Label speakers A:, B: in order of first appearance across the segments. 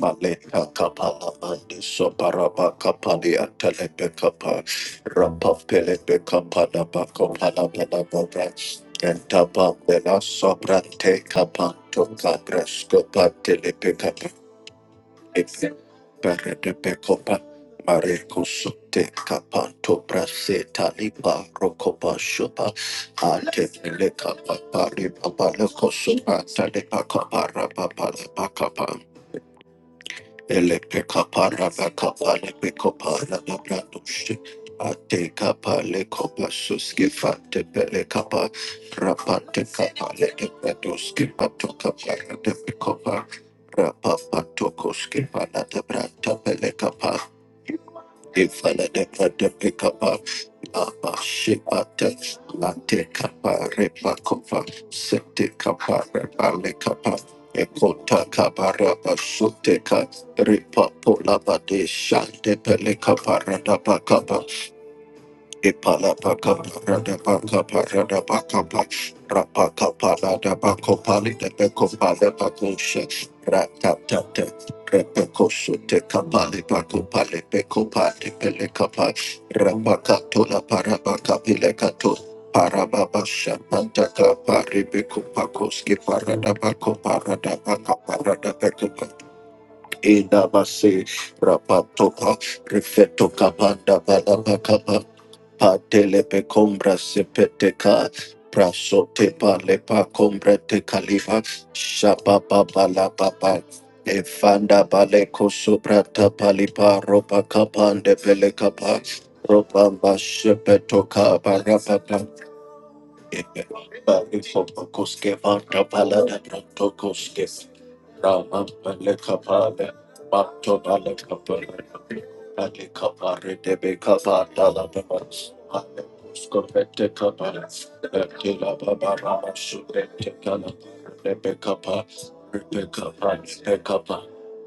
A: Maleka kapala andi soparaba kapali antelebe kapa rapa pelebe kapa da bako pala pala bora entapa bela sobrante kapanto kabresko Berede Bekopa Mareko Sote Kapanto Brase Talipa Rokopa Shopa Ate Leka Papari Papaleko Sopa Talepa Kapara Papala Rapa Ifala de Pata Picapa, Abba Shipata, Lante Capa, Repa Copa, Sete Capa, Repa lecapa. Ekota kapara basute ka ripa pola bade shante pele kapara da pa kapa it pop that pop cup, pop that pop cup, pop that pop cup, pop rap pop cup, pop that pop cup, pop it that pop cup, pop that pop cup, shit. Rap tap tap tap, rap pop cup, shoot it, cup pop it, pop cup, pop it, pop cup, pop it, pop it, cup pop. Rap pop cup, to la para pop cup, pop it, cup to. Para baba shapanta cup, pop it, pop cup, pop cup, skip para da pop cup, para da pop cup, para da to to to masi Rapatopa, Refeto Capanda, Balaba Patelepe combra sepeteca, prasotepa lepa combra te califa, shapa papa la papa. Efanda baleko soprata palipa ropa kapande pele kapa, ropa mba shepeto kapa rapa kapa. Bari fopa koske vanda palada protocoske, Ramam Lekapale, Mato Balekapale, Alekapare de Becapa Dalabas, Alepuscopete Capale, Tila Baba Ramashubete Calabare de Becapa, Rebecca Pecapa,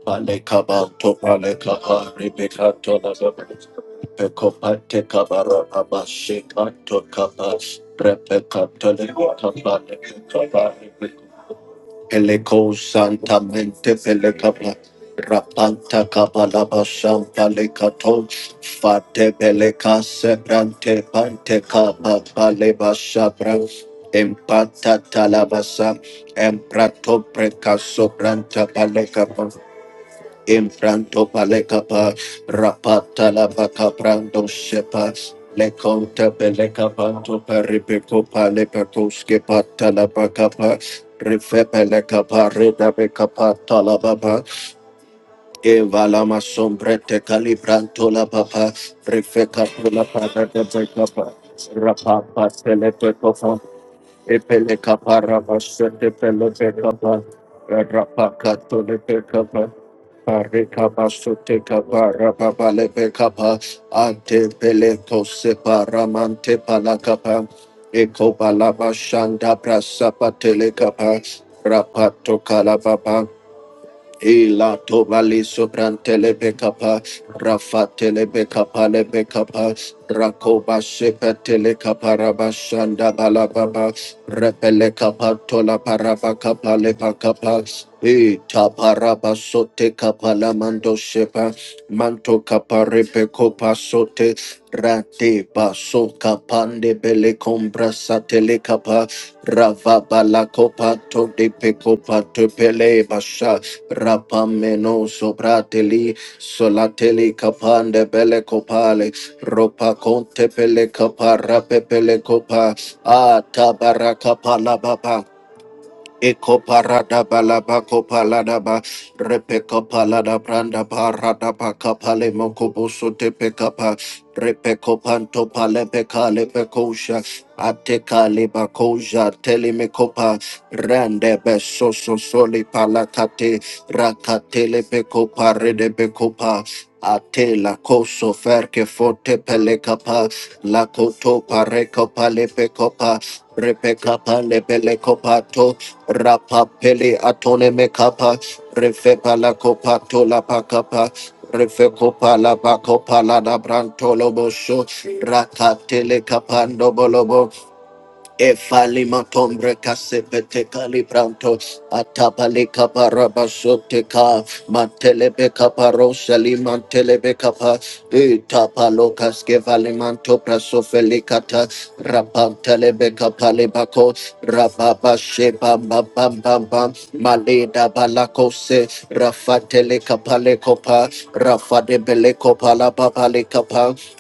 A: Alekabanto Alekapa, Rebecca Tolabas, Pecopate Cabara Abashik Anto Capas, Rebecca Tolecapa, Eleco Santa Mente Pelecapa Rapanta Cabalaba Shampa Lecato Fate Beleca Sebrante Pante Capa Paleba Shabra Empata Talabasa Emprato Preca Sobranta Paleca Impranto palekapa rapata la baka prando shepa le conta beleka panto peripeco pale percosque pata la baka pa refe beleka parida beka pata la baba eva la ma sombrete calibranto la baba refe capula para de beka pa rapapa tele peco fa epele capara basete pele beka pa rapaka tole beka pa Parikapa suteka parapapa lepekapa ante peleko separamante palakapa eko palaba shanda prasapa telekapa rapato kalababa Ila tobali sobrantele bekapa, rafa tele bekapa le bekapa, rakoba shepe tele kapara bashanda balababa, repele kapatola tola paraba kapa le bakapa, e taparaba sote kapala la mando shepa, manto kapa kopa sote, rate baso kapande bele kombra satele kapa, rava bala kopa to de pekopa to pele rapameno soprateli solateli kapande bele kopale ropa conte pele kapa rape pele kopa atabaraka palababa Eko parada balaba kopalada ba repe kopalada branda parada pa kapale mokoboso tepe kapa repe kopanto pale pekale kale ba koja, tele mekopa rande beso so so soli palakate rakatele pekopa rede pekopa la koso ferke fote pele kapa la koto pare kopa le pekopa repe kapa le pele kopato Rapapele atone mekapa, refepa la copa tola pacapa, refecopa la bacopa la da brantolo bosho, racatele capando bolo Efalima tombre kasepete kalibranto atapale kaparaba soteka matelebe kaparo salima telebe kapa itapalo kaske valimanto prasofelikata rapantelebe kapale bako rababa sheba bam bam bam bam maleda balako se rafatele kapale kopa rafade bele kopa la babale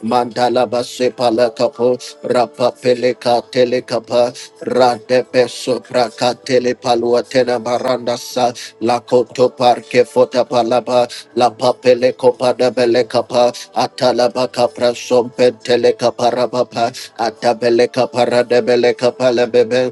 A: Mandala Basepa Lakapo, Rapa Peleka peso praka tele Katele Paluatena Baranda Sa, Lakoto Parke Fota Palaba, La Papele Copa de Belecapa, Atalaba Capra Sompe Telecaparabapa, Atabeleca kapa rabapa, atabele kapa rade bele kapa lebebe.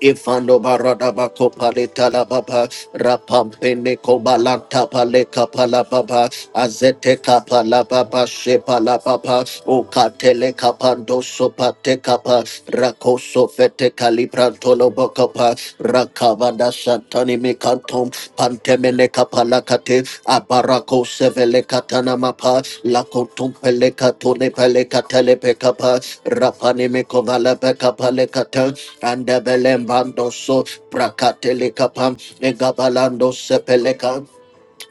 A: Ifando barada bako paleta la baba rapampe ne kobalanta pale kapala baba azete kapala baba shepa la baba ukatele kapando sopate kapa rakoso fete kalibranto lo bakapa rakavada shantani pantemele kapalakate abarako sevele katana mapa lakotum pele katone pele katele pekapa rapane me kovala pekapale kata andebele mbando so prakatele kapam egabalando sepeleka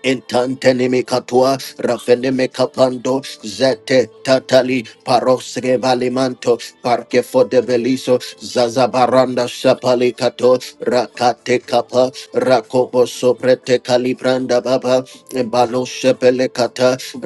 A: Intantenimi katua, rafenimi kapando, zete tatali, parosre valimanto, parque for de beliso, zazabaranda shapali kato, rakate kapa, rakobo soprete kalibranda baba, balo shepele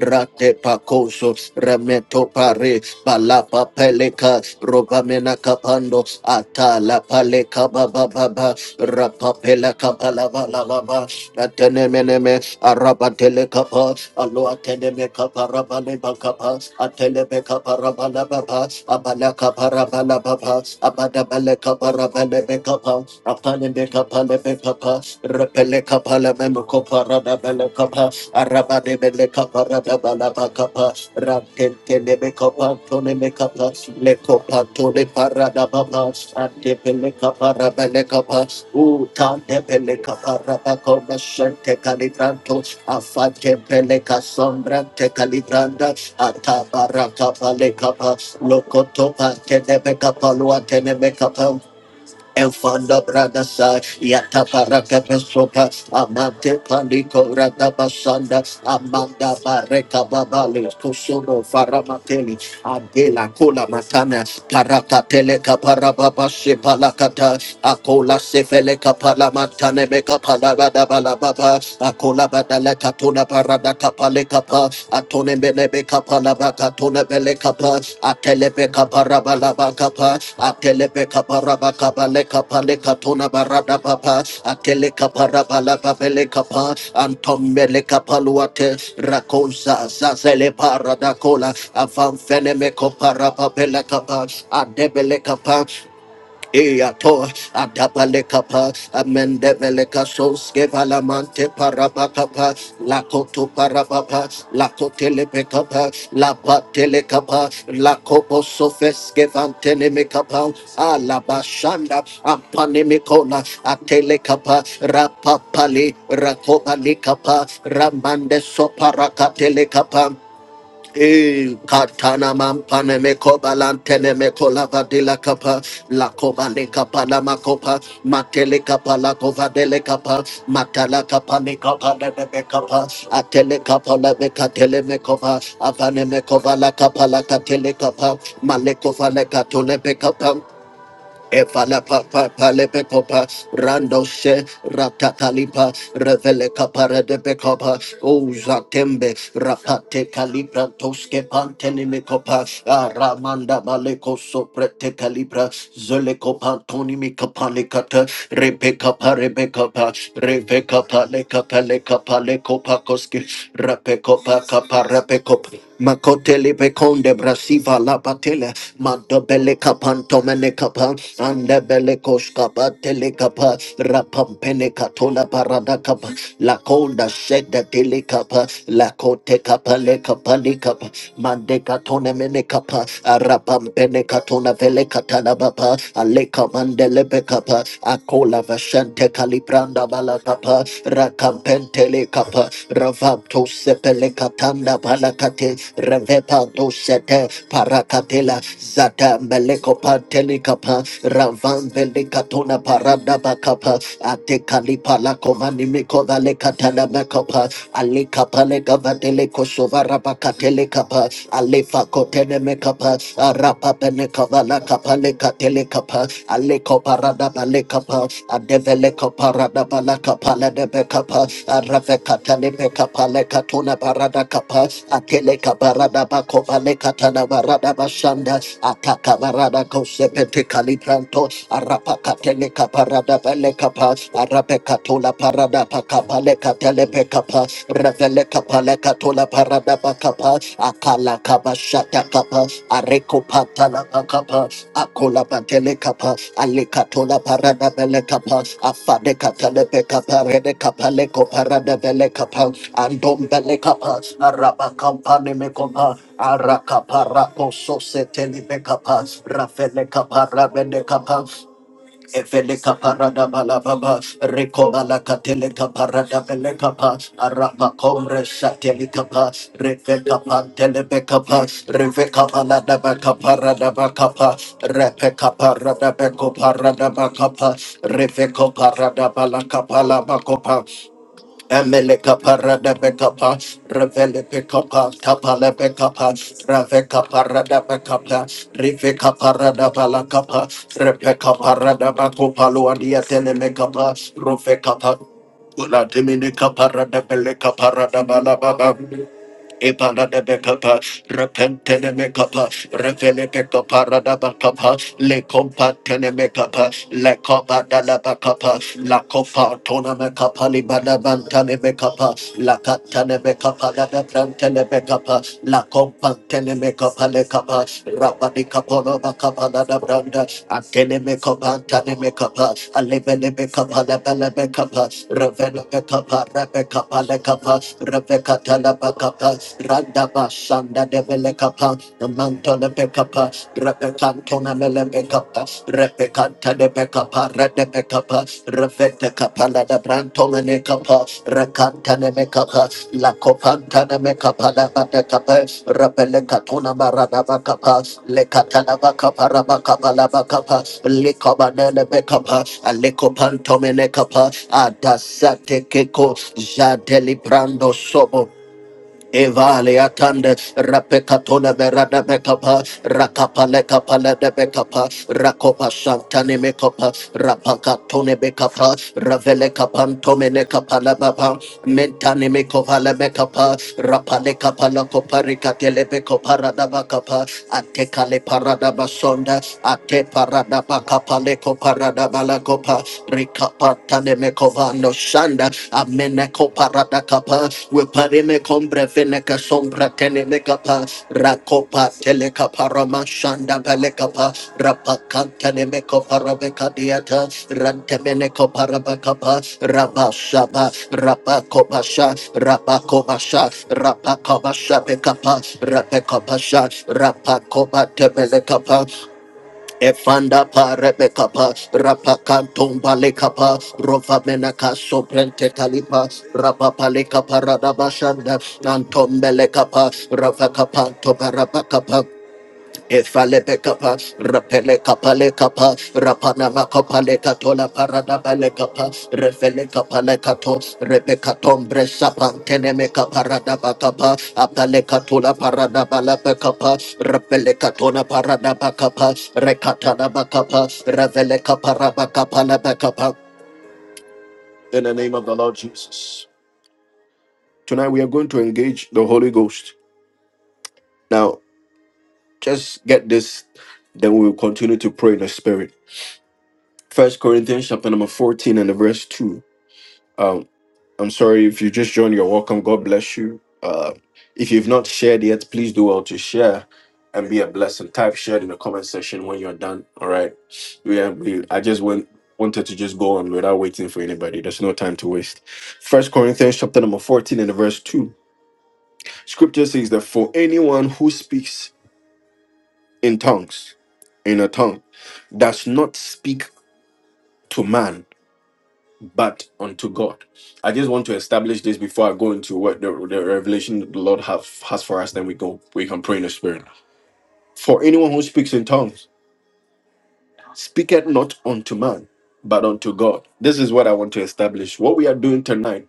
A: rate pakoso, remeto pare, balapa peleka, roba pando atala pale kaba baba ba rapapela kaba la ba la la ba atene mene me araba tele kaba alo atene me kaba raba le ba kaba atele me kaba raba la ba ba abala kaba raba la ba ba abada bale kaba raba le me kaba apale me kaba le me kaba repele kaba le me kopa raba bele kaba ara Rabade bele kapa rababa laba kapa. Rakente nebe kapa tone me kapa. Le kapa tone para da baba. Ante bele kapa rabele kapa. Uta de bele kapa rabako mashente kalibranto. Afate bele kasombra te kalibranda. Ata baraka bale kapa. Lokoto pa te kapa lua te nebe kapa. Enfanda brada sa yata para que pesopa amante panico rata pasanda amanda barreca babale cosono faramateli adela cola matana parata teleka para baba se palacata acola se fele capala matane me capala bada bala baba acola bada la catuna pale kapa atone bele be kapa baka, tone katone bele kapa atele be kapa raba baka, ba kapa atele be kapa raba kapa le kapa le katona barada papa atele kapa raba la ba bele kapa antom bele kapa luate rakosa zazele parada kola avam fene me kopa raba bele kapa adebele kapa Eato, Adabalekapa, Amendeveleka Soske Valamante Parabakapa, Lakoto Parabapa, Lakotelepekapa, Lapatelekapa, Lakopo Sofeske Vantenemekapa, Alabashanda, Ampanemikola, Atelekapa, Rapapali, Rakobalikapa, Ramande Soparakatelekapa. Eh, Katana mampane meko balantene meko lava de la capa, la coba le capa la macopa, matele capa la cova de le capa, matala capa le capa de me capa, atele capa la meca tele mecova, avane mecova la capa la catele capa, malecova le catole Evala papa pa pa le pe copa, rando she ratatalipa, revele capara de becopa, oza tembe, rapate calibra tosque pantenime copa, aramanda maleco soprete calibra, zoleco pantonimi capalicata, rebeca parebeca pa, rebeca palecapa leca palecopa cosque, rapecopa capa Jacob. Makotele pekonde brasiva la patele madobele kapanto mene kapa ande bele koshka batele kapa rapampene katola parada kapa la konda sheda tele kapa la kote kapa le kapa le kapa mande katone mene kapa arapampene katona vele katana bapa ale kamande lebe kapa akola vashante libranda bala kapa rakampentele kapa ravato sepele katanda bala kate revepato sete parakatela zata meleko pantele kapa ravampele katona parada bakapa ate kalipala komani mikova le katana makapa ale kapa le gavatele kosova rabakatele kapa alefa kotene mekapa Rapa Penekova La Capa Leca Telecapa, Aleco Parada Balecapa, a Develeco Parada Balacapa La de Becapa, a Rafecatane Becapa Lecatuna Parada Capa, a Teleca Parada Bacopa Lecatana Barada Bashanda, Ataka Barada Cosepete Calipranto, a Rapacateleca Parada Velecapa, a Rapecatula Parada Pacapa Lecatelepeca kapa revele kapa le katola parada bakapa akala kaba shata kapa areko patala bakapa akola patele kapa ale katola parada bele kapa afade katale pe kapa rede kapa le ko parada bele kapa andom bele kapa araba kapa ne me kapa arakapa rako so seteli be kapa rafele kapa rabende kapa Evele kaparada balababa, rekobala katele kaparada bele kapa, arapa komre satele kapa, reve kapa tele be kapa, reve kapa la da ba kaparada ba kapa, repe kaparada be koparada ba kapa, reve koparada ba la kapa kopa. Emeleka parada bekapa, revele pekapa, kapale bekapa, raveka parada bekapa, riveka parada balakapa, repeka parada bakopa luandia telemekapa, roveka pa, ula dimineka parada beleka parada balababa. Ebana de Becapa, Repentene Mecapa, Revele Becapa, Radabacapa, Le Compa Tenemecapa, Le Copa Dalabacapa, La Copa Tona Mecapa, Libana Bantane Mecapa, La Catane Mecapa, La Brantene Mecapa, La Compa Tenemecapa, Le Capa, Rabani Capono Bacapa, La Branda, Atene Mecapa, Tane Mecapa, Alevele Mecapa, La Bella Mecapa, Revele Mecapa, Rebecapa, Le Capa, Rebecca Talaba. Rakapa, Radaba Shanda Devele Kapa, the Mantona Pekapa, Repecantona Mele Pekapa, Repecanta de Pekapa, Rede Pekapa, Revete Capala de Brantona Necapa, Recanta de Mekapa, La Copanta de Mekapa, La Batecapa, Rapele Catona Maradaba Capa, Le Catalaba Capa, Rabacapa, Labacapa, Becapa, Alecopantomene Capa, Adasate Keko, Jadeli Brando Sobo, Evale atande rapekatona berada mekapa rakapale kapale de mekapa rakopa shantane mekapa rapakatone mekapa ravele kapantome ne kapala baba mentane mekovala mekapa rapale kapala kopari katele mekopara da bakapa ate kale parada basonda ate parada bakapale kopara da balakopa Vanemecovano Shanda, Ameneco Paradacapa, Wiparimecombre Veneca Sombra Tenemecapa, Racopa Telecaparama Shanda Belecapa, Rapacantanemeco Parabeca Diata, Rantemeneco Parabacapa, Rabashaba, Rapacobasha, Rapacobasha, Rapacobasha Becapa, Rapacobasha, Rapacoba Temelecapa, Efanda pa rebeka pa rapa kanton baleka pa rova mena kaso prente kalipa rapa pale kapa radaba shanda nanton beleka pa rava kapanto baraba kapa, if I let the capa, rapele capale capa, rapanama copale catola paranabale capa, refele capale cato, repecatom teneme caparadaba capa, apale catola paranabala pecapa, rapele catona paranaba capa, recatanaba capa, revele caparaba capala becapa. In the name of the Lord Jesus. Tonight we are going to engage the Holy Ghost. Now, just get this, then we will continue to pray in the Spirit. First Corinthians chapter number 14 and the verse 2. Um, I'm sorry if you just joined, you're welcome. God bless you. Uh, if you've not shared yet, please do well to share and be a blessing. Type shared in the comment section when you're done. All right. Yeah, we, I just went wanted to just go on without waiting for anybody. There's no time to waste. First Corinthians chapter number 14 and the verse 2. Scripture says that for anyone who speaks in tongues, in a tongue, does not speak to man but unto God. I just want to establish this before I go into what the, the revelation the Lord have, has for us. Then we go, we can pray in the Spirit. For anyone who speaks in tongues, speaketh not unto man, but unto God. This is what I want to establish. What we are doing tonight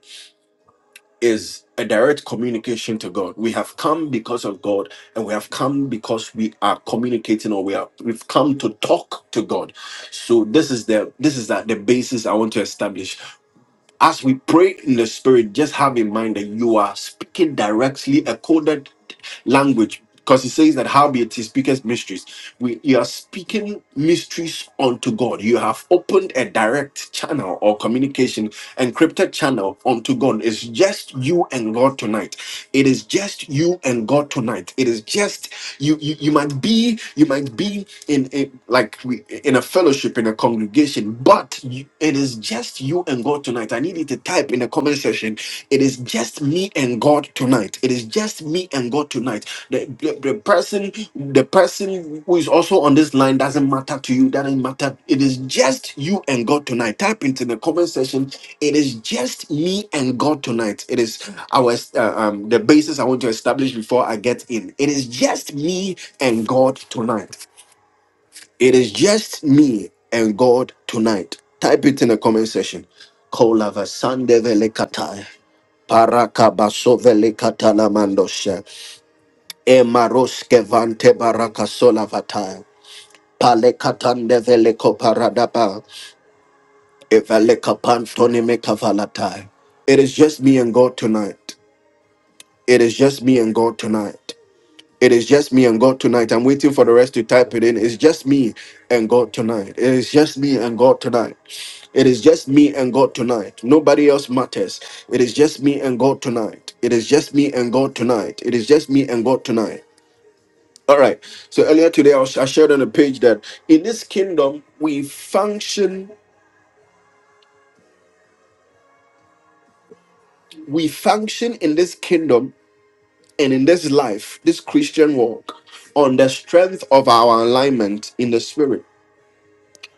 A: is a direct communication to God. We have come because of God, and we have come because we are communicating, or we are we've come to talk to God. So this is the this is that the basis I want to establish As we pray in the spirit, just have in mind that you are speaking directly a coded language because it says that how be it he speaketh mysteries. We you are speaking mysteries unto God. You have opened a direct channel or communication, encrypted channel unto God. It's just you and God tonight. It is just you and God tonight. It is just you you, you might be you might be in a like we in a fellowship in a congregation congregation, but you- it is just you and God tonight. I need you to type in the comment section. It is just me and God tonight. It is just me and God tonight. The, the, the person, the person who is also on this line doesn't matter to you. Doesn't matter. It is just you and God tonight. Type into the comment section. It is just me and God tonight. It is our uh, um the basis I want to establish before I get in. It is just me and God tonight. It is just me and God tonight. Type it in the comment section. Kolava sandevele katai. Baraka basovele katalamandoshe. Emaroske vante baraka solavatai. Pale katandevele koparadaba. Evele kapantoni mekavalatai. It is just me and God tonight. It is just me and God tonight. It is just me and God tonight. I'm waiting for the rest to type it in. It's just me and God tonight. It is just me and God tonight. It is just me and God tonight. Nobody else matters. It is just me and God tonight. It is just me and God tonight. It is just me and God tonight. All right. So earlier today, I, was, I shared on the page that in this kingdom, we function, we function in this kingdom and in this life, this Christian walk, on the strength of our alignment in the spirit.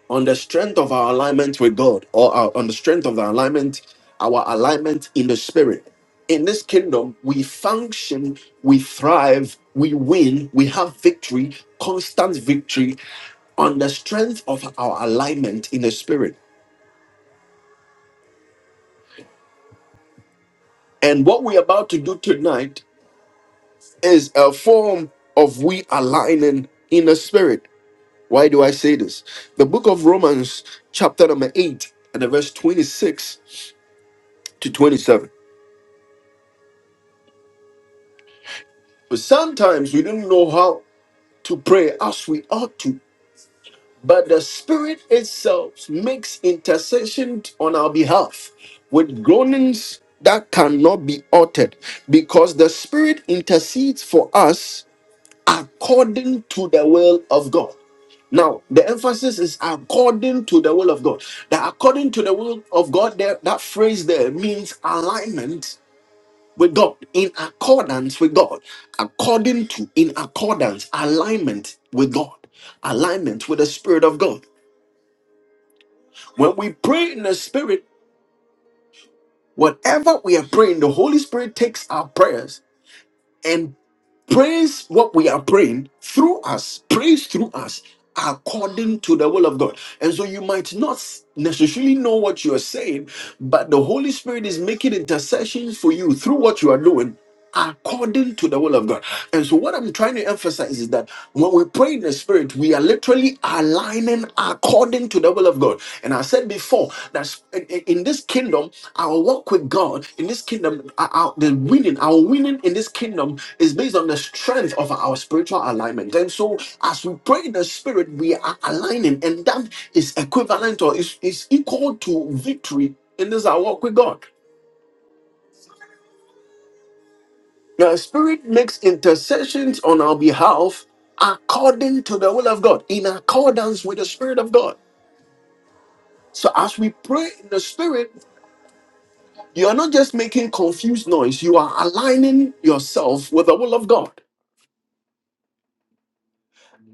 A: on the strength of our alignment with God, or our, on the strength of the alignment, our alignment in the spirit. In this kingdom, we function, we thrive, we win, we have victory, constant victory on the strength of our alignment in the spirit. And what we're about to do tonight is a form of we aligning in the spirit. Why do I say this? The book of Romans, chapter number 8, and the verse 26 to 27. But sometimes we don't know how to pray as we ought to. But the Spirit itself makes intercession on our behalf with groanings that cannot be uttered because the Spirit intercedes for us according to the will of God. Now, the emphasis is according to the will of God. That according to the will of God, there, that phrase there means alignment with God, in accordance with God, according to, in accordance, alignment with God, alignment with the Spirit of God. When we pray in the Spirit, whatever we are praying, the Holy Spirit takes our prayers Praise what we are praying through us, praise through us according to the will of God. And so you might not necessarily know what you are saying, but the Holy Spirit is making intercessions for you through what you are doing according to the will of God. And so what I'm trying to emphasize is that when we pray in the spirit, we are literally aligning according to the will of God. And as I said before that in this kingdom, our walk with God, in this kingdom, our, our- the winning, our winning in this kingdom is based on the strength of our spiritual alignment. And so, as we pray in the spirit, we are aligning, and that is equivalent or is, is equal to victory in this our walk with God. The spirit makes intercessions on our behalf according to the will of God, in accordance with the spirit of God. So, as we pray in the spirit, You are not just making confused noise, you are aligning yourself with the will of God.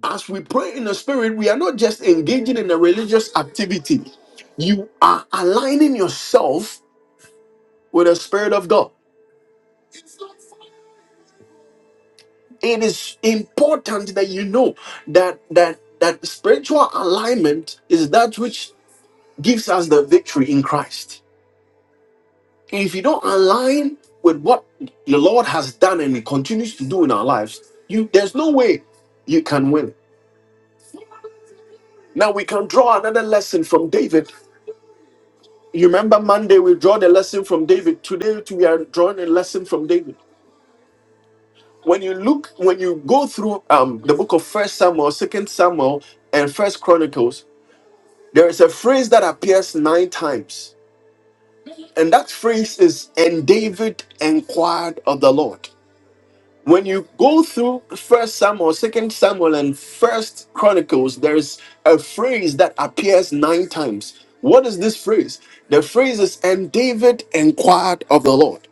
A: As we pray in the spirit, we are not just engaging in a religious activity, you are aligning yourself with the spirit of God. It is important that you know that that that spiritual alignment is that which gives us the victory in Christ. If you don't align with what the Lord has done and He continues to do in our lives, you there's no way you can win Now we can draw another lesson from David. You remember Monday we draw the lesson from David. Today too, we are drawing a lesson from David. When you look, when you go through um, the book of First Samuel, Second Samuel, and First Chronicles, there is a phrase that appears nine times, and that phrase is "And David inquired of the Lord." when you go through first samuel second samuel and first chronicles there's a phrase that appears nine times what is this phrase the phrase is and david inquired of the lord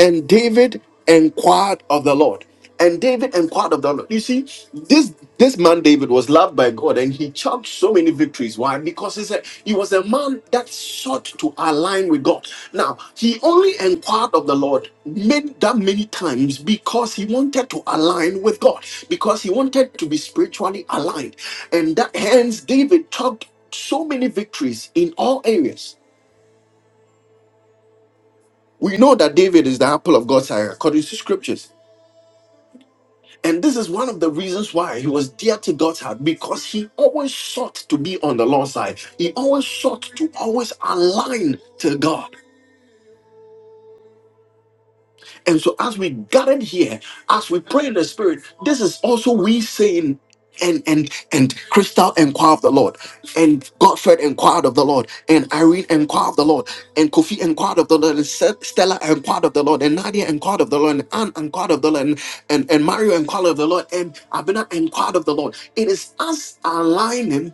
A: and David inquired of the Lord. And David inquired of the Lord. You see, this this man David was loved by God, and he chucked so many victories. Why? Because he said he was a man that sought to align with God. Now he only inquired of the Lord many, that many times because he wanted to align with God, because he wanted to be spiritually aligned, and that hence David chucked so many victories in all areas. We know that David is the apple of God's eye, according to scriptures. And this is one of the reasons why he was dear to God's heart because he always sought to be on the Lord's side. He always sought to always align to God. And so, as we gathered here, as we pray in the spirit, this is also we saying, and and and Crystal inquired of the Lord, and Godfred inquired of the Lord, and Irene inquired of the Lord, and Kofi inquired of the Lord, and Ste- Stella inquired of the Lord, and Nadia inquired of the Lord, and Anne inquired of the Lord, and, and, and Mario inquired of the Lord, and Abena inquired of the Lord. It is us aligning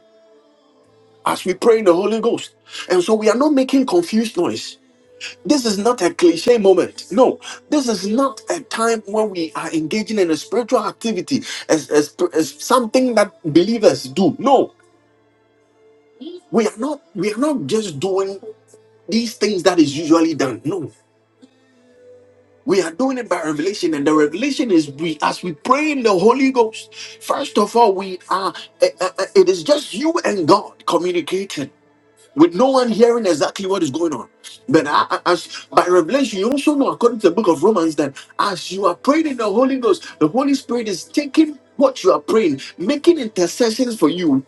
A: as we pray in the Holy Ghost. And so we are not making confused noise. This is not a cliche moment. No, this is not a time when we are engaging in a spiritual activity as, as, as something that believers do. No, we are not we are not just doing these things that is usually done. No. We are doing it by revelation, and the revelation is we as we pray in the Holy Ghost. First of all, we are eh, eh, eh, it is just you and God communicating. with no one hearing exactly what is going on. But I- I- as by revelation, you also know, according to the book of Romans, that as you are praying in the Holy Ghost, the Holy Spirit is taking what you are praying, making intercessions for you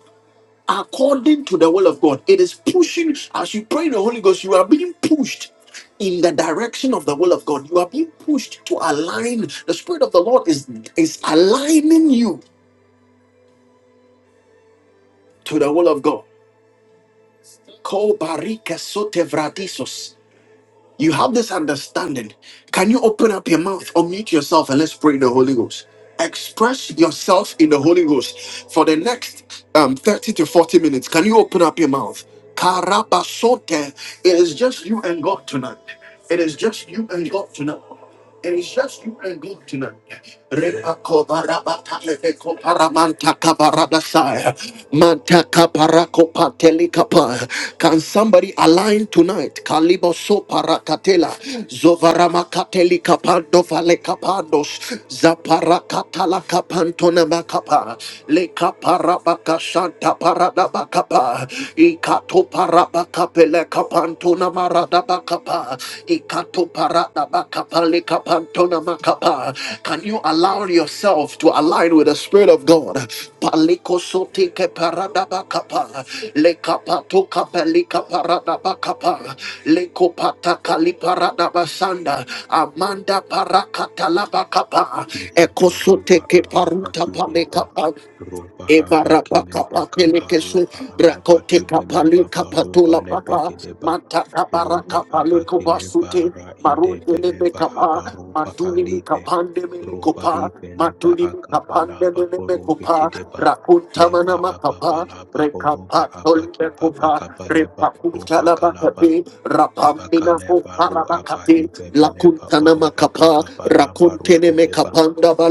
A: according to the will of God. It is pushing as you pray in the Holy Ghost, you are being pushed. In the direction of the will of God, you are being pushed to align. The Spirit of the Lord is is aligning you to the will of God. Ko barika sote vradisos. You have this understanding. Can you open up your mouth, unmute yourself, and let's pray in the Holy Ghost? Express yourself in the Holy Ghost for the next um, 30 to 40 minutes. Can you open up your mouth? Karabasote. It is just you and God tonight. It is just you and God tonight. It is just you and God tonight. Repakobarabatalepekoparamantakabarabalasaya. Can somebody align tonight? Kaliboso parakatela, zovarama kateli kapando vale kapandos, zaparakatala kapantona makapa, le kaparabaka shanta paradabakapa, Akapele kapantuna marada bakapa. Ikato parada bakapale kapantuna makapa. Can you allow yourself to align with the Spirit of God? Paliko sote parada bakapa. Le kapato kapele kaparada bakapa. Le kopata kali basanda. Amanda parakata bakapa.
B: ipa
A: Ekosote
B: paropa
A: ke
B: alapa
A: paruta
B: kideba
A: Paleka
B: ropa
A: me me kopa
B: hapa
A: rakunta
B: kilepa
A: Evarapakapakelekesu,
B: kaparopa alapa kibelepa paropa
A: rakotekapalekapatulapapa,
B: lepekideba ropa apa
A: matakabarakapalekopasute,
B: kilepa ra idepelepa aparopa alipe ropa
A: kopa madulimikapandemelikopa,
B: hipelepa akabalapa korope
A: matulimikapandelelemekopa,
B: kideba lepa
A: rakuntamanamakapa,
B: apapalapa horopa apa kibapa
A: rekapatolimekopa,
B: kapalepa
A: rakunte
B: ropa kalapa ebakalepa ru apa hipepelepa
A: ne me
B: oropa
A: Rakapa,
B: kapapalapa ru
A: Rakontene
B: edeba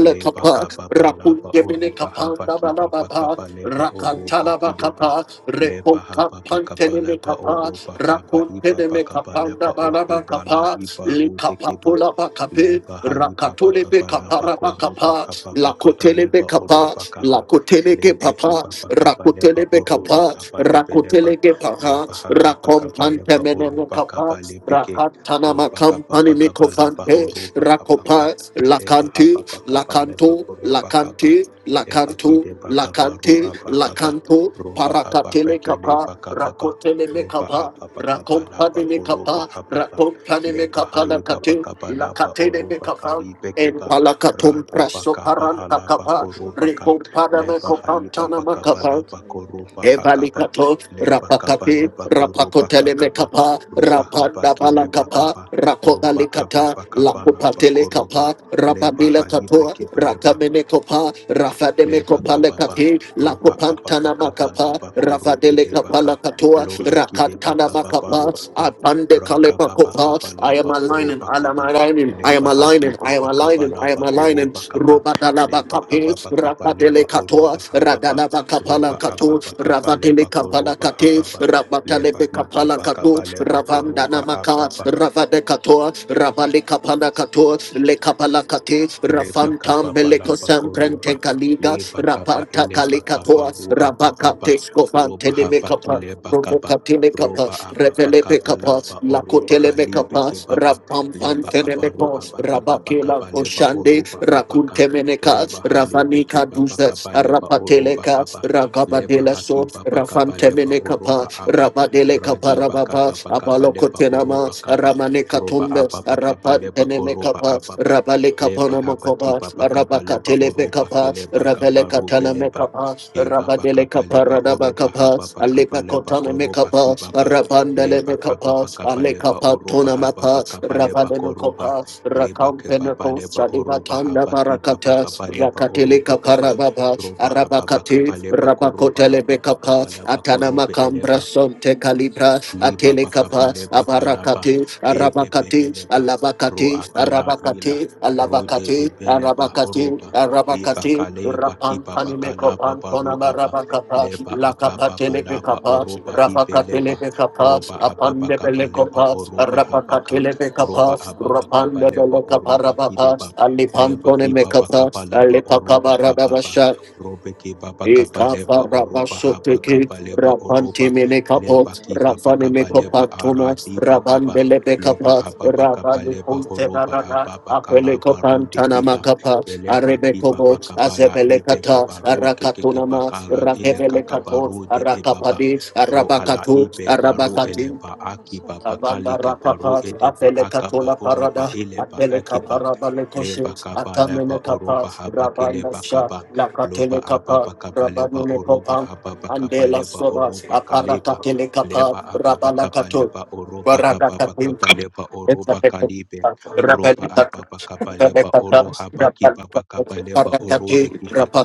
B: leba kaba balaba
A: Rapungebele
B: oruba haba
A: kapanda
B: kiba
A: balababa,
B: bakaba leba oruba
A: rakantala
B: kideba
A: bakapa,
B: leba
A: repoka
B: haba bakaba
A: pantene me
B: leba
A: kapa,
B: oruba haba iba
A: rakuntene me
B: bakaba leba
A: kapanda balaba
B: okiba la
A: kapa,
B: iba rude kiba
A: likapapula bakape,
B: leba haiba
A: rakatole be
B: bakaba leba
A: kapara
B: koruba
A: bakapa,
B: haba bakaba
A: lakotele be
B: leba
A: kapa,
B: oruba kaba
A: lakotele ge
B: leba
A: papa,
B: kiba bakaba leba
A: rakotele be
B: oruba
A: kapa,
B: kaba ibe leba
A: rakotele ge papa,
B: leba haba bakaba
A: rakompante
B: leba
A: me
B: oruba
A: kapa,
B: kaba lebeke
A: rakatana
B: roba haba
A: makampani me
B: bakaba leba
A: kofante,
B: horuba haba
A: Rakopa,
B: Eba haba
A: Lakanti,
B: baka ba leba
A: Lakanto,
B: oroba kaba.
A: Lakanti, Lakanto,
B: Ebakide bakaba ru
A: Lakante,
B: abakaba
A: Lakanto,
B: roba haba
A: Parakatele
B: bekile
A: Kapa,
B: bakababa
A: Rakotele
B: roba
A: Mekapa,
B: ababakaba
A: Rakompane
B: laba koroba
A: Mekapa,
B: ababa
A: Rakompane
B: leba
A: Mekapa
B: hai
A: Lakate,
B: babakaba laba
A: Lakatele
B: oroba
A: Mekapa,
B: kali
A: and
B: bekeba
A: Palakatum
B: rade
A: Praso
B: bakaba
A: Paranta
B: alaba
A: Kapa,
B: koroba ka
A: Rekompana
B: leba hai
A: Mekopantana
C: Sikadabaya
B: babakaba
A: Makapa,
B: laba
C: Satayanda
B: koroba akaba
C: Satayanda
B: leba kaba
A: Rapakati,
B: leba koroba
C: Satayanda
A: Rapakotele
B: kababa
C: Rabaya
A: Mekapa,
B: roba haba
C: Sikadabaya
A: Rapanda
B: kile
A: Balakapa,
B: bakaba
C: Satayanda
B: roba
A: Rakotalikata,
B: ababakaba laba
A: Lakupatele
C: Sikadabaya
B: koroba
A: Kapa,
B: leba
A: Rapabila
B: hai
A: Kapo,
B: bekeba
A: Rakamene Kopa, Rafademe
B: leba
A: Kopale
B: kababa
A: Kati,
B: roba ababa
A: Lakupantana
B: kaba
A: Makapa,
B: laba koro
A: Rafadele Kapala
B: idebaka
A: Katua,
B: loha kideba
A: Rakatana
B: kababa
A: Makapa,
B: ro aba
A: Apande
B: raka
A: Kalepa
B: baba
A: Kopa.
B: kaba
A: I am
B: laba
A: aligning,
B: oroba
A: I am
B: kaba
A: aligning, I am
B: leba haki
A: aligning, I am
B: baba kaba
A: aligning, I am
B: laba
A: aligning.
B: koroba kaba
A: Robadalaba
B: leba ababa kaba
A: Rapadele
B: leba
A: Katua,
B: oroba ababa
A: Radalaba
B: roba ababa
A: Katu,
B: kaba
A: Ravatele
B: leba
A: Kapala
B: koroba
A: Kate,
B: ababa
A: Ravatale
B: leba hi
A: Kapala
B: baba
A: Kato,
B: kaba leba
C: Satayanda
A: Ravam
C: Baya
B: koroba ababa
A: Danamaka,
C: Sikadabaya
A: Ravade
C: Satayanda
A: Kato,
C: Satayanda
A: Ravale
C: Sikadabaya
A: Kapala Kato,
C: Satayanda
A: Le Kapala Kate,
B: leba
A: Rafan
B: kaba balaba
A: Tambeleco
B: bakoroba,
A: Samprente Kaliga,
B: leba kaba
A: Rapanta
B: eleba
A: Kalikato,
B: kaba ru aba kaba
A: Rabakate Scovante
B: roba haba
A: Mekapa.
B: kileba kaba
A: Provocatile capa,
B: roba aba
A: revelepe
B: bakaba
A: capa,
B: laba
A: la
B: oroba
A: cotelepe
B: halibe
A: capa,
B: kebaba leba abaru
A: rapampantelemeco,
B: aba kaba
A: rabakela
B: bakaba leba
A: oshande,
B: oroba abaka
A: racuntemeneca,
B: roba halebe
A: ravanica
B: kebaba
A: duzes,
B: kaba leba oroba
A: rapateleca,
B: kaba leba
A: ragabadela so,
B: hakiba bakaba leba
A: rafantemenecapa,
B: oroba aba
A: rabadeleca
B: radi
A: parababa,
B: bakaba bakaba leba
A: abalocotenama,
B: oroba kaba
A: ramaneca
B: roba
A: tumbes,
B: aba bakaba leba koroba
A: rapantenemecapa,
B: ababa
A: rabaleca
B: leba habaki baba kaba leba
A: Rabakatele
B: oroba
A: Bekapa,
B: keleba
A: Ravele
B: kaba
A: Katana
B: rubeleba
A: Mekapa,
B: eba
A: Rabadele
B: bakaba leba
A: Kaparada
B: oroba
A: Bakapa,
B: haba bakaba
A: Aleka
B: leba
A: Kotana
B: koroba
A: Mekapa,
B: kibaba
A: Rabandele
B: leba kaba
A: Mekapa,
B: bakaba
A: Aleka
B: leba oroba
A: Patona
B: haba
A: Mapa,
B: kaba leba
A: Ravadele
B: koroba
A: Kopa,
B: leba kebaba
A: Rakampeneko
B: leba oroba
A: Sadivatanda
B: haba kiba
A: Barakata,
B: kaba leba
A: Rakatele
B: oroba kaba
A: Kaparababa,
B: roba ababa
A: Arabakati,
B: kaba leba koroba
A: Rabakotele
B: ababa
A: Bekapa,
B: kaba leba
A: Atana
B: korobe
A: Makambra
B: eleba
C: Baya Sikadabaya Satayanda Rabaya
A: Sonte
C: Satayanda
A: Calibra,
B: liba
A: Atele
B: bakaba
A: Kapa,
B: leba
C: Rabaya
B: kalaba
A: Abarakati, Arabakati,
B: ebebebeleba ro
A: Alabakati,
B: akala
A: Arabakati,
B: ila rode
A: Alabakati,
B: ebeleba
A: Arabakati,
B: horoba
A: Arabakati,
B: ibakaleba
A: Rapan
B: kibaba
A: Panimeko
B: kalaba baru
A: Pantona
B: aba
A: Marabakapa,
B: leba akaba balaba
C: Satayanda
A: Lakapatelebekapa,
B: oroba hibeleba roba
A: Rapakatelebekapa,
B: ababa kaba leba
A: Apandebelekapa,
B: oroba habaka
C: Rabaya
A: Rapakatelebekapa,
B: roba ababa kaba
C: Satayanda
B: leba
A: Rapandebelekapa
B: oroba
A: Rabapa,
B: kideba
C: Sukadabaya
B: leba hibaba
A: Alipantonemekapa,
B: kaba leba oroba ababa
A: Alipakabarabasha,
B: robe kibaba kaba leba
A: Ikapa
B: oroba habaka
A: rabasoteke
B: leba
C: Satyanabaya
B: oroba
A: rapanti mene kapo
B: leba
C: Sukadabaya
B: kiba
A: rafani
B: bakaba
A: meko
B: leba
C: Sukadabaya
A: patuma
B: aradi bakaba
A: rabandele
B: loba
C: Satyanabaya
A: bekapa
B: ababa kaba
A: rabani
B: leba
C: Sukadabaya
A: kunte
B: horoba
A: barana
B: ababa
A: apele
B: kalaba rude
A: kopantana
B: kiba
A: makapa
B: eleba
A: arebe
B: kiba
A: kobo
B: bakaba la
A: azebele
B: ibe
A: kata
B: babaru kekeke
A: arakatuna ma
B: bakala ele
A: rakevele
C: Masukadabaya
A: kato
B: kakabaru
C: Sukadabaya
B: de ebaba
A: arakapadi
B: ro ala
A: arabakatu
B: ibe baru
A: arabakati
B: eleba
C: Sukadabaya
B: akiba
C: Satyanabaya
A: Avanda
B: bakali kabaru
A: Rapapa,
B: edeba
A: Apele
B: akaba
A: Catola Parada,
B: oroba eleba
A: Apele
B: akiba
A: Caparabale Coshin,
B: leba kaba leba
A: Atamene Capa,
B: oroba haba
A: Rabanda
B: keleba
A: Sha,
B: kaba loba
A: Lacatele Capa,
B: ababa kaba leba
A: Rabanune
B: oroba
A: Copa,
B: ababa kaba
A: Andela
B: leba
A: Soba,
B: oroba kaleba
A: Aparacatele Capa,
B: leba ababa
A: Rabala
B: kaba
A: Cato,
B: leba oroba
A: Barada
B: hababa kaba leba oroba
A: Capin, Rabba
B: kalibe roba ababa kaba leba oro haba kibaba kaba leba orode kibaba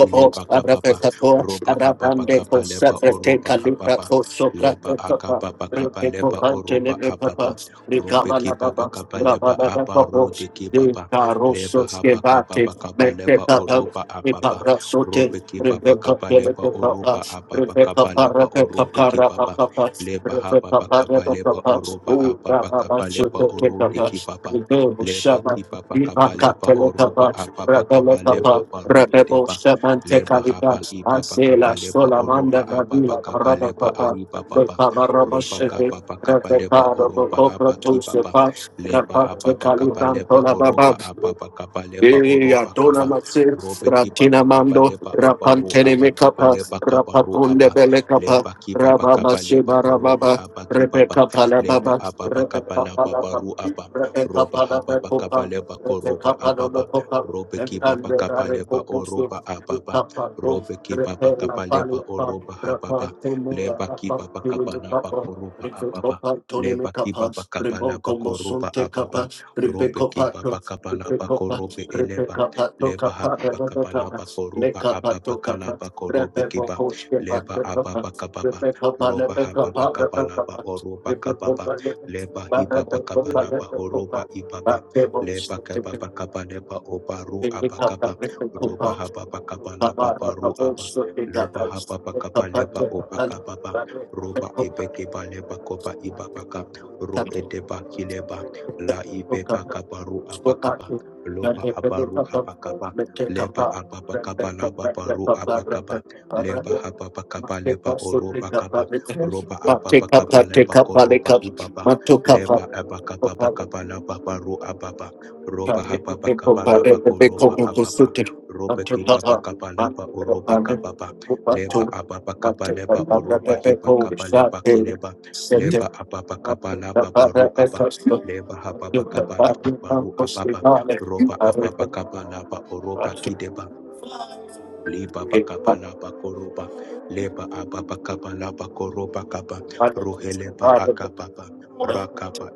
B: ileba kababa roba ababa kaba leba oroba ababa leba akababa kaba leba oroba ababa robe kibaba kaba leba aba rode kibaba leba haba kababa kaba leba oroba ababa
A: Rebecca Sote,
B: robe kibaba
A: Rebecca
B: kaba leba oroba
A: Papa,
B: ababa
A: Rebecca
B: kaba leba
A: Parapeca
B: orobe kibaba
A: Parapapa,
B: leba haba
A: Rebecca
B: kaba leba
A: Parapapa,
B: oroba
A: O
B: ababa
A: Rababa
B: kaba leba orode
A: Sotoketapa,
B: kibaba
A: Rebecca
B: leba
A: Shaman,
B: kibaba kaba
A: Rebecca
B: leba oroba
A: Teletapa,
B: ababa kaba leba
A: Rabeletapa,
B: baru
A: Rebecca
B: edeba
A: Shaman
B: leba
A: Tecalipa,
B: haba iba
A: Asela
B: bakaba leba
A: Solamanda
B: oroba aba
A: Rabila
B: bakaba
A: Parada
B: leba
A: Papa,
B: aiba baba
A: Rebecca Baraba
B: roba
A: Shebe,
B: kaba bakaba leba
A: Rebecca
B: oroba
A: Rabocopra
B: haba kibaba
A: Tosepa,
B: leba aba
A: Rebecca
B: bakaba
A: Calibran
B: leba oroba
A: Tolababa,
B: aba bakaba leba oroba
A: Yadona
B: kaba
A: Masi,
B: robe kibaba
A: Ratina
B: kaba
A: Mando,
B: leba aba ro
A: Rapantene
B: aba kaba
A: Mekapa,
B: leba kaba ro
A: Rapapunde
B: aba
A: Belekapa,
B: leba kibaba
A: Rababa
B: kaba leba
A: Shiba
B: oroba
A: Rababa,
B: haba kibaba
A: Rebecca
B: leba
A: Palababa,
B: aba bakaba
A: Rebecca
B: leba
A: Palababa,
B: baru aba
A: Rebecca
B: roba haba bakaba
A: Palabacopa,
B: leba koroba
A: Rebecca
B: aba
A: Palabacopa,
B: robe
A: and
B: ki baba
A: the
B: kabaleba oroba
A: Arecoposu,
B: ababa
A: Tapato,
B: robe ki baba
A: Repella
B: kabaleba
A: Palapa,
B: oroba hababa
A: Rapantumura,
B: leba ki baba kabalaba
A: Rapapilipapa,
B: koroba ababa
A: Ricopa, Tony
B: leba ki
A: Mekapa,
B: baba kabalaba
A: Ribonco
B: koroba
A: Mosunte Capa,
B: ababa robe ki
A: Ripecopato,
B: baba kabalaba
A: Ripecopa,
B: korobe eleba
A: Ripecopa, capa
B: leba hababa kabalaba
A: Tocapa,
B: koroba
A: Lecapa,
B: ababa
A: Tocapa,
B: kalaba korobe
A: Repeco,
B: kiba
A: Coach, Kepa,
B: leba
A: Tocapa,
B: ababa kababa
A: Ripecopa,
B: roba hababa
A: Lepecapa,
B: kabalaba
A: Repecapa,
B: oroba kababa
A: Ripecopa,
B: leba
A: Ripecopa,
B: hibaba kabalaba horoba
A: Ripecopa, Ripecopa,
B: ibaba leba kaba
A: Bakebo,
B: bakaba leba obaru
A: Lift up the
B: abakaba
A: victim
B: roba
A: coupon. Take
B: haba bakaba laba
A: up,
B: baru aba loba haba bakaba leba obakaba ba roba ebeke ba leba koba ibabaka ro edeba kileba la ibeba kabaru abakaba loba abaru habakaba leba ababakaba laba baru abakaba leba hababakaba leba oroba kaba
A: take up,
B: roba
A: take up,
B: ababakaba
A: take
B: leba koroba ibaba
A: up,
B: leba abakaba
A: take up,
B: bakaba laba baru ababa roba
A: Thank
B: hababa kabalaba koroba ababa roba kibaba kabaleba oroba kababa leba ababa kabaleba oroba hiba kabaleba kileba leba ababa kabalaba baru aba leba hababa kabalaba baru ababa roba ababa kabalaba oroba kideba Liba bakapa laba koroba, leba ababa kapa laba koroba kapa, ruheleba akababa, rakaba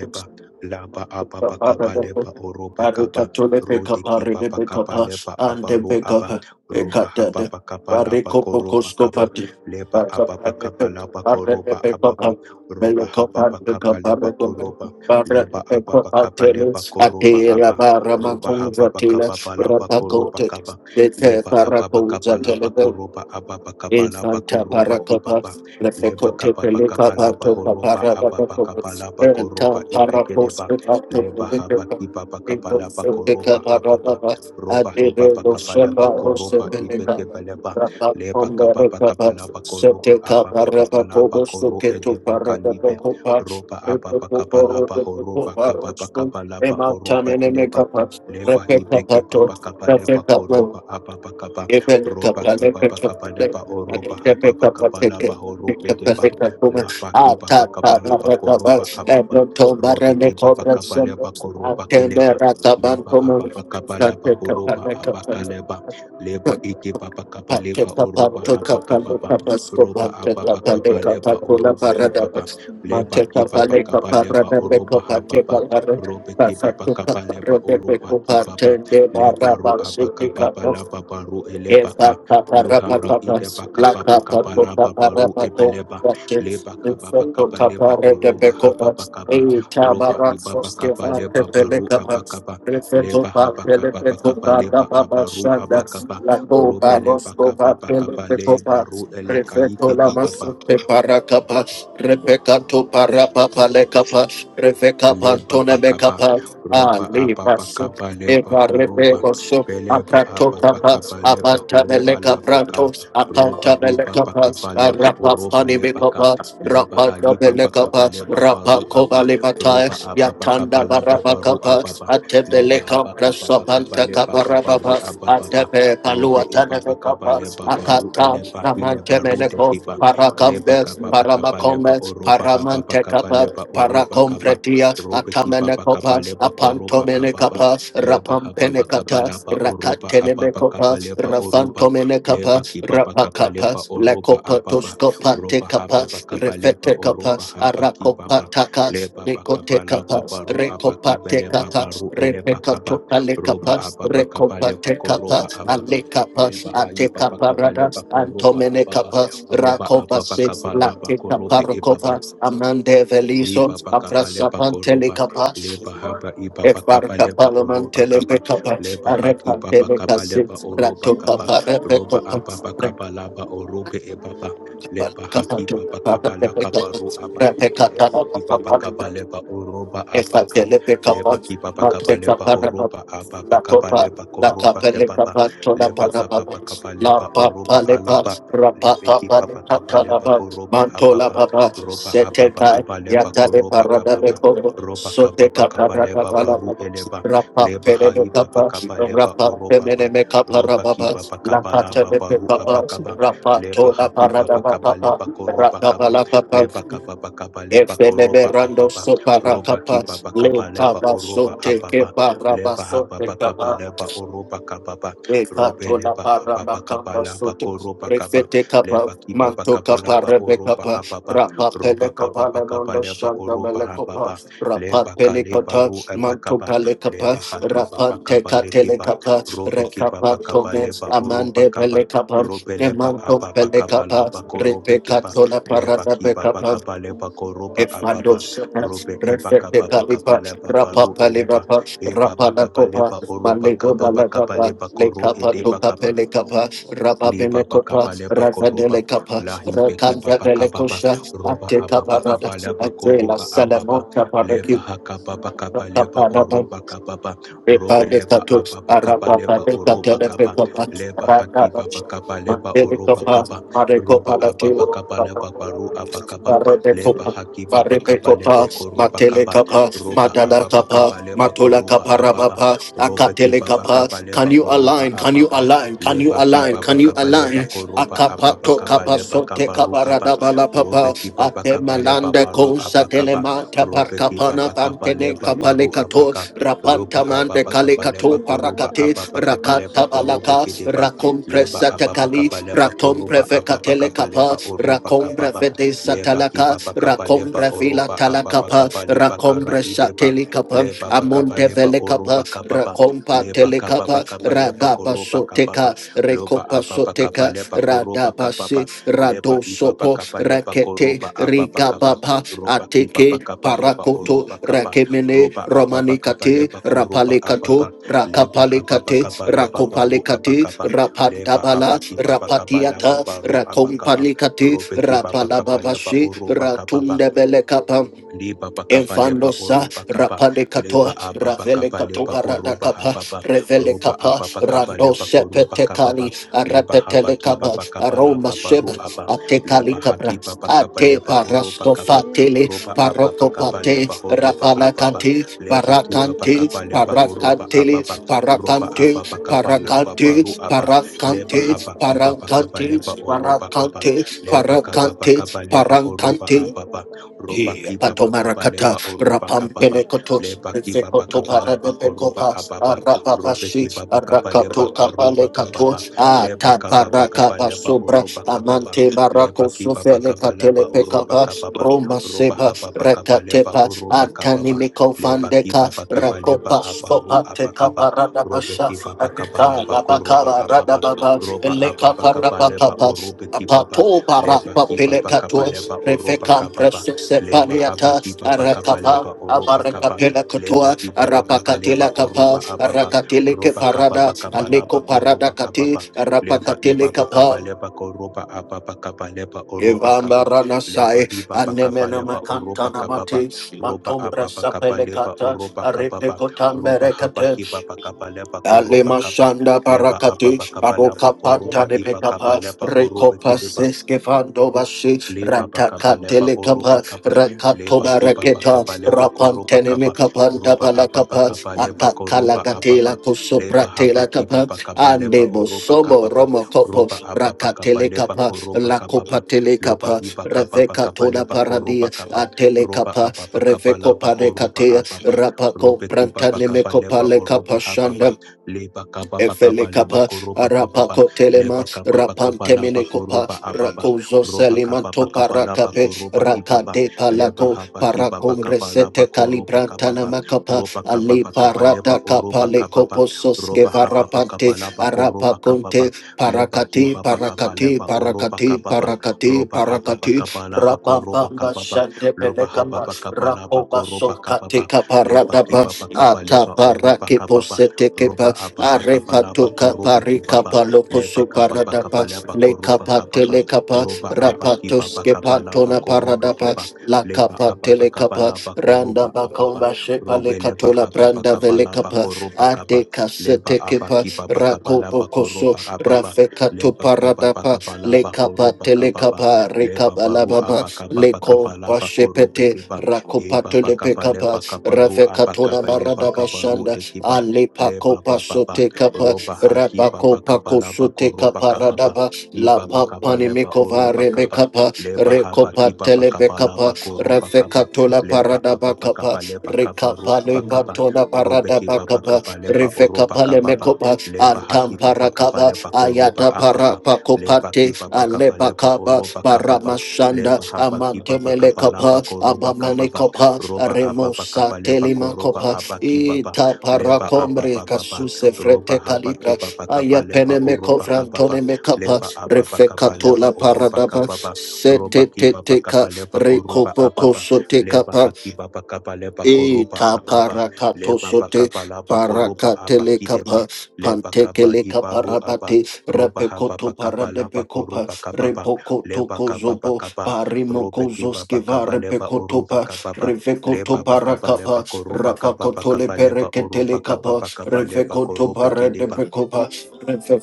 A: you.
B: laba ababa kapa leba oroba kapa,
A: Arikatole peka
B: rode
A: pare
B: kiba
A: de peka
B: bakapa
A: pa
B: leba
A: and de
B: abaro
A: peka
B: aba,
A: pa
B: roba
A: ekata de
B: hababa kapa laba
A: bariko
B: koroba
A: pokosko
B: kapa,
A: pati.
B: leba
A: Pare
B: ababa kapa laba
A: de
B: koroba
A: peka pa
B: ababa, roba
A: meleko pa
B: hababa
A: de
B: kapa
A: pare
B: leba
A: de
B: koroba,
A: pare
B: leba
A: de peka
B: ababa
A: pa
B: kapa leba
A: teles
B: koroba
A: atela
B: aba,
A: bara
B: roba
A: makunza
B: hababa
A: tela
B: kapa laba koroba kapa,
A: rapakote. Bete
B: leba ababa kabala
A: para
B: bakoroba ababa
A: in
B: kabala
A: Santa
B: bakoroba
A: Paracapa,
B: ibaba leba
A: Refecote
B: kababa
A: Pelica,
B: kabala
A: Patopa,
B: bahoroba ababa
A: Parabacopos,
B: kabala
A: and
B: bakoroba
A: Tom Paracos,
B: ibekedeba
A: the Pato
B: leba haba
A: Pelica,
B: kibaba
A: in
B: kabala bakoroba
A: Poseca
B: ababa
A: Parababas,
B: roba hibaba
A: Adido
B: kabala
A: Sheba, Rose
B: bakoroba
A: Pelica,
B: ibekebeleba
A: Rapa
B: leba
A: on the
B: kababa
A: Recapa,
B: kabala bakoroba
A: Seteca
B: ababa kabala
A: Parabacobos, the
B: bakoro
A: Keto
B: edeba kalibe
A: Parabacopa,
B: roba ababa kabala
A: Repoporo, the
B: bahoroba kababa
A: Poparostum,
B: kabala ba
A: Emma
B: oroba ileba
A: Taminemica,
B: leba
A: Repeca
B: hibeke baba kaba leba
A: Pato,
B: koroba ababa kaba roba kibaba kaba leba oroba hababa kaba laba horo edeba laba kibaba kaba laba koroba ababa robe kibaba kaba leba koroba keleba leba ababa kaba leba horoba abaka leba leba
A: Thank
B: iki baba kaba leba oroba habaka baba roba ababa kaba leba oroba ibaba leba kibaba kaba leba oroba
C: Satyanabaya
B: hababa robe ki
C: Sukadabaya Sukadabaya Masutyanabaya
B: baba kaba leba oroba ki baba leba ru abaka baba
A: you
B: la baba ru
A: papá,
B: elebaka
A: papá, la
B: luhara
A: papá,
B: ide baka baba kaba la baba ru ebeleba leba kaba baka ba leba oroba ha baba kaba roba ibaba kaba leba baru abaka ba leba habaka baba kaba leba abaru abaka ba robe leba kaba baka ba leba ru
C: Masukadabaya Satyanabaya
B: eleka ike baba ba
A: para capa, repecato para papa papá. la le capa, refeca
B: leba
A: pantone me
B: bakaba
A: capa,
B: roba
A: ali
B: ababa
A: basu.
B: kaba leba
A: Ekarebe
B: koroba
A: oso
B: beleba
A: akato
B: ababa
A: kapas
B: kaba leba
A: apanta
B: horo
A: meleka
B: alabaka
A: pratos
B: roba
A: apanta
B: hiba
A: meleka pas
B: bakaba leba
A: rapa
B: oroba
A: pani meka
B: lebaka
A: pas
B: leba
A: rapa do
B: hayiba bakaba
A: pas
B: leba
A: rapa
B: baru aba
A: kovali matai
B: roba ababa kaba
A: yatanda
B: laba
A: baraba
B: baru
A: kapas
B: ababa leba
A: atebele
B: haba
A: kapras
B: kaba bakaba
A: apanta
B: leba
A: kaparaba
B: kabaru
A: pas
B: ababa
A: atebe
B: robe
A: paluata
B: eba
A: meka
B: bakaba
A: pas
B: leba baru
A: akata
B: eleba hile
A: namante
B: baru de
A: meleko
B: kiba leba
A: parakambes
B: kaba bakaba leba
A: paramakombes
B: oroba haba
A: paramante
B: bakaba
A: kapas
B: leba oroba kaba
A: parakompretia
B: robe
A: atamene
B: kibaba bakaba leba
A: kopas
B: koroba ababa
A: Rapantomenekapa,
B: leba hababa
A: Rapampenekata,
B: kaba laba oroba ababa
A: Rakatenemekopa,
B: kaba leba oroba leba
A: Rafantomenekapa,
B: kibaba bakaba
A: Rapakapa,
B: leba oroba ababa
A: Lekopatoskopa
B: roba
A: Tekapa,
B: hababa kaba leba
A: Refetekapa,
B: oroba haba kibaba
A: Arakopataka,
B: leba bakaba laba
A: Nekotekapas,
B: baru aba kibe leba
A: Rekopatekata,
B: baru eleba kaba roba
A: Repekatopalekapas,
B: ababa kaba leba
A: Rekopatekapas,
B: koroba ababa
A: Alekapas,
B: leba haiba bakaba leba
A: Atekaparadas,
B: koroba ababa
A: Antomenekapas,
B: roba ababa
A: Rakovasis,
B: kaba laba korobe ebaba.
A: Latekaparokopas, Amande Veliso,
B: Lipa pakapa lepa
C: Sukadabaya
B: koropa
A: Aprasapantelekapas,
B: lepa hapa ipa pakapa
A: Efarka
B: lepa
A: palaman
B: oropa
A: telepe
B: kapa
A: kapa
B: lepa haki
A: arepa
B: papa
A: tele
B: kapa
C: Nayanda
A: kasi
B: lepa
C: baya
B: oropa
A: rato
B: kapa
A: kapa
C: sukada
A: repe
C: baya
B: ropa
A: kapa
B: apa
C: sata
A: reka
C: yanda
B: pakapa lapa
C: dada baya
B: orobe ebaba
C: sukada dada
A: kapa
B: leba
C: baya
A: kapa
B: haki
A: tu
C: sata
B: papa
A: kapa
B: kapa la kapa ru apa
C: nida
A: repe
C: baya
A: kapa
B: lepa
C: sata.
B: ipa
A: repe kata
B: pakapa lepa oropa
A: if
B: apa
A: I
B: ka
A: can lift it up,
B: lepa
C: Thank
B: ki
C: you,
B: papa
A: I'll
B: kapa
A: take up
C: Jesus.
B: lepa horopa apa
A: La
B: pakapa
A: Topa,
B: lepa
A: La
B: koropa
A: Capelica
B: kepapa
A: Pantona
B: lepa kapa
A: Parabas,
B: pakapa
A: La
B: leba oroba alaba
A: Papalipas,
B: lepe
A: Rapata
B: ki papa kapa leba
A: Palicatalaba,
B: horoba
A: Mantola
B: ababa
A: Baba,
B: ropa ababa
A: Setetai,
B: kapa leba ko
A: Yatale
B: ababa
A: Paradabeco,
B: ropa kapa pa
A: Soteca
B: kapa leba baru
A: Paradabalabas,
B: eleba
A: Rapa
B: leba hai baba
A: Penelopa,
B: kapa leba
A: Rapa
B: oropa pa
A: Pemenemeca
B: ropa ki
A: Parababas,
B: baba
A: La
B: kapa laba baru
A: Catalepa,
B: abakaba
A: Rapa
B: leba
A: Tona
B: haki baba kapa
A: Paradababa,
B: leba ko kaba.
A: Rapa la papa,
B: leba kapa pa kapa leba ko
A: Efeneberando
B: ababa
A: sopara
B: ropa ki
A: capa,
B: baba
A: le
B: kapa leba
A: capa
B: oropa
A: sote que
B: ababa
A: paraba
B: leba haba
A: sote
B: pa kapa
A: capa,
B: leba oropa kapa ba.
A: e
B: Robe
A: catola
B: leba ababa
A: paraba
B: kapa
A: camba
B: laba
A: sote,
B: ko ropa kapa
A: refete capa,
B: leba kiba
A: manto
B: baka
A: capa
B: balaba
A: rebe
B: oroba
A: capa, rapa pele
B: roba kaba
A: capa le
B: baka
A: mondo
B: leba
A: shanda
B: oroba
A: mele
B: haba
A: capa, rapa
B: leba ka
A: pele
B: leba
A: cota,
B: ru eba
A: manto cale capa,
B: leba hakiba ba
A: rapa
B: baka
A: te
B: ba leki
A: catele
B: ba
A: capa,
B: robe ki ba
A: recapa tome,
B: leba oroba
A: amande pele
B: kaba
A: capa,
B: robe
A: e
B: leba
A: manto
B: aba
A: pele
B: baka ba la
A: capa,
B: ba robe
A: repe
B: ki ba
A: catola
B: leba
A: parada
B: ki
A: be
B: ba
A: capa,
B: leba ko roba
C: Nasukada
A: Ifando
C: baya sata
A: Shapas,
B: robe eba
C: yanda
A: Prefect
B: kaba
C: baya
B: baka ba
A: Palipas,
B: leba E,
C: sakada
B: ba
A: Rapa
C: baya
B: eleba
C: sata
A: Palibapas,
C: yanda
B: eba
A: Rapa
B: baka
C: dada baya
A: Nakopa,
B: leba oroba
C: sukada
A: Malego
B: kaba
C: baya
B: baka
A: Balagapa,
B: leba ko ro
C: Masata
A: Lekapa
B: edeba
C: yanda
B: kaba
A: Tukape
C: dada
A: Lekapa,
C: baya sata
A: Rapa
B: Liba
C: yanda
A: Penekopa,
B: bakaba
C: baya
B: leba
C: sata
A: Rafa
B: koroba
C: yanda
A: Delekapa,
C: baya
B: lahi beke
C: sukada
A: Rakanda
B: baba
C: baya
B: kababa
A: Delekosha,
C: sata
B: roba
C: yanda
A: Ate
B: ababa
C: baya
A: Kaparada,
B: kaba leba
C: ida baya
A: Atela
B: koroba ababa
A: Salamonta
C: sakada
B: leba
A: Paraki,
C: baya
B: hakaba
C: sata
B: bakaba
C: yanda
B: leba oroba
C: baya
B: kababa
C: Masataya and
B: robe leba
C: Dabaya
A: Reparatus,
B: ababa kaba
C: Sitaya
A: Arabata,
B: leba oroba
C: Kadabaya
B: kaba
C: Sitaya
A: Telepecopa,
B: leba haki
A: Ratash,
B: baba kaba leba oroba
A: Mandecopa,
B: kaba
A: Marecopa,
B: roba ababa kaba leba baru abakaba leba
A: Paradecopa,
B: haki baba kaba
A: Paripecopa,
B: leba koroba kaba
A: Matelecapa,
B: roba ababa
A: Madalacapa,
B: kaba leba koroba
A: Matulacapa,
B: ababa
A: Ramapa,
B: robe ki baba kaba
A: Acatelecapa. Can
B: leba
A: you
B: oroba
A: align? Can you
B: ababa
A: align? Can you
B: leba
A: align?
B: kiba
A: Can you
B: bakaba
A: align?
B: leba koroba ababa
A: Akapato
B: kaba leba
A: kapasote
B: kaba
A: kabarada
B: rukaba robe
A: balapapa
B: kiba
A: ate
B: bakaba leba
C: and
A: malanda
B: baru
A: kosa
B: abakaba
C: Dadabaya
A: telemata
B: robe kiba
C: Sitaya
A: parkapana
B: bakaba
A: pantene
B: leba
A: kapale
B: baru abaka loba
A: Pantaman de
B: ababa kaba
A: Kalikato
B: leba
C: Masutayanda
B: koroba
C: da
A: Parakate,
C: da da
B: ababa kaba
C: baya
B: leba
A: Rakata
B: korobe
C: sukada
A: Balaka,
C: baya
B: kideba
A: Rakom
B: leba
C: satayanda
B: ababa
A: Presatakali,
B: kaba
C: baya
B: leba
A: Rakom
B: koroba
C: sukayanda
B: ababa
C: baya
A: Prevekatele
B: kaba
A: Kapa,
B: leba
C: sutayanda
B: oroba
C: da
A: Rakom
C: da
B: kababa
C: ba
A: Brevede
B: leba
A: Satalaka,
B: kiba
C: masakada
B: bakaba
C: da da
A: Rakom
B: leba
C: baya
A: Brevila
B: oroba ababa
C: sukara
A: Talakapa,
B: kaba
C: baya
B: leba
A: Rakom
B: kara
C: sutayanda
B: ideba
C: da
A: Bresateli
C: da
A: Kapa,
C: baya
B: leba bakaba
A: Amonte
B: leba
A: Vele
C: sutayanda da da
A: Kapa,
B: oroba
C: baya
B: kababa
A: Rakom
B: leba
A: Patele
C: satayanda
B: kapa
C: da
B: pa
A: Kapa,
C: da
B: kapa
C: baya
B: leba
A: Ragapa
B: koroba
C: niyanda da
B: kapa
A: Soteka,
C: baya
B: loba
C: sukada
A: Rekopa
C: da
B: apa
C: da
B: pa
A: Soteka.
B: kapa
C: baya
B: leba
A: Rada
B: horoba kapa
A: Radabasi
B: pa leba ipa pa
A: Radosopo
B: kapa leba
A: Rakete
B: koroba apa pa kapa
A: Rigababa
B: roba kipa pa
A: Ateke
C: satayanda
B: kapa leba
C: baya
A: Parakoto
B: oroba kapa
A: Rakemene
B: roba apa pa
C: sukada da da
B: kapa
A: Romanikate
B: leba koroba
C: baya
B: apa pa
A: Rapalekato
B: leba kapa pa
C: sukada
A: Rakapalekate
C: baya
B: la laba baru apa
C: sutayanda da da
A: Rakopalekate
B: kapa leba
A: Rapantabala
B: abaki kipa pa la laba
A: Rapatiata
B: baru apa kapa
A: Rakompalikate
B: robe kipa pa leba
A: Rapalababashi
B: oroba kapa pa
A: Ratundebelekapa
B: Liba bakaba leba
C: baya
A: Infanosa,
B: oroba
C: sukada
B: kaba
A: Rapade
C: baya
A: Cato,
B: leba ababa
A: Ravele
B: kaba leba
A: Catoba
B: oroba
A: Radacapa,
B: hababa
A: Revele
B: roba
A: Capa,
B: ababa kaba
A: Rando
B: leba koroba kaba
A: Sepetecali,
B: leba haba kiba
A: Arapetelecaba,
B: bakaba la
A: Aroma
B: baba ru
A: Sheba,
B: aba leba
A: atekali kabra,
B: haki baba kaba
A: Ate
B: leba oroba kaba
A: Parastofatele,
B: roba
C: Mindabaya
B: ababa kaba
A: Parocopate,
B: leba
C: Sukadabaya
B: horoba
C: Sata
B: ababa
A: Rapalacante,
B: leba kiba
A: parakanti,
B: bakaba leba
C: Matayandabaya
B: horoba
A: Paracantele,
B: ababa
C: Sutayanda
B: roba ababa
A: parakanti,
C: Dadabaya
B: kaba la baba ru
A: parakanti,
C: Sukadabaya
B: aba leba
A: parakanti,
B: haba
C: Sitayandabaya
B: kiba bakaba leba
A: parakanti,
C: Sutayanda
B: oroba kaba
C: Dadabaya
A: parakanti,
B: leba kaba
C: Sukadabaya
B: bakaba
A: parakanti,
B: leba
C: Sata
B: oroba
A: parakanti.
B: ababa
C: Idabaya
B: ropa
A: He
B: kipa
C: Sutayanda
B: pakapa
A: patomarakata
B: lepa
C: Dadabaya
B: oropa kapapa
C: Sukadabaya
A: rapampelekotos
B: lepa kipa
C: Sata
B: pakapa lapa
C: Baya
B: koropa
A: efekotoparebebekopas
B: apapa
C: Sutayanda
B: rope
A: arapapashi
C: Dadabaya
B: kipa pakapa
C: Sataya
B: leba arupa
C: Kadadabaya
B: kapapa
A: arakatotabalekatos
B: lepa
C: Sataya
B: kapa pakapa lepa
C: Dadabaya
A: atabarakapasobra
B: oropa kapapa
A: amante
B: lepa
C: Sukadadabaya
B: kipa pakapa lapa oropa
A: marakosufeleatelepekapa
C: In
B: kapapa ropa
A: romasepa
B: hapa
C: Jesus
B: pakapa lepa
A: rekatepa
B: oropa kapapa lepa
A: atanimikofandeka
B: kipa pakapa lepa aparu apakapa rope
A: rakopaskopatekaparadabasha
B: kipa pakapa lapa koropa apapa
A: arikalabakabaradababa
B: ropa apapa kapa lepa
A: elekaparapapapas
B: orope kipapa
A: Apato
B: lepa
A: barapa
B: kipa pakapa
A: pelekatos,
B: lepa oropa
A: refekam
B: kapapa
A: presu
B: leba haba
A: sepaliata,
B: kiba bakaba
A: arakapa,
B: leba oroba
A: abareka
B: kaba
A: pelekatua,
B: leba kiba bakaba leba
A: arapakatila kapa,
B: oroba ababa
A: arakatili ke
B: roba kaba
A: parada,
B: bakaba
A: aliko
B: laba koroba
A: parada kati,
B: kababa leba
A: arapakatili
B: iba bakaba
A: kapa.
B: leba koroba ababa kaba leba oroba
A: Ivamba
B: kaba
A: rana
B: leba
A: sai,
B: hiba bakaba
A: anemena
B: leba
A: makanta
B: oroba kababa
A: namati,
B: roba
A: matombre
B: ababa kaba leba
A: sapelekata,
B: oroba kababa roba haba
A: aripikotamberekate,
B: kiba bakaba leba koroba
A: Alema
B: kaba
A: shanda
B: leba
A: barakati
B: ababa kaba laba
A: aroka panta
B: koroba
A: de
B: iba kaba
A: pekapa
B: leba orobe
A: rekopa
B: kideba
A: seske vando bashi
B: leba bakaba
A: rataka
B: leba oroba
A: telekapa
B: kaba
A: rakato
B: leba hiba
A: baraketa
B: bakaba leba koroba
A: rapante ne
B: kaba
A: mekapanda
B: roba aba
A: balakapa
B: bakaba leba
A: akakala
B: koroba
A: gatela
B: ababa leba haba
A: kusopratela
B: kiba
A: kapa
B: bakaba leba
A: ande
B: oroba
A: bosomo
B: kababa
A: romo kopo
B: roba aba bakaba
A: rakatele
B: leba
A: kapa
B: koroba
A: lakopa
B: kababa loba
A: telekapa
B: hiba kaba
A: reveka
B: bakaba
A: tola
B: leba koroba
A: paradia
B: kaba
A: atele
B: roba
A: kapa
B: aba bakaba
A: reveko
B: leba koroba
A: parekatea
B: ababa
A: rapako
B: robe kiba
A: pranta ne
B: bakaba
A: mekopa
B: leba oroba
A: lekapa shanda
B: hababa leba kaba bakaba leba
A: Efelekapa,
B: koroba kababa
A: Arapako
B: leba
A: Telema,
B: kaba bakaba leba
A: Rapantemenekopa,
B: koroba ababa
A: Rakozo
B: roba kapa pa
A: Salimanto
B: kapa lapa
A: Parakape,
B: koroba ibaba
A: Rakade
B: leba
A: Palako,
B: hapa kibaba pa
A: Parakom
B: kapa lapa
A: Resete
B: koroba kapa
A: Calibrantana
B: pa
A: Makapa,
B: roba kapa
A: Ale
B: pa kapa leba
A: Parata
B: oroba
A: Kapale
B: kapa pa
A: Kopososke
B: roba hapa pa
A: Varapante,
B: kapa lapa koroba kapa pa
A: Arapakonte,
B: leba
A: Parakati,
B: hiba pa kapa
A: Parakati,
B: leba oroba
A: Parakati,
B: kapa pa
A: Parakati,
B: roba apa pa kapa
A: Parakati,
B: lapa koroba
A: Rabamba
B: kapa pa
A: Shante
B: loba hapa
A: Pelekapa,
B: pa kapa lapa
A: Rakoba
B: koroba kapa pa
A: Sokate
B: leba
A: Kaparadaba,
B: kiba pa kapa
A: Ata
B: leba oroba
A: Parake
B: kapa pa
A: Posete
B: roba
A: Kepa
B: apa pa kapa lapa
A: arepato kapa
B: korobe kiba
A: rikapa loko
B: leba kapa pa kapa
A: suparadapa
B: lapa koroba
A: lekapa
B: kapa pa
A: telekapa
B: roba abaki
A: rapato
B: baba bakaba laba
A: kepatona
B: korobe
A: paradapa
B: kiba leba
A: lakapa
B: ababa bakaba
A: telekapa
B: laba
A: randa
B: koroba ababa
A: bakomba shepa
B: robe leba
A: lekatola
B: hababa
A: branda
B: bakaba laba
A: velekapa
B: koroba kaba
A: ate
B: leba
A: kasete kepa
B: abaki baba bakaba laba
A: koso
B: koroba ababa
A: rafekato
B: leba kebaba
A: paradapa
B: bakaba laba
A: lekapa
B: koroba kababa
A: telekapa
B: leba
A: rekapa
B: baru
A: labama
B: aba kaba
A: leko
B: bakaba laba korobe
A: pashepete
B: kiba eba
A: rakopato
B: bakaba
A: lepekapa
B: leba kabaru aba
A: rafekatona
B: kaba leba
A: maradaba
B: kabaru
A: shanda,
B: de kiba
A: Alepa
B: leba
A: kopa
B: baba baba
A: sote kapa,
B: roba haki
A: rapa
B: baba
A: kopa
B: kaba laba
A: kosote
B: koroba
A: kapa
B: kababa
A: radaba, la
B: Iba bakaba
A: papani
B: leba
A: mikova
B: oroba
A: rebe
B: kaba
A: kapa,
B: leba haba
A: rekopa
B: kiba
A: telebe
B: bakaba
A: kapa,
B: laba koroba
A: refe
B: kaba
A: katola
B: leba
A: paradaba
B: aba
A: kapa,
B: bakaba leba kaba ru
A: rekapa le
B: aba kaba
A: patona
B: robe
A: paradaba
B: kiba
A: kapa,
B: bakaba leba
A: refe
B: oroba
A: kapa le
B: kaba ba
A: mekopa,
B: leba
A: antam
B: hakiba bakaba
A: parakaba,
B: leba koroba
A: ayata
B: aba ba ababa
A: parapa
B: leba
A: kopate,
B: kiba bakaba
A: alepa
B: leba
A: kapa,
B: oroba kaba ba
A: paramashanda,
B: leba haba kiba
A: amantemele
B: bakaba laba
A: kapa,
B: koroba kaba
A: abamane
B: ba
A: kopa,
B: roba aba
A: remosa
B: bakaba leba
A: telima
B: koroba
A: kopa,
B: aba kiba ba
A: Ita para
B: leba aba
A: combre
B: ba ba ba
A: casuse
B: roba
A: frete
B: haba
A: calibra
B: kiba
A: aya
B: bakaba leba
A: pene me
B: oroba kaba ba
A: cofrantone me capa
B: leba ababa kaba leba
A: refecatola
B: oroba
A: paradaba
B: kababa roba
A: sete te
B: kibaba
A: teca
B: kaba leba koroba
A: recopoco
B: ababa
A: sote
B: leba
A: capa
B: hakibaba kaba leba koroba
A: ita
B: akaba
A: para cato
B: leba
A: sote
B: bakaba laba
A: para
B: koroba
A: catele
B: abakideba
A: capa
B: leba
A: panteke
B: kaba ibaru aba
A: le
B: roba hababa
A: Repekoto
B: kaba laba
A: paradepekopa.
B: koroba kababa
A: Repokoto
B: leba kababa
A: kozobo.
B: kaba robe kibaba
A: Parimokozoskiva
B: kaba leba oroba
A: repekotopa.
B: kababa
A: Revekoto
B: leba bakaba leba
A: parakapa.
B: koroba kababa
A: Rapakotole
B: kaba leba
A: pereketele
B: oroba
A: kapa.
B: kababa kaba leba
A: Revekoto
B: korobe kideba
A: paradepekopa.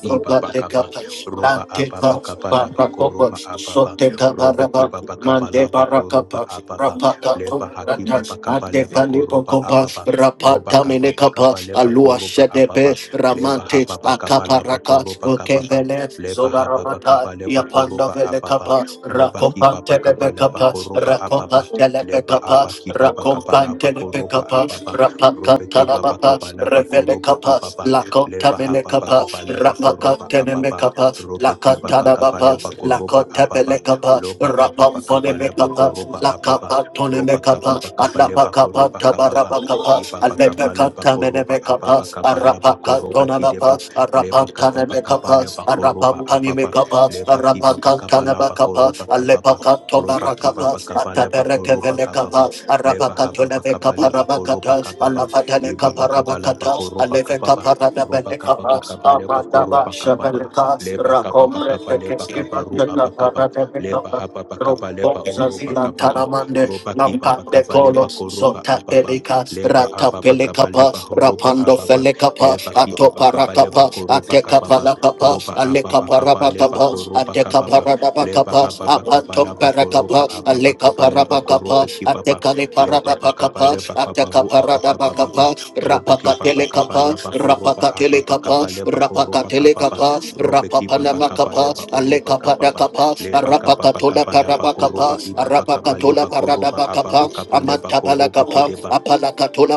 B: Iba bakaba,
A: tekapa.
B: roba ababa
A: Lantepa
B: kabala bako
A: parakopa.
B: roba ababa,
A: Soteka
B: robe
A: baraba.
B: kiba bakaba la
A: Mande
B: bako roba
A: barakapa.
B: ababa, leba
A: Rapakato.
B: hakiba bakaba
A: Ate
B: leba ko
A: kalipo
B: roba
A: kopa,
B: ababa, roba
A: rapata
B: kaba
A: mene
B: bakaba
A: kapa,
B: leba ko
A: Alua
B: roba
A: Shedepe,
B: ababa, leba
A: Ramante,
B: haba bakaba laba
A: Akaparaka,
B: ko roba kababa,
A: Okevele,
B: leba haba
A: Zobarabata,
B: bakaba leba ko
A: Yapanda
B: roba ababa,
A: Velekapa,
B: roba kiba bakaba leba
A: Rakopantelebekapa,
B: ko roba ababa, leba
A: Rakopantelebekapa,
B: aba kiba bakaba la bako roba
A: Rakopantelebekapa,
B: ababa, robe kiba
A: Rapakatalabapa,
B: bakaba la bako roba
A: Revelekapa,
B: ibaba,
A: Lakota
B: leba haba
A: Velekapa,
B: bakaba leba koroba ababa
A: Rapakatelemekapa,
B: robe kiba bakaba
A: Lakatalabapa,
B: leba koroba ababa
A: Lakotebelekapa,
B: loba ababa kaba leba
A: Rapamfonemekapa,
B: koroba ababa roba kaba
A: Lakapatoneme.
B: bakaba leba koroba
A: Anapakapanta
B: kababa
A: barapakapa,
B: iba bakaba leba
A: Alepekanta
B: koroba
A: menemekapa,
B: ababa kaba leba koroba
A: Arapakatonanapa,
B: kideba leba
A: Arapanta
B: kaba bakaba
A: nemekapa,
B: leba koroba
A: Arapampani
B: ababa
A: mekapa,
B: leba kiba
A: Arapakanta
B: bakaba leba
A: nebakapa,
B: koroba kababa
A: Alepakanto
B: roba kiba
A: barakapa,
B: bakaba leba
A: Atapereke
B: koroba kababa
A: velekapa,
B: leba
A: Arapakato
B: haba bakaba
A: nevekapa
B: leba koroba
A: rabakata,
B: kababa iba
A: Alafatelekapa
B: bakaba leba
A: rabakata,
B: koroba kababa
A: Alefekapa
B: roba kapa
A: radabelekapa,
B: pa kapa leba
A: Amandaba
B: koroba kapa pa
A: shebeleka,
B: leba kapa pa
A: Rakombre
B: kapa leba
A: tekeski
B: kapa ru aba
A: pantekapa
B: kapa leba hapa pa kapa leba oroba
A: Zazila
B: kapa pa
A: Taramande,
B: roba kiba pa
A: Lampande
B: kapa
A: Colo,
B: leba koroba
A: Sota
B: aba pa
A: Pelica,
B: leba
A: Rata
B: aba pa kapa
A: Pelicapa,
B: leba horoba
A: Rapando
B: aba pa
A: Felicapa,
B: leba kiba pa
A: Atopa
B: kapa
A: Ratapa,
B: leba koroba
A: Ateca
B: kapa pa
A: Palacapa,
B: roba aba
A: Aleca
B: pa kapa leba
A: Parabacapa,
B: koroba
A: Ateca
B: kapa pa leba
A: Parabacapa,
B: hapa pa kapa
A: Apantum
B: leba koroba
A: Paracapa,
B: aba pa
A: Aleca
B: kapa leba
A: Parabacapa,
B: korobe kiba pa
A: Ateca
B: leba pa kapa
A: Paradapacapa,
B: leba kapa
A: Ateca
B: ru aba kapa pa
A: Paradabacapa,
B: Robeki Baba
A: Rapacatelicapa,
B: Kabala Bakoroba Ababa
A: Rapacatelicapa,
B: Kabaleba Koroba Kababa
A: Rapacatelicapa, Rapa
B: Robeki
A: Papa
B: Baba
A: Arapapanamakapas,
B: Kabaleba Oroba Kababa
A: Alekapadakapas,
B: Leba Kababa
A: Arapakatola
B: Kabala Bakoroba
A: Parabakapas,
B: Ibaba
A: Arapakatola
B: Kabaleba Koroba Ababa
A: Paradabakapas,
B: Kabaleba Korobe Kideba
A: Amantabalakapas, Apalakatola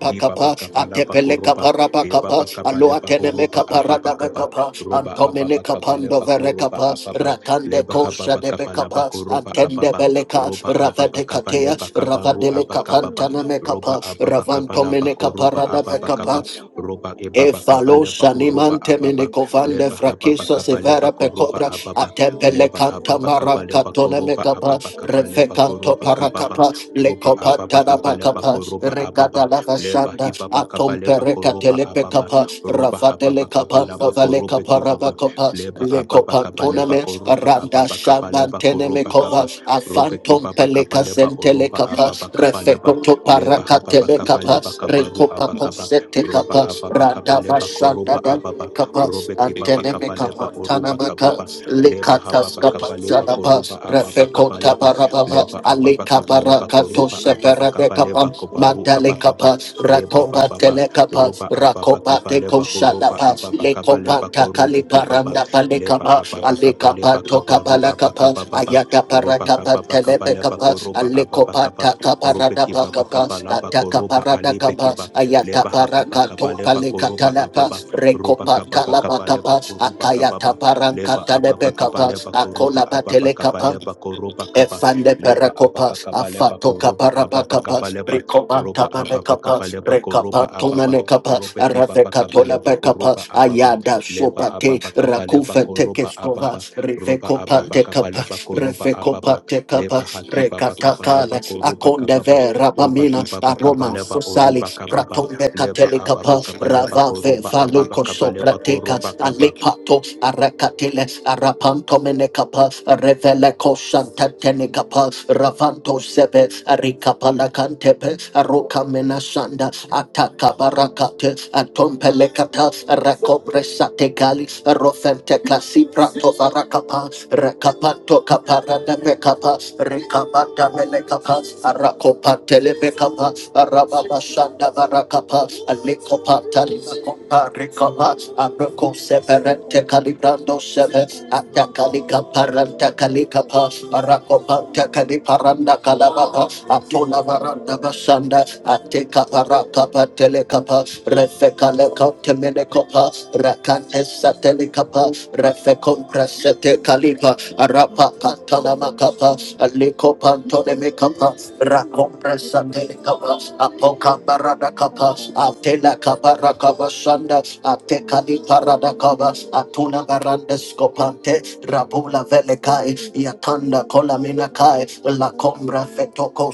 B: Liba bakaba laba
A: Atepeleka
B: koroba, eba
A: Parabakapas,
B: bakaba leba
A: Aloatenemeka
B: horoba ababa kaba,
A: Paradabakapas,
B: roba ababa
A: Antomeneka
B: kaba leba koroba
A: Pandoverekapas,
B: ababa,
A: Rakande
B: leba
A: Kosha
B: hababa kaba laba
A: Debekapas,
B: koroba
A: Antende
B: ababa,
A: Belekas,
B: roba ababa kaba
A: Ravadekatea,
C: Yes,
B: leba kaba ru
A: Ravadeleka
B: abakababa, roba
A: Pantanamekapas,
B: ababa kaba laba
A: Ravantomeneka
B: koroba ababa kaba,
A: Paradabekapas,
B: roba ebaba kaba leba
A: Efalosa
B: horoba
A: nimante
B: ababa,
A: menekovande
B: leba hababa
A: frakiso
B: kaba leba
A: severa
B: koroba
A: pecobra
B: ababa,
A: atempele
B: leba
A: canta
B: ababa kaba
A: maranca
B: leba
A: tone
B: koroba
A: mecapa
B: ababa kaba leba
A: refecanto
B: koroba kababa,
A: paracapa
B: roba
A: lecopa
B: ababa kaba leba
A: tarabacapa
B: koroba ababa,
A: recada la
B: leba
A: vashanda
B: hibaba kaba
A: atom
B: leba
A: pereca
B: koroba ababa
A: telepecapa
B: roba hababa
A: rafatele
B: kaba
A: capa
B: laba
A: novale
B: korobe
A: capa
B: kibaba
A: rabacopa
B: leba ababa kaba
A: lecopantone
B: leba
A: me
B: koroba
A: randa
B: ababa kaba leba
A: shambantene
B: koroba
A: mecova
B: kaba
A: telekapa,
B: robe
A: afantom
B: kibaba kaba
A: peleka
B: leba oroba
A: sentelekapa,
B: ababa kaba leba
A: refekoto
B: leba hababa kaba
A: parakatelekapa,
B: leba kaba ru
A: rekopako
B: abakaba roba
A: setekapa,
B: ababa kaba
A: radava
B: leba koroba
A: shanda
B: ababa
A: davelekapa,
B: robe kibaba kaba leba
A: antenemekapa,
C: Vikabaya
B: oroba
A: tanamaka,
C: Satyan
B: kababa leba hababa
C: Dadarabaya
A: likataskapa,
B: kaba leba
A: zanapa,
C: Satayan
B: koroba ababa kaba
A: refekota
C: Dadarabaya
B: leba
A: barababa,
B: leba
C: Sitayan
B: ababa kaba leba
C: Dadarabaya
A: alekabarakato
B: koroba
C: Sitayan
B: ababa kaba leba
C: Dadarabaya
A: seperebekapa,
B: kobaru abakaba
A: mandalekapa,
C: Sukadadabaya
B: leba ba
A: ratoba
B: ba
A: telekapa,
B: roba ababa kaba
A: Rakopate
B: leba horoba
A: koshalapa,
B: ababa kaba leba
A: lekopata
B: korobe kibaba,
A: kaliparanda
B: leba
A: palekapa,
B: ababa kaba
A: alekapa
B: leba kaba ru abaka
A: tokabalakapa,
B: baba ba
A: ayata
B: roba
A: parakapa
B: kaba ba kaba leba
A: telepekapa,
B: koroba ababa kaba
A: alekopata
B: robe
A: kaparada
B: kibaba baba
A: pakapa,
B: kaba laba ko
A: ataka parada
B: alebe
A: kapa,
B: ki
A: ayata
B: leba hababa kaba
A: parakato
B: leba koroba
A: palekatalapa,
B: ababa roba kaba
A: rekopata
B: ba kaba leba
A: labakapa,
B: koroba roba
A: akayata
B: leba
A: parankata
B: ababa kaba leba koroba roba ababa kaba leba ko kaba
A: Efande
B: leba
A: perekopa,
B: ababa kaba leba
A: afato
B: koroba
A: kaparapa
B: ababa
A: kapa,
B: kaba leba roba
A: brikopanta
B: ababa
A: manekapa,
B: kabaleba koroba
A: rekapanto
B: ababa
A: manekapa,
B: robe
A: arave
B: kibaba
A: katola
B: kabaleba
A: pekapa,
B: horoba ababa
A: ayada
B: leba
A: sopate,
B: ababa kabaleba
A: rakufe
B: koroba
A: tekeskova,
B: ababa roba ababa
A: rivekopante
B: kabaleba
A: kapas
B: koroba ababa
A: revekopante
B: leba
A: kapas
B: hakibaba
A: rekatakala,
B: kabalaba koroba
A: akonde
B: kababa
A: vera
B: roba
A: pamina,
B: kibaba
A: aroma
B: kabaleba
A: fosali,
B: oroba kababa
A: pratombe
B: leba
A: katele
B: ababa
A: kapa,
B: kabaleba
A: ravave
B: koroba ababa
A: valuko
B: kabaleba
A: soprateka,
B: koroba kaba
A: alepato, arakatiles arapanto menekapa, revele kosanta katenekapa ravanto sepe arikapala kantepe aroka menasanda ataka barakate atompelekata rakopresate gali rofente klasi prato varakapa rekapanto kaparada mekapa rekabata melekapa arakopatele mekapa arababa shanda varakapa alikopata
C: Sukadadabaya
A: limakompa rekapa aroko seperente kalibrando seve
C: Sukadadabaya
A: ataka
C: Sataya Dabaya
A: likaparanta kalikapa
C: Sukadabaya
A: Parakopanta
C: Satayan Dabaya
A: Kaliparanda Kalababa,
C: Sukadabaya Satayan Dabaya
A: atuna Varanda
C: Satayan Dabaya
A: Basanda, Ateka Parakapa Telekapa, Refekaleko Temenekopa, Rakante Satelikapa, Refekon Prasete Kalipa, Arapa Kantalamakapa,
C: Sukadabaya Sitayan
A: Aliko Pantonemekapa, Rakon Prasatelikapa,
C: Dabaya
A: Apoka Baradakapa,
C: Sukadabaya
A: Atela Kabarakaba Sanda, Atekali
C: Masatayanda
A: Paradakaba,
C: Baya
A: Atuna
C: Sukada
A: Barandes
C: Baya
A: skopante,
C: Satayanda
A: Rabula
C: Baya
A: Velekai,
C: Suvida Baya
A: Yakanda
C: Nada
A: Colamina
C: Baya
A: Kai, La
C: Sukada
A: Combra
C: Baya
A: Fetoco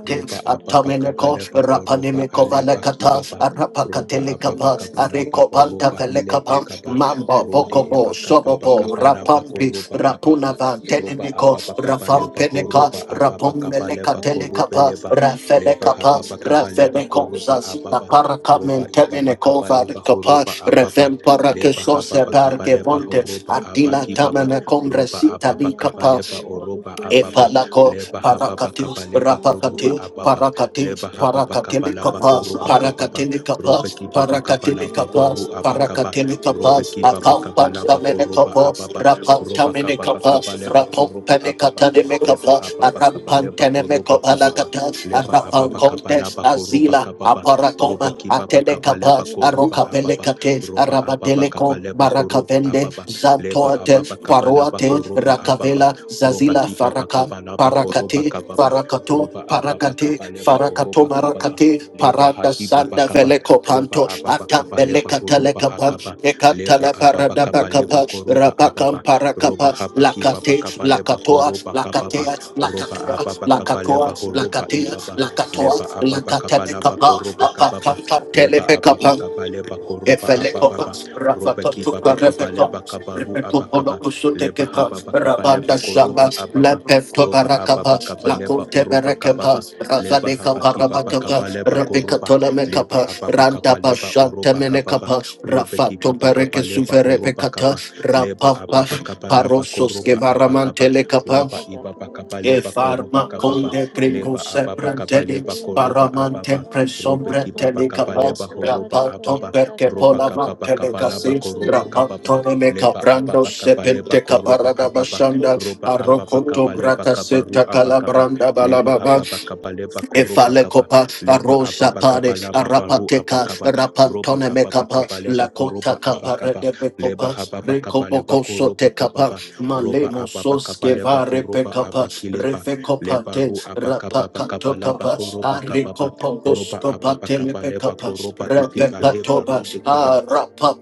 B: roba
C: Dada
B: apapa
C: Baya
A: Atomineco,
B: kapalapa
C: Sukha
B: koroba
C: Ida
A: Rapanimico
B: alepa
C: Baya
A: Valecata,
B: kibaba
C: Sukada Dada
B: roba
C: Baya
B: apapa
A: Arapacatelicapa,
C: Sutayanda
B: kapalapa
C: Dada
A: Aricopanta
B: oroba
C: Baya
B: hilepa
C: Ida
A: Felecapa,
B: kaba
C: Baya
A: Mambo,
B: rode
C: Sukhayanda
B: epa
A: Pocobo,
C: Baya
B: kapapa
A: Sobobo,
C: Hikira
B: kapalapa
C: Baya
A: Rapampi,
B: koroba
C: Dada
A: Rapuna
B: apapa
C: Baya
A: Van
B: roba
A: Tenimico,
C: Sukhayanda
B: apapa
C: Dada
B: kapalepa
C: Baya
A: Rafampeneca,
B: horoba
C: Sukada
B: apapa
C: Baya
B: kapalepa
C: Sutayanda
B: korobe
A: Rapomelecatelicapa,
C: Dada
B: leba
C: Baya
B: leba
A: Rafelecapa,
B: hapapa kapalepa
C: Masatayanda
B: koroba
A: Rafelecosa,
C: Baya
A: Sina
B: apapa
C: Sukada
B: roba
C: Baya Sukada
B: ipapa
A: Paracamenteminico
C: Baya
B: kapalepa
A: Valicapa,
B: horoba apapa
A: Revem para que
B: leba
A: so
C: Hindabaya
A: se
B: hapapa
A: parque
B: kapalepa
A: ponte,
C: Sukarabaya
B: horoba apa
A: adila
C: Sutaya
B: kibaba
A: tamana combre
C: Darabaya
B: roba
A: sita
B: apapa
A: li
C: Sutaya
B: kapalepa
C: Kadabaya
B: oroba apapa
C: Sukirambaya
A: Epalako,
B: leba hababa
C: Sataya
A: Parakati,
B: kaba leba koroba
C: Masui
A: Rapakati,
B: ababa
C: Handabaya
B: leba
A: Parakati,
C: Sutaya
B: hababa kaba
A: Parakatili
B: laba
A: Kapas,
C: Hindabaya
B: koroba kababa
A: Parakatili
B: robe
A: Kapas,
B: ki baba kaba
A: Parakatili
C: Sukadabaya
B: laba baru
A: Kapas,
C: Hindabaya
B: abakaba
A: Parakatili
C: Sukadabaya
B: robe
A: Kapas,
B: ki baba
C: Handabaya
B: kaba
A: Akampat
B: laba
C: Sukadabaya
A: Tamene
B: koroba
A: Kapas,
B: ababa
A: Rapam
B: roba
A: Tamene
B: kaba kaba
A: Kapas,
B: leba koroba ababa
A: Rapam
B: leba
A: Mekapa,
B: ababa kaba leba
A: Arampantene
B: koroba kababa
A: Mekopalakata,
B: leba
A: Arafan
B: ababa kaba
A: Contex,
B: laba koroba
A: Azila,
B: kababa robe
A: Aparacoma,
B: ki baba kaba leba
A: Atelekapa,
B: koroba ababa
A: Arocapelekate,
B: roba ababa kaba
A: Arabadeleco,
B: leba horoba
A: Maracavende,
B: ababa leba
A: Zantoate,
B: ababa kaba laba
A: paroate
B: koroba ababa
A: Rakavela,
B: roba
A: Zazila,
B: kiba
A: Faraka,
B: bakaba laba koroba
A: Parakate,
B: kababa roba
A: Farakato,
B: ababa
A: Parakate,
B: kaba leba
A: Farakato
B: oroba kababa
A: Marakate,
B: leba
A: Paranda
B: hakiba
A: Sanda
B: bakaba
A: Veleco
B: roba
A: Panto,
B: ababa kaba leba
A: Atambeleca
B: horoba
A: Telecapa,
B: akaba leba
A: Ecatala
B: ababa
A: Parada
B: kaba leba
A: Bacapa,
B: koroba
A: Rabacam
B: ababa roba
A: Paracapa,
B: haba kiba
A: Lacate,
B: bakaba leba
A: Lacatoa,
B: koroba kababa
A: Lacatea,
B: roba
A: Lacatoa,
B: ababa kaba leba
A: Lacatoa,
B: horoba
A: Lacatea,
B: ibaba leba
A: Lacatoa,
B: ababa kaba laba
A: Lacatelecapa,
B: koroba kababa
A: Apacam
B: leba ababa
A: Telepecapa,
B: kaba leba koroba ababa
A: Efelekopas,
C: Sataya
B: roba kiba
A: Rafatotuka
B: bakaba leba
A: Refekopas,
B: kabaru abakaba leba
A: Repetopolokusutekepas,
B: hababa kaba leba
A: Rabanda
B: koroba
A: Shamas,
B: ababa
C: Thank you.
A: Lepento
B: roba ababa
A: Barakapas,
B: kaba leba
A: Lakunte
B: oroba
C: Masutayandabaya
B: kababa
A: Berekepas,
B: leba
A: Rafaleka
C: Satayandabaya
B: habaki baba kaba
A: Paramakapas,
B: leba
C: Sukadabaya
A: Rebecca
B: koroba leba
A: Tolamekapas,
B: ababa
C: Satayandabaya
A: Randa
B: kaba leba
A: Bashante
B: oroba kababa
A: Menekapas,
C: Sukadabaya
B: robe ki
A: Rafato
B: baba kaba
A: Bereke
B: leba oroba kaba
A: Suverepekatas,
B: leba
A: Rapapas,
B: ababa kaba leba
A: Parosos
B: koroba abakaba
A: Gevaramante Lekapa,
B: roba ibaba
C: Sukadabaya
B: kaba leba koroba
A: Efarma
C: Sakadabaya
A: con
B: kababa
A: de gringo
B: leba ababa
C: Satayandabaya
B: kaba leba
A: sebrantelix,
B: koroba
A: paramante
B: ababa
C: Sutayandadadadaba
B: robe
A: presombre
B: ki baba kaba
C: Akadabaya
B: leba
A: telecapaz,
B: horoba
A: rapaton
C: Sukadabaya
B: ababa
A: perche
B: roba
A: polavan
B: kababa kaba leba
C: Satayandadadabaya
A: telecasis,
B: koroba kababa
A: rapaton me
C: Sutayandadabaya
B: leba
A: caprando
B: ababa kaba
C: Sukadabaya
B: leba
A: sepente
B: koruba
A: caparada
B: ababa
A: bashanda,
B: roba ababa
A: arrocoto
B: kaba leba kaba ru
A: bracaseta
B: abakaba
A: calabranda
B: leba
A: balababa,
B: hababa kaba leba koruba kaba
A: Efalekopa,
B: leba
A: Arosha
B: ababa kaba
A: Pare,
B: laba baru
A: Arapateka,
B: abakaba ruba
A: Rapantone
B: kaba
A: Mekapa,
B: bakaba leba koruba
A: Lakota Kapa,
B: abakaba leba
A: Redebekopa,
B: hababa kaba leba
A: Rekopoko
B: koruba
A: Sotekapa,
B: kababa Roba
A: Malemo
B: ababa kaba leba
A: Soskeva
B: koruba
A: Repekapa,
B: abakileba leba
A: Refekopate,
B: ru abakaba kaba laba
A: Rapakatokapa,
B: koruba kababa roba
A: Arikopokoskopa
B: ababa kaba leba
A: Telepekapa,
B: koroba ikeba leba ru de kiba
A: Repekatoba, Rapa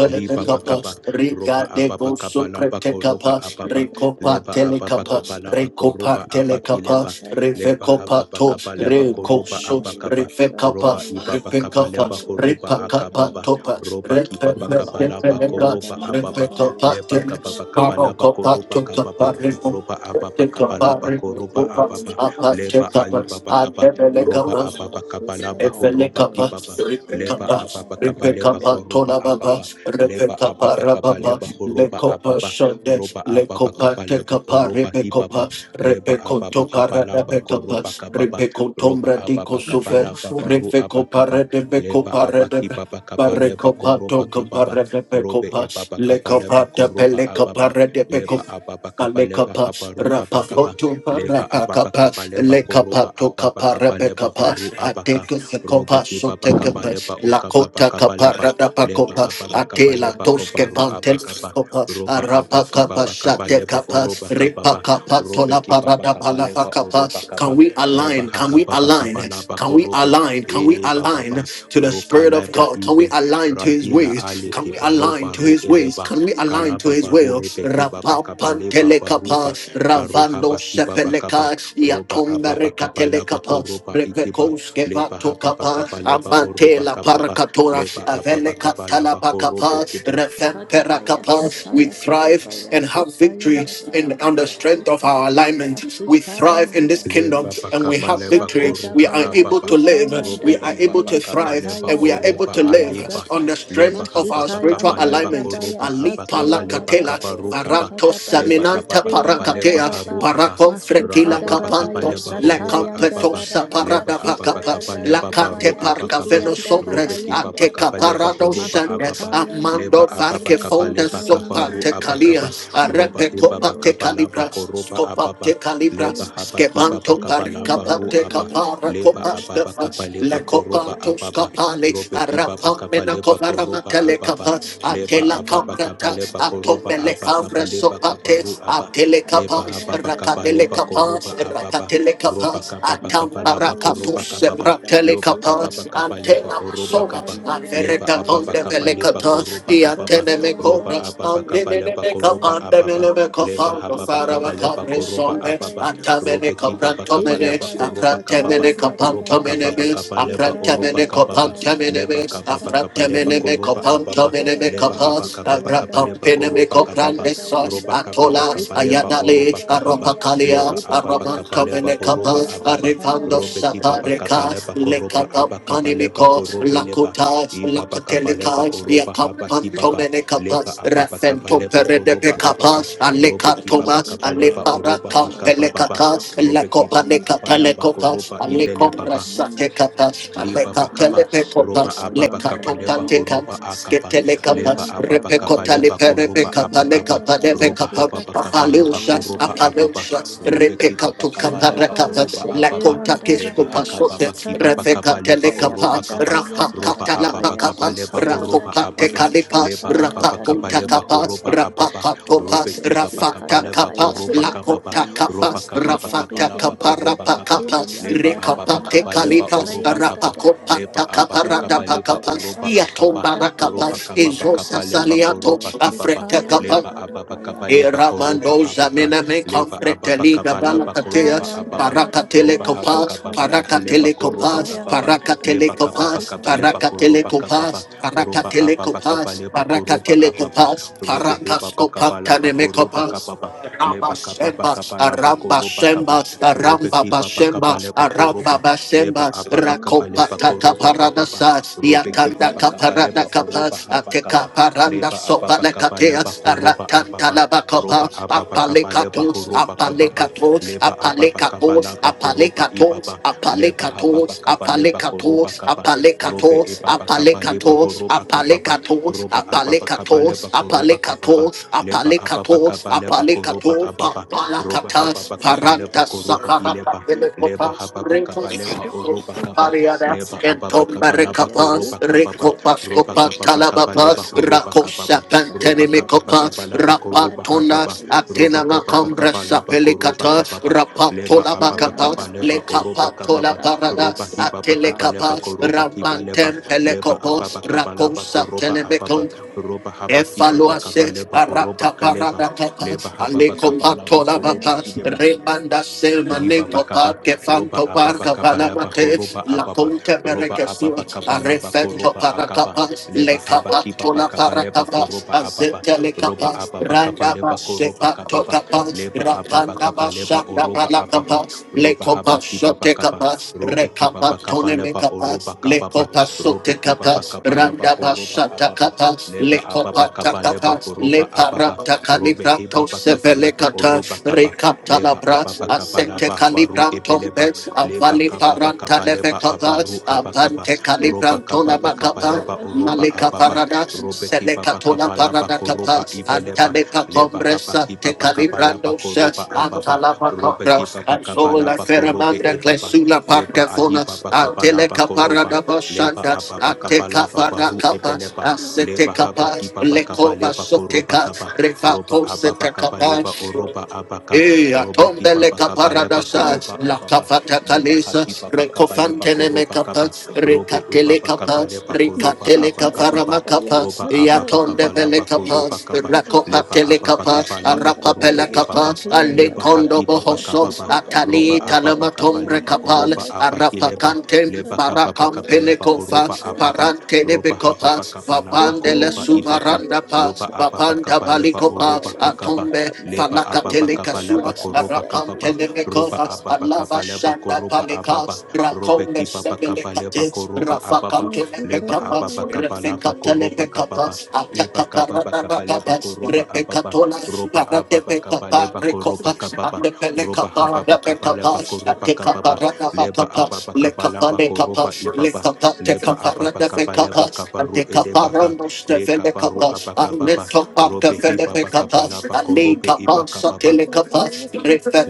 B: Liba bakaba roba
A: riga de
B: ababa
A: go
B: kaba laba koroba
A: supretekapa,
B: ababa
A: recopa
B: leba ababa
A: telekapa,
B: kaba
C: Satayandabaya
B: laba
A: recopa
B: koroba abaki
A: telekapa,
B: leba
C: Mikada
B: leba
C: baya
B: hababa
A: revecopato,
B: kaba
C: sata
B: leba
C: yanda
B: koroba
A: recoso,
C: baya
B: abakaba
A: revecapa,
C: sata
B: roba ibaba
C: yakada
B: kaba
A: repecapa,
B: leba
C: baya
B: horoba
C: sata
A: repacapa
B: akababa
A: topa,
C: yanda
B: roba kibaba kaba laba
C: masata
A: repepeleca,
B: koroba
C: yanda dada
B: ababa
C: baya
A: repecapa
B: leba kaba
A: teles,
C: sata
B: kaba laba
A: parocopa
B: koroba kababa
A: tocapa reco.
B: roba ababa
A: Take a
B: kaba laba
A: party,
B: koroba
C: masuta
A: go up,
B: ababa
C: yanda
A: up,
C: baya
B: leba
A: take up,
B: aibaba
A: I
C: sakada
B: kaba
C: baya
A: never let
C: yanda
B: roba
A: go.
C: baya
B: ababa kaba laba
C: sukada dada
B: horoba
A: Efelekapa,
C: baya
B: kibaba
C: siti
B: leba
A: Ripekapa,
C: yanda
B: ababa
C: dada
B: kaba
C: baya
B: leba
A: Ripekapa,
B: koroba
C: sata
A: Tonababa,
B: ababa
C: yanda.
B: leba
A: Repekapa,
B: ababa kaba
A: Rababa,
B: leba horoba
A: Lekopa
B: ababa
A: Shonde,
B: roba ababa
A: Lekopa
B: kaba leba
A: Tekapa,
B: oroba hibaba
A: Repekopa,
B: leba ababa
A: Repekotopa,
B: kaba laba
A: Radapekapa,
B: koroba kababa roba
A: Repekotombra Diko
B: ababa kaba
A: Sufer,
B: laba baru
A: Repekopa,
B: abakaba leba
A: Redebekopa,
B: abaki
A: Redebe.
B: baba kaba leba
A: Barrecopa,
B: koroba
A: Tocopa,
B: kababa robe
A: Redebecopa,
B: ebaba kaba leba
A: Lecopa,
B: koroba
A: Tapelecopa,
B: ababa leba
A: Redebecopa,
B: ababa kaba leba
A: Alekapa,
B: habaru abakaba
A: rapafoto,
B: leba ababa
A: rapakapa,
B: kaba leba
A: lekapa,
B: koroba ababa
A: tokapa,
B: kaba leba
A: repekapa,
B: baru abaka
A: ateke
B: robe
A: sekopa,
B: ki kaba
A: sotekepe,
B: leba okababa
A: lakota
B: kaba
A: kapa,
B: laba leba
A: radapakopa,
B: ababa kaba
A: atela,
B: leba
A: toske,
B: kobaru
A: pantel,
B: abakaba
A: kopa,
B: roba abaki
A: arapakapa,
B: baba kaba leba
A: shatekapa,
B: oroba kababa
A: ripakapa,
B: robe ki
A: tonapa,
B: baba kaba leba oroba
A: radapalapakapa. Can
B: kaba
A: we
B: leba
A: align? Can we
B: hakaba
A: align?
B: bakaba laba
A: Can we
B: korobe
A: align? Can we
B: e baba
A: align to the
B: roka
A: Spirit of
B: leba
A: God? Can we
B: ibe
A: align to His
B: radila
A: ways?
B: ali
A: Can
B: ki
A: we align
B: baloba
A: to
B: ru
A: His ways?
B: eleba
A: Can we align to
B: kalaba
A: His
B: baru
A: will?
B: ebe ki kaba
A: Rapapa
B: leba
A: Mantelekapa,
B: baruba baruha
A: Ravando
B: baki baba kaba
A: Sepeleka,
B: roba ababa
A: Yatombereka
B: kaba laba
A: Telekapa,
B: koroba ikiba
A: Revekoske
B: leba haba
A: Vatokapa,
B: bakaba leba oroba
A: Amantela
B: kaba
A: Parakatora,
B: leba ababa
A: Aveleka
B: kabala bakorobe
A: Talapakapa,
B: kide
C: Kadabaya
A: Refemperakapa. We
C: Sataya
A: thrive
C: Kadabaya
A: and have
C: Sutaya
A: victory
C: and
A: in, on the
C: Dadabaya
A: strength of our
C: Sukadabaya
A: alignment. We
C: Sutaya
A: thrive
C: and
A: in this
C: Dadaba
A: kingdom
B: Leba
A: and we
B: bakaba
A: have
C: Masa
B: leba
A: victory. We
B: koruba
A: are
C: Kadabaya
A: able
B: ababa.
A: to live,
C: Sutaya and
A: we
B: Robe
A: are
B: hiba
A: able
C: Dadabaya
A: to
B: bakaba
A: thrive,
B: leba
A: and
C: Sataya
A: we are able
B: oruba
A: to
C: Kadabaya
A: live
B: aliba.
A: on
C: Sata
A: the
B: Leba
A: strength of
B: haba
A: our
C: Masutaya
A: spiritual
C: and
B: bakaba leba
A: alignment.
C: Dadabaya
B: koruba
A: Ali
B: abakaba
C: Sataya
B: leba
A: palakatela
C: Kadabaya
B: kabarukaba.
C: Sukadabaya
B: Leba
A: saminanta
B: ababa
C: Sitri and
B: kaba leba
A: parakatea
C: Dadaraba
B: haru aba.
A: parakon
B: Ra
A: fretila
C: Masukada
B: ababa kaba
C: rabaya
A: kapantos
B: leba
A: le
B: horuba
C: satayanda
B: ababa.
A: campetosa
C: rabaya
B: Leba
A: parada
B: ababa
A: vacapa
B: kaba
C: sutayanda
A: la
B: leba
A: cate
B: baru
C: rabaya
A: parca
B: abakaba.
A: veno
C: sukiyanda
A: sombre
B: Robe kiba
A: ate
C: rabayanda
B: bakaba
C: raba
B: leba
A: caparado
B: horuba
A: sandes
B: ababa.
C: masutayanda
A: amando
B: Leba ababa
A: varke
C: rabaya
B: kaba
A: fonda
B: leba
A: sopa
C: satayanda
B: kabaru
A: te
C: sutayanda Masukadarabaya
A: calia
B: abakaba.
C: satayandararabaya sutayandararabaya sukiyandarabaya masutayandararabaya
B: Roba
A: arepe
C: satayandararabaya. We
B: hiba
C: align,
A: copa te
C: God,
B: bakaba
C: be
B: leba
A: calibra
B: koruba
A: scopa
B: ababa
A: te
C: the
A: calibra
B: leba
C: Spirit.
B: haba
A: skebanto
B: kibaba
A: parca
B: kabalaba
C: Masukiyanda
B: ru
A: te
B: aba
C: rabaya
A: capara
B: leba
A: copa
B: ababa
A: stefa
C: Masukiyandarabaya
A: le
B: kabaleba
A: copa
B: koroba
C: satayandaba
A: tos
B: ababa
A: capale
B: robe
A: arapa
B: kibaba
A: mena
B: kabaleba
A: covara
B: koroba
A: matele
B: ababa
A: capa ate
B: leba
C: Yasuki
A: la
B: ababa
C: yanda
A: cambrata
C: da da
B: kabaleba
C: baya
B: koroba
A: atome le
B: aba
C: siki
A: cambre
C: yanda
B: kabaleba
C: da da
A: sopates,
C: da
B: kabaru aba
C: baya
B: leba
C: sata
A: atelekapas,
B: hababa
C: yanda da ri
B: kabaleba
C: yanda
A: rakatelekapas,
C: da
B: koroba
C: baya
B: ababa
C: suka da ba
B: roba
A: rakatelekapas,
B: kababa
A: atam
B: kabalaba
C: masata
B: koroba
C: yanda
A: arakatus,
C: da da da
B: kababa
C: baya
B: loba
C: suta
A: ratelekapas,
B: kababa
C: ya kada
B: kabaleba
C: ba
A: antena
B: oroba
C: yanda
A: masomas,
B: kaba
C: baya
B: leba
C: sata
A: averekaton
B: ababa
A: de
C: yanda da da
B: kabaleba
C: ba
A: velekatas,
B: koroba
A: the
B: kababa
A: antene
C: masata
B: roba
C: yanda
A: mekobras,
C: da da
B: ababa
C: da baya
A: amrinene
B: kabaleba
C: suta
B: koroba
A: mekapan, de
C: Yanda
B: ababa
C: da da ba,
B: leba
C: ya
A: menemekopan, the
B: haba
C: siki
B: kaba
C: yanda
B: leba
C: ba
A: faravakabre
C: ya
B: koroba
C: Baya
A: somes,
B: ababa
C: Sikianda da da
A: atamene
B: robe
C: ba,
B: kiba kaba
C: Hinda ba
B: leba
C: ba
A: kaprantomenes,
C: ya
B: koroba kababa
A: aprantemene
C: ya da
B: roba
C: da da ba
B: kababa kaba
A: kapantomenemes,
C: ya
B: bakaba leba
C: sita
B: oroba
A: aprantemene
C: yanda da da
B: kababa
C: da ba ya
B: leba
A: kapantomenemes,
B: kababa kaba
C: Sata
B: leba
A: aprantemene
C: Hinda ba
B: koroba
C: ya
B: ababa
C: suka da
A: kapantomenemes,
C: ba
B: leba
C: ya
B: haba
A: kapas,
C: sita
B: kababa kaba
C: yanda da
B: leba
C: ba ya
B: koroba
C: suka
B: kababa
C: da
A: arapampeneme
C: ba
A: Arafas,
C: yanda
B: roba
C: ba ya
B: kababa
A: Atola,
B: kaba bakaba
C: ya ya ya
B: leba
C: da
A: Ayadale,
C: da
B: oroba
C: da da
B: kababa
C: da
A: Arapakalia,
B: leba
C: Sita da ba
B: ababa
A: Araman
C: ya
B: kaba leba
C: Hinda ba
A: Kamenekapa,
B: horoba
C: ya
B: ababa
A: Arivando
C: Bayanda
B: robe
C: da ba ya Hida Baya da da
B: kiba
C: da
B: kaba
A: Sapareka,
B: leba koroba
A: Lekapa
B: abakaba
C: ba.
B: leba
A: Panimico,
B: korobe leba
A: Lakuta,
B: ibaba kaba leba
A: Lakatelika,
B: oroba haba
A: Yakapan
B: kibaba
A: Tomenekapa,
B: leba ababa kaba
A: Rafento
B: leba koroba
A: Peredepekapa,
B: ababa robe
A: Alekatoma,
B: kibaba kabaleba
C: Masataya
A: Alepara
B: oroba
C: Dabaya
B: hakabababa
A: Kampelekata,
C: Subhadaba
B: robe kibaba
C: in
A: Lekopanekata
C: terms
B: kabalaba
C: of
A: Lekopa,
C: the
B: koroba
C: spirit,
B: ibele
C: in
B: baba
C: terms of
A: Alekomrasatekata,
C: the
B: liba
C: spirit,
B: bakaba
A: Alekatelepekopa,
B: roba
C: Masataya
B: ababa kaba leba
C: Daraya
A: Lekatotantekata,
B: horoba
C: Daba
B: akaba
A: Sketelekapa,
C: Titaya
B: leba ababa kaba
C: Dadabaya
B: leba koroba
C: Sutaya
A: Repekotale
B: abakaba
A: kapa deve
C: Dadabaya
B: roba
A: kapa
B: hababa
C: Sukata
B: kaba leba
A: papalusha
C: Dadabaya
B: koroba ababa
A: apalusha
C: Dadabaya,
B: robe
A: repeka
B: kibaba
A: tu
B: kaba
A: kapara
B: leba
C: Igabaya
A: kapa
B: oroba
A: la
B: ababa
A: konta
C: siteyanda
B: leba
A: kisko
C: rabaya
B: hakaba
A: pasote
B: bakibaba
C: sutayanda
B: kaba
A: refeka
B: leba
A: tele
C: dadabaya
A: kapa
B: oroba kaba
A: rapa
C: kadarayanda
B: roba
A: kata la
B: ababa
C: dadabaya
B: kaba
A: kapa
B: leba horoba
C: sutayanda
A: rako kate
B: ababa
C: dabaya
A: kalipa
B: leba
A: rapa
B: ababa
C: satayanda
B: kaba
A: punta
B: leba
C: diyanda
A: kapa
B: horoba
C: dabaya
A: rapa
B: ababa
A: kato
B: robe
A: pas
C: kadabaya
B: kibaba kaba
A: rafata
B: leba
A: kapa
C: sukadabaya
B: koroba
A: la
B: kababa
A: konta
C: karabaya
A: kapa
B: roba kababa kaba
A: rafata
B: leba
C: satadariyanda
A: kapa
B: koroba
A: rapa
B: kaba
A: kapa
B: leba
C: dadateriyanda
B: ababa
A: rekapa
C: dabaya
A: te
B: kaba leba
A: kalipa
B: oroba
C: sutrayanda
A: rapa
B: kaba
A: kopa
C: dabaya
B: leba
A: ta kapa
B: ababa
A: rada
B: kaba
A: pa
C: sutayanda
B: leba
A: kapa
C: dadaba
B: oroba akaba
A: iatomba
B: roba
C: kadabaya
A: rakapas
B: kaba
A: izosa
B: kaba leba
A: saliato
C: sukadadarabaya
B: koroba kibaba
A: afreta
C: sutayanda
A: Capas,
B: leba ababa
C: dadabaya
B: kaba leba koroba
A: Eramando
B: abaka
A: zamena me
B: leba ababa
A: confreteli
B: kaba
A: gavala
B: laba
A: katea
B: koroba
C: Hitayanda
B: ababa
A: baraka
B: roba
C: Darabaya
B: haba
A: telekopa
B: kaba kaba
A: paraka
C: Sutarabaya
B: leba koroba
A: telekopa
B: kababa
C: Sutayanda
A: paraka
B: leba
C: Darabaya
B: kaba
A: telekopa
B: kaba
C: Sukata
B: leba
A: paraka
B: koroba
C: Darabaya
A: telekopa
B: kababa
A: paraka
B: roba ababa
A: telekopa
B: kaba leba
A: paraka
B: koroba ababa
A: telekopa
B: robe
A: parakas
B: heba
A: skopa
B: kaba laba
A: tane me
B: koroba
A: kopa
B: kababa
A: Aramba
B: leba kaba
A: Shemba,
B: kaba laba
A: Aramba
B: koroba kaba
A: Shemba, Aramba
B: Robeki Baba
A: Bashemba,
B: Kabaleba
A: Aramba
B: Koroba
A: Bashemba,
B: Leba Ababa
C: Tayanda
A: Rakopa
B: Kabaleba
A: Tata
B: Koroba
C: Bayas
A: Parada
B: Ababa
A: Sas,
B: Robeki
A: Yatanda
B: Baba
C: Satayanda
A: Kaparada
B: Kabaleba Oroba
A: Kapas,
B: Haba
A: Ateka
B: Kaba
A: Paranda
B: Leba
A: Sopa
B: Ababa Kabaleba
A: Lekateas,
B: Koroba
A: Aratanta
B: Ababa
A: Labakopa,
B: Roba Ababa Kabaleba
A: Apalekatos,
B: Horoba Kababa
A: Apalekatos,
B: Leba Ababa
A: Apalekatos,
B: Kabalaba Koroba
A: Apalekatos,
B: Ibaba Leba Hababa
A: Apalekatos,
B: Kabaleba Koroba
A: Apalekatos,
B: Kaba Robe
A: Apalekatos,
B: Ibaba Kabaleba
A: Apalekatos,
B: Horoba Kababa
A: Apalekatos,
B: Roba Ababa
A: Apalekatos,
B: Kabaleba
C: Bayas
B: Koroba Kababa
A: Apalekatos,
B: Leba
A: apalekato,
B: Ababa Kabaleba Koroba
A: apalekato,
B: Ababa
C: Yetapata
B: roba
A: papalakata,
B: hababa
C: Tayanda
B: kaba leba
A: paranta
B: koroba
C: Tayakat
A: sakarata
B: ileba
C: Be
A: pelekota,
B: leba hababa
A: reko
B: kaba
C: Sit
B: leba oroba kaba
A: pariada,
C: Sit
B: leba ababa
A: entomba
B: kaba laba
C: Nabaya
A: rekapa,
B: koroba kababa
A: reko
C: Sutakata
B: roba
A: paskopa
C: Bayas
B: kababa kaba
C: Sutayanda
A: talabapa,
B: leba horoba
A: rakosa
B: kababa roba
C: Nakata
B: kababa
A: pantenimikopa,
C: Bayas
B: kaba laba
C: Sukata
B: koroba
A: rapantona,
B: hababa
C: Darabaya
B: roba
A: atena
B: kababa
A: makombra
B: kaba
C: Satayanda
B: laba koroba
A: sapelikata,
C: Darabaya
B: kababa leba
A: rapatola
B: ababa
A: bakapa,
C: Tayanda
B: kaba leba
C: baya
B: oroba
A: lekapatola
B: kababa
C: sukada
A: parada,
C: baya
B: roba hibaba kaba leba
A: atelekapa,
C: satayanda
B: koroba
C: dada
B: kiba
C: baya
B: leba
A: ramanten
C: sukada
B: leba
C: dada
A: pelekopos,
B: ababa
C: baya
B: kaba laba
A: rakosa
B: koroba
C: satayanda
B: ababa
A: telemekon,
B: roba haba kibaba kaba
A: Efaloase
B: leba oroba
A: arata
B: kaleba
A: parada papa
B: leba haba
A: aleko
B: kabala
A: patola
C: baya
B: bakoroba kideba
A: papa rebanda selma
B: liba
A: neko par
B: bakaba
A: que
B: roba
A: fanto par
B: ababa kaba
A: cavala
B: laba
A: mate
B: horoba
A: la
B: ababa
A: ponte
B: roba
A: berekesio
B: ababa kaba laba
A: arefento
B: koroba
A: para
B: akaba
A: capa
B: leba
A: le
B: haba
A: capa
B: kiba
A: tola
B: bakaba
A: para
B: leba
A: capa
B: koroba ababa
A: azete le
B: roba
A: kapas
B: ababa kaba
A: randa
B: leba
A: base
B: koroba
A: pato
B: kababa
A: capa
B: leba ababa
A: rakanda
B: kaba leba oroba
A: basanda
B: ababa
A: kapas, le
B: roba haba
A: kopas
B: kiba
A: shote
B: bakaba
A: kapas, re
B: robe kiba
A: kapas
B: bakaba
A: tone me
B: leba oroba
A: kapas, le
B: kababa
A: kopas
B: robe
A: sote
B: kiba
A: kapas,
B: bakaba laba
A: randa
B: koroba
A: basata
B: ababa
A: kapas, le
B: leba ababa
A: kopas
B: kaba leba
A: takapas, le
B: horoba ababa
A: paranta
B: robe
A: kalibranto
B: hiba bakaba
A: sevele
B: leba
C: sukada
A: katas,
B: oroba kaba
A: re kaptala
B: leba ababa
A: asente
B: kabalaba baru
A: kalibranto
B: ebeleba
A: bes,
B: leba
A: avali
B: kababa
A: paranta leve
B: kabaleba abaru
A: kapas,
B: abakaba
A: avante
B: roba
A: kalibranto la
B: kababa
C: satayanda
A: makapas,
B: kabaleba
C: baya
B: oroba
A: Malika
C: sutayanda
B: ababa
A: parada,
C: dada
B: robe
C: baya
A: seleka
B: kibaba
A: tola
B: kabalaba
A: parada
B: koroba
A: kapa,
B: ibeleba
A: antaleka
B: leba haba
A: compresa, te
B: kibaba kabalaba
A: calibrando se,
B: koroba ababa
A: antalapa
B: robe
A: compra,
B: kibaba
A: ansola
B: kabalaba korobe
A: feramanda,
B: ebaba
A: glesula
B: leba
A: parca fona,
B: agibaba
C: satayanda
B: kabalaba
A: anteleka
B: koroba
A: parada
B: leba
A: basanda,
B: ababa
A: anteka
B: kabalaba
A: parada
B: baru
A: kapa,
B: ebeleba
A: asete
B: leba haba
A: kapa,
C: masatayanda
B: kibaba
C: baya
A: lekova
B: kabaleba
C: sukada
B: koroba
A: soteka,
B: kaba roba
A: refato
B: ababa
A: sete kapa,
B: kabaleba oroba abaka
A: Eh,
B: Robeki
A: atombele
B: Baba Kaba Leba
A: kaparadasa,
B: Koroba
A: la
C: satayanda
B: Ababa
A: kafata
B: Leba
A: kalisa,
B: Haki Baba Kaba Leba
A: rekofantene
B: Koroba
A: mekapa,
B: Kaba Robe
A: rekatele
B: Ebaba
A: kapa,
B: Kaba Leba Koroba
A: rekatele
B: Aba
A: kapa,
C: masutayanda
B: Kababa
C: baya
B: Roba Ababa
C: satayanda
B: Kaba
A: yatonde vele
C: baya
B: Laba
A: kapa,
B: Koroba
C: sukada
B: Kaba
C: dada baya
B: Leba
A: rakopatele
B: Ababa
A: kapa,
B: Kaba Laba
C: satayanda
B: Korobe
A: arapapele
C: baya
A: kapa,
B: Ebaba
C: satayanda
B: Leba
C: dada
A: alekondo
B: Haki Baba
C: baya
A: bohoso,
B: Kababa
C: sukada
B: Roba
A: atali
C: baya
B: Ababa
A: talama
B: Kaba
A: talamatombre
B: Leba
C: satayanda
A: kapal,
B: Oroba
C: baya satayanda
B: abakileba
A: arapakante,
B: Leba
C: Yes.
B: kaba Kababa Kaba
A: barakampele
B: Leba
A: kofa,
B: Oroba Ababa
A: parante de
B: Roba
A: bekofa,
B: Hababa Kaba Laba
A: babandele
B: Koroba Ibaka
A: Subaranda pas,
B: Loba Ababa
A: Bapanda
B: Kaba Leba
A: baliko
B: Oroba
A: pas,
B: Hakaba
A: Atombe,
B: leba ababa
A: Falakatele
B: kabala
A: kasuas,
B: bakoroba
A: Arapam
B: kababa roba
A: telemekovas,
B: ababa
A: Alava
B: kabala
A: shanda
B: bakoroba ababa
A: palikas,
B: robe
A: Rakome
B: kibaba kabala
A: sebelekates,
B: bakoroba ababa
A: Rafakante
B: leba
A: mekapas,
B: ababa kabala
A: Refekatele
B: bakoroba kababa
A: mekapas,
B: leba kababa
A: Atakaparana
B: kabala
A: makapas,
B: bakoroba ababa
A: Repekatola,
B: roba ababa kabala
A: Paratepekapa,
B: bakoroba
A: Rekopas,
B: kababa roba
A: Atepelekapa,
B: hababa kabala
A: Repekapas,
B: bakoroba kababa
A: Atekaparana
B: leba ababa kabala
A: makapas, kapa,
B: bakoroba
A: lift
B: ibaba
A: up that take
B: leba
A: up the kapara
B: ababa
A: de fe
B: kabala
A: kapa, and
B: bakabaru
A: take up our
B: edebaka
A: almost the kapara nos
B: le
A: de
B: kabaru
A: vele kapa, and
B: abakababa
A: lift up up the
B: robe
A: vele
B: hiba
A: fe kapa,
B: bakabala bako
A: and the
B: robe
A: kapa
B: iba kababa.
A: satele kapa,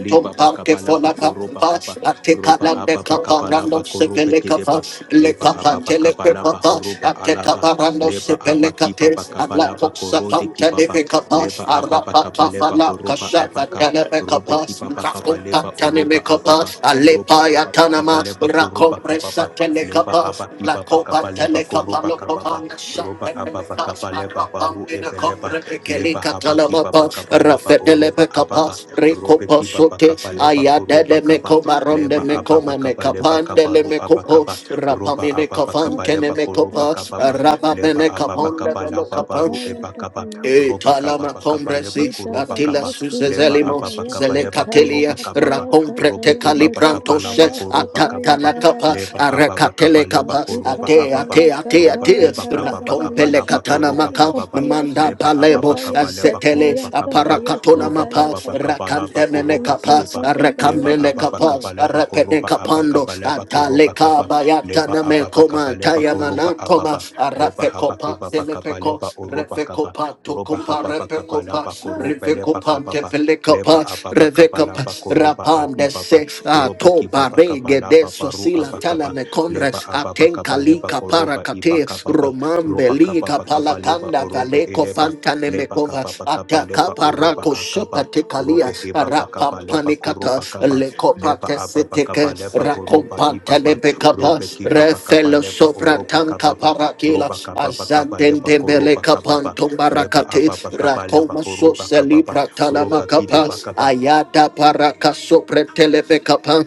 B: Liba
A: parke
B: bakabala
A: fola
B: bakoroba kaba
A: kapa, and take up
B: roba
A: the kalan de
B: ababa kabala
A: kapara nos de
B: bakorobe
A: vele kapa,
B: kedeba
A: le
B: liba
A: kapa
B: ababa
A: tele pe
B: kabala
A: kapa,
B: bahuruba
A: and the
B: alaba
A: kapara nos de
B: leba
A: vele
B: abaki abakiba
A: kapa, and la
B: bakabala
A: kosa
B: bakorode
A: panta de
B: kibaba
A: fe kapa,
B: leba ababa
A: arapa
B: kabale
A: kapa la
B: bahoroba abaka
A: kasha
B: robe
A: kapas,
B: kibaba
A: rakonta
B: kabaleba
A: tani me
B: oroba ababa
A: kapas,
B: roba
A: alepa ya
B: ababa
A: tanama,
B: kabale bakoroba kababa
A: rakompresa tele
B: leba
A: kapas,
B: abaki
A: la
B: abakiba
A: copa
B: bakabale
A: tele kapas,
B: bakoroba
A: lo
B: kababa
A: comanda
B: roba
A: shante tele
B: ababa
A: kapas,
C: Mansataya,
B: kabale
C: da da
B: baharu
C: da,
A: arapam in a
B: ebeleba
C: bias,
A: compre
C: da
A: pekeli
B: leba
C: bias,
B: habaki baba
A: katalamapa,
B: kabale ba
A: rafetele
B: oroba
A: pe
B: ababa
A: kapas, rico
B: robe kiba
A: posote,
B: bakaba leba horoba
A: ayadele me
B: kaba
A: comaronde
B: leba
A: me
C: Dabaya
B: ababa
A: coma me
B: kaba leba kaba
A: capandele
B: ru
A: me
C: Sukadabaya
A: copo,
C: Sata
B: abakaba roba
A: rapamine
B: ababa kaba leba
A: cafantene me
B: koruba
A: copas,
B: kaba
C: Asakadabaya
B: leba
A: rabamene
C: Sukadiya
B: ababa
A: caponde
B: kaba
A: me
C: Dabaya
A: lo
B: laba
A: kapas,
B: baru
C: Sutaya
B: eba kaba
C: Dabaya
B: roba
C: Sakri
B: kaba
A: Talama
B: bakaba leba
A: Combresi,
B: koroba
A: Attila
C: Dabaya
B: kaba leba
A: Suzezelimo,
B: ababa
C: Sukadabaya
B: kaba leba
C: Sutaya
A: Zelecatelia,
B: koroba kaba ba
C: Dabaya
B: robe
A: rakomprete
C: Sataya
B: eba bakaba
A: Calipranto
B: laba
C: Dadabaya
A: Set,
B: koroba kaba
C: Sataya
A: Atatala Capa,
B: leba
C: Dadabaya
B: ababa kaba
A: Arecatele
B: leba
A: Capa,
B: koroba
A: Ate,
B: ababa
C: Masukadabaya
A: Ate, Ate,
B: roba
A: Ate,
C: Sataya
B: hiba kaba bakaba
C: Dadabaya
A: Ratompele
B: laba
A: Catana
B: koroba
A: Maca,
B: kaba
C: Sukadabaya
A: Manda
B: leba
A: Balebo,
B: ababa
C: Sukadabaya
B: kaba leba
A: Azetele,
C: Sataya
B: koroba kaba
C: Dabaya
A: Aparacatona
B: roba
C: Sutaya
A: Mapa,
B: kapa pa kapa
C: Kadabaya
A: Racandemene Capa,
B: kideba leba
C: Sakadabaya
A: Arecamele
B: ababa
C: Sukadabaya
B: kapa la ba
A: Capa,
B: koroba aba
A: kapando atale kabayata
B: leba
A: na me
B: ababa
A: koma
B: kapa la
A: taya manatoma
B: ababa leba
A: arape
B: haba
A: kopa
B: keba ba
A: telepe ko
B: leba oroba
A: refe
B: kapa
A: kopa
B: roba
A: toko pa
B: haba ba
A: repe
B: kapa
A: kopa refe
B: leba
A: kopa
B: kapa
A: tepele kopa
B: leba ababa
A: refe
B: kapa la
A: kopa
B: ba
A: rapande se
B: robe
A: atoba
B: kiba ba kapa
A: rege
B: la
A: de sosila tala me konre
B: leba ababa
A: atenka
B: kapa leba
A: lika para
B: koroba iba
A: kate
B: kapa ba
A: romambe lika
B: ba
A: palakanda
B: orobe
A: Aleko
B: eleba
A: Fantane
B: leba
A: Mekova,
B: kaba bakaba
A: Ataka
B: leba oroba
A: Parako
B: akaba
A: Shepatekalia,
B: robe heba bakaba leba
A: Rapampanikata,
B: koroba kaba
A: lekopate
B: leba aba
A: Patesiteke,
B: bakaba leba horoba
A: Rakompantane
B: ibaba
A: Bekapa,
B: robe kiba bakaba
A: Refelo
B: leba
A: Sopra
B: oroba
A: Tanka
B: kababa
A: Parakila,
B: roba kaba bakaba leba
A: Azantende
B: koroba
A: Meleka
B: kababa leba
A: Pantombarakate,
B: aba bakaba leba
A: Rakoma
B: horoba
A: Soseli
B: kababa
A: Pratana
B: roba kide
A: Makapa,
B: bakaba
A: Ayada Paraka Sopre Televekapa,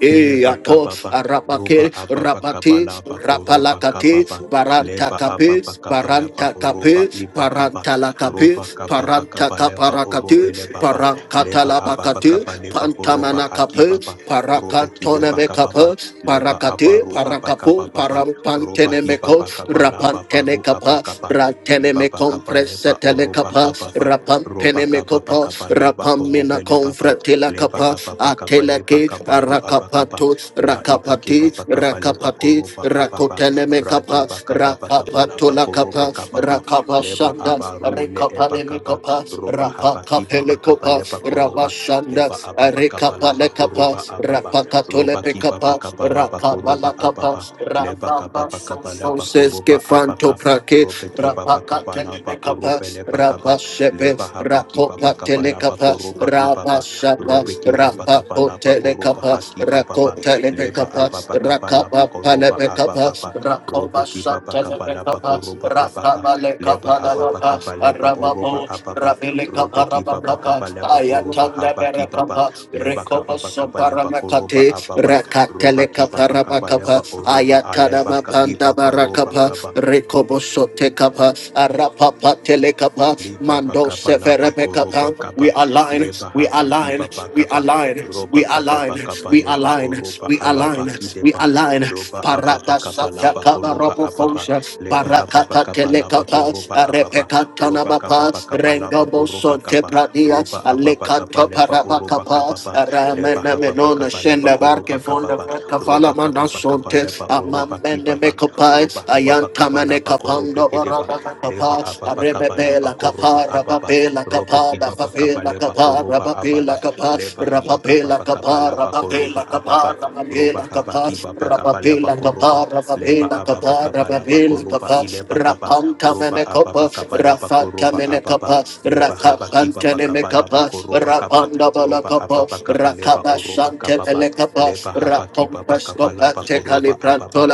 A: E
B: Leba
A: ato,
B: kababa,
A: arapake,
B: roba ababa
A: rapate,
B: kabala bako roba
A: rapalakate,
B: kababa,
A: baranta
B: leba
A: kape,
B: ababa kabala
A: baranta
B: baho roba
A: kape,
B: iba kaba,
A: paranta lakape,
B: roba kababa
A: paranta
B: kabaleba orobe
A: kaparakate,
B: lebaba, leba ababa
A: parankatalabakate,
B: kabaleba horoba
A: pantamana kape,
B: akibaba, robe
A: parakatone
B: kideba kababa,
A: mekape,
B: leba
A: parakate,
B: abaru
A: parakapo,
B: abakababa, roba
A: parampantene meko,
B: ibaba kabala babaru
A: rapantene kapa,
B: abakaba,
A: rantene
B: ibaba kabaleba
A: mekompresetele
B: oroba
A: kapa,
B: kababa,
A: rapampene
B: roba kababa
A: mekopa,
B: kabala bako
A: rapamina
B: robe lebaba,
A: konfratila
B: leba hapa
A: kapa,
B: pakapa leba
A: Mateleke,
B: kabaru abakapa
A: Rakapato,
B: la ibeke
A: Rakapati,
B: baba kapa leba
A: Rakapati,
B: koroba ababa
A: Rakoteleme
B: radi
A: Kapa,
B: bakapa bakapa laba
A: Rakapatola
B: koroba
A: Kapa,
B: kapapa leba
A: Rakapashanda,
B: abaru le eba
A: Rekapaleme
B: kapa
A: Kapa,
B: roba hapa kiba
A: Rapakapele
B: bakapa
A: Kopa,
B: leba koroba
A: Ramashanda,
B: leba ababa kapa laba
A: Rekapale Kapa,
B: koroba ababa
A: Rapakatole
B: roba kiba
A: Kapa,
B: bakapa laba koroba
A: Rakabala Kapa,
B: ababa leba kapa
A: Rabamba
B: bakapa laba
A: Soses
B: koroba
A: Kefanto
B: abaka
A: Prake,
B: robe kiba bakapa laba
A: Rapakatele Kapa,
B: orobe leba kapa
A: Rapashepe,
B: leba hapa kiba bakapa
A: Rakopatele
B: laba
A: Kapa,
B: koroba ibaba
A: Rabashepe shapa
B: Robeki Baba
A: rapa
B: Kabalaba
A: potele
B: Oroba
A: kapa
B: Haki
A: rako
B: Baba
A: tele me
B: Leba
A: kapa
B: Ababa
A: rakapa
B: Kabalaba
A: pale
B: Koroba
A: me kapa
B: Ababa
A: rakoba
B: Robeki Baba
A: shatele me
B: Kabalaba
A: kapa
B: Koroba Abaka
A: rakaba le
B: Leba
A: kapa la
B: Ababa
A: kapa
B: Kabaleba
A: arababo
B: Oroba Ababa
A: rabele kapa
B: Robeki
A: raba
B: Baba
A: kapa
B: Kabaleba Oroba
A: ayatanda mere
B: Habaki Baba
A: kapa
B: Leba
A: rekobo
B: Kababa
A: sopara
B: Kabaleba
A: me
B: Koroba
A: kate
B: Ababa Roba
A: rakatele
B: Ki
A: kapa
B: Baba
A: raba kapa
B: Kabaleba Oroba
A: ayatada
B: Aleba
A: mapanda
B: Kaliba Koroba
A: barakapa
B: Kaba
A: rekobo sote kapa arapa patele kapa
B: Liba
A: mando
B: bakaba
A: severe
B: laba
A: me
B: koroba
A: kapa
B: kaba
A: we align,
B: leba
A: we
B: haba kiba
A: align, we
B: bakaba
A: align,
B: roba
A: we
B: kaba
A: align,
B: bakaba
A: we
B: leba
A: align,
B: oroba
A: we align,
B: alaba
A: we
B: kideba
A: align.
B: loba aba
A: Parata
B: bakaba
A: satya
B: laba
A: kaba
B: koroba
A: robo
B: ababa
A: fosha,
B: leba haba
A: barakata
B: bakaba laba
A: telekapa,
B: koroba ababa
A: arepeka
B: roba kaba
A: tanamapa,
B: bakaba laba
A: rengo
B: koroba
A: boson
B: kaba
A: tepradia,
B: roba aba bakaba
A: alekato
B: leba oroba
A: parabakapa,
B: kababa leba
A: ramena
B: haba
A: menona
B: bakaba leba
A: shenda
B: koroba
A: barke fonda
B: kababa
A: verka
B: roba
A: fala
B: kaba
A: manda
B: bakaba
A: sonte,
B: leba oroba
A: amambene
B: kibaba
A: mekopai,
B: roba haba bakaba
A: ayantamane
B: laba korobe
A: kapando
B: kideba leba
A: barabakapa,
B: ababa kaba
A: arebebe
B: laba
A: la
B: koroba
A: kapara
B: ababa
A: bape. Rapapela
B: robe
A: kapa,
B: kibaba kaba
A: rapapela
B: leba
A: kapa,
B: koroba ababa
A: rapapela kapa,
B: leba haba kaba
A: rapapela
B: ba kaba
A: kapa,
B: laba
A: rapapela
B: ababa
A: kapa,
B: roba
A: rapapela
B: haba
A: kapa,
B: kibaba kaba leba
A: rapapela
B: koroba
A: kapa,
B: leba
A: rapapela
B: ababa
A: kapa,
B: kaba laba
A: rapapela
B: koroba
A: kapa,
B: ileba kaba
A: rapanta
B: roba
A: mene
B: ababa
A: kapa,
B: kaba leba
A: rafanta
B: koroba
A: mene
B: ababa
A: kapa,
B: leba haba
A: rakapanta
B: kibaba
A: mene
B: kaba laba
A: kapa,
B: koroba kaba
A: rapanda bala
B: roba
A: kapa,
B: ababa kaba leba oroba
A: rakabashante
B: kaba ba
A: mene kapa,
B: leba haba kibaba
A: rapompesko
B: kaba laba
A: pate
B: koroba ababa
A: kalibranto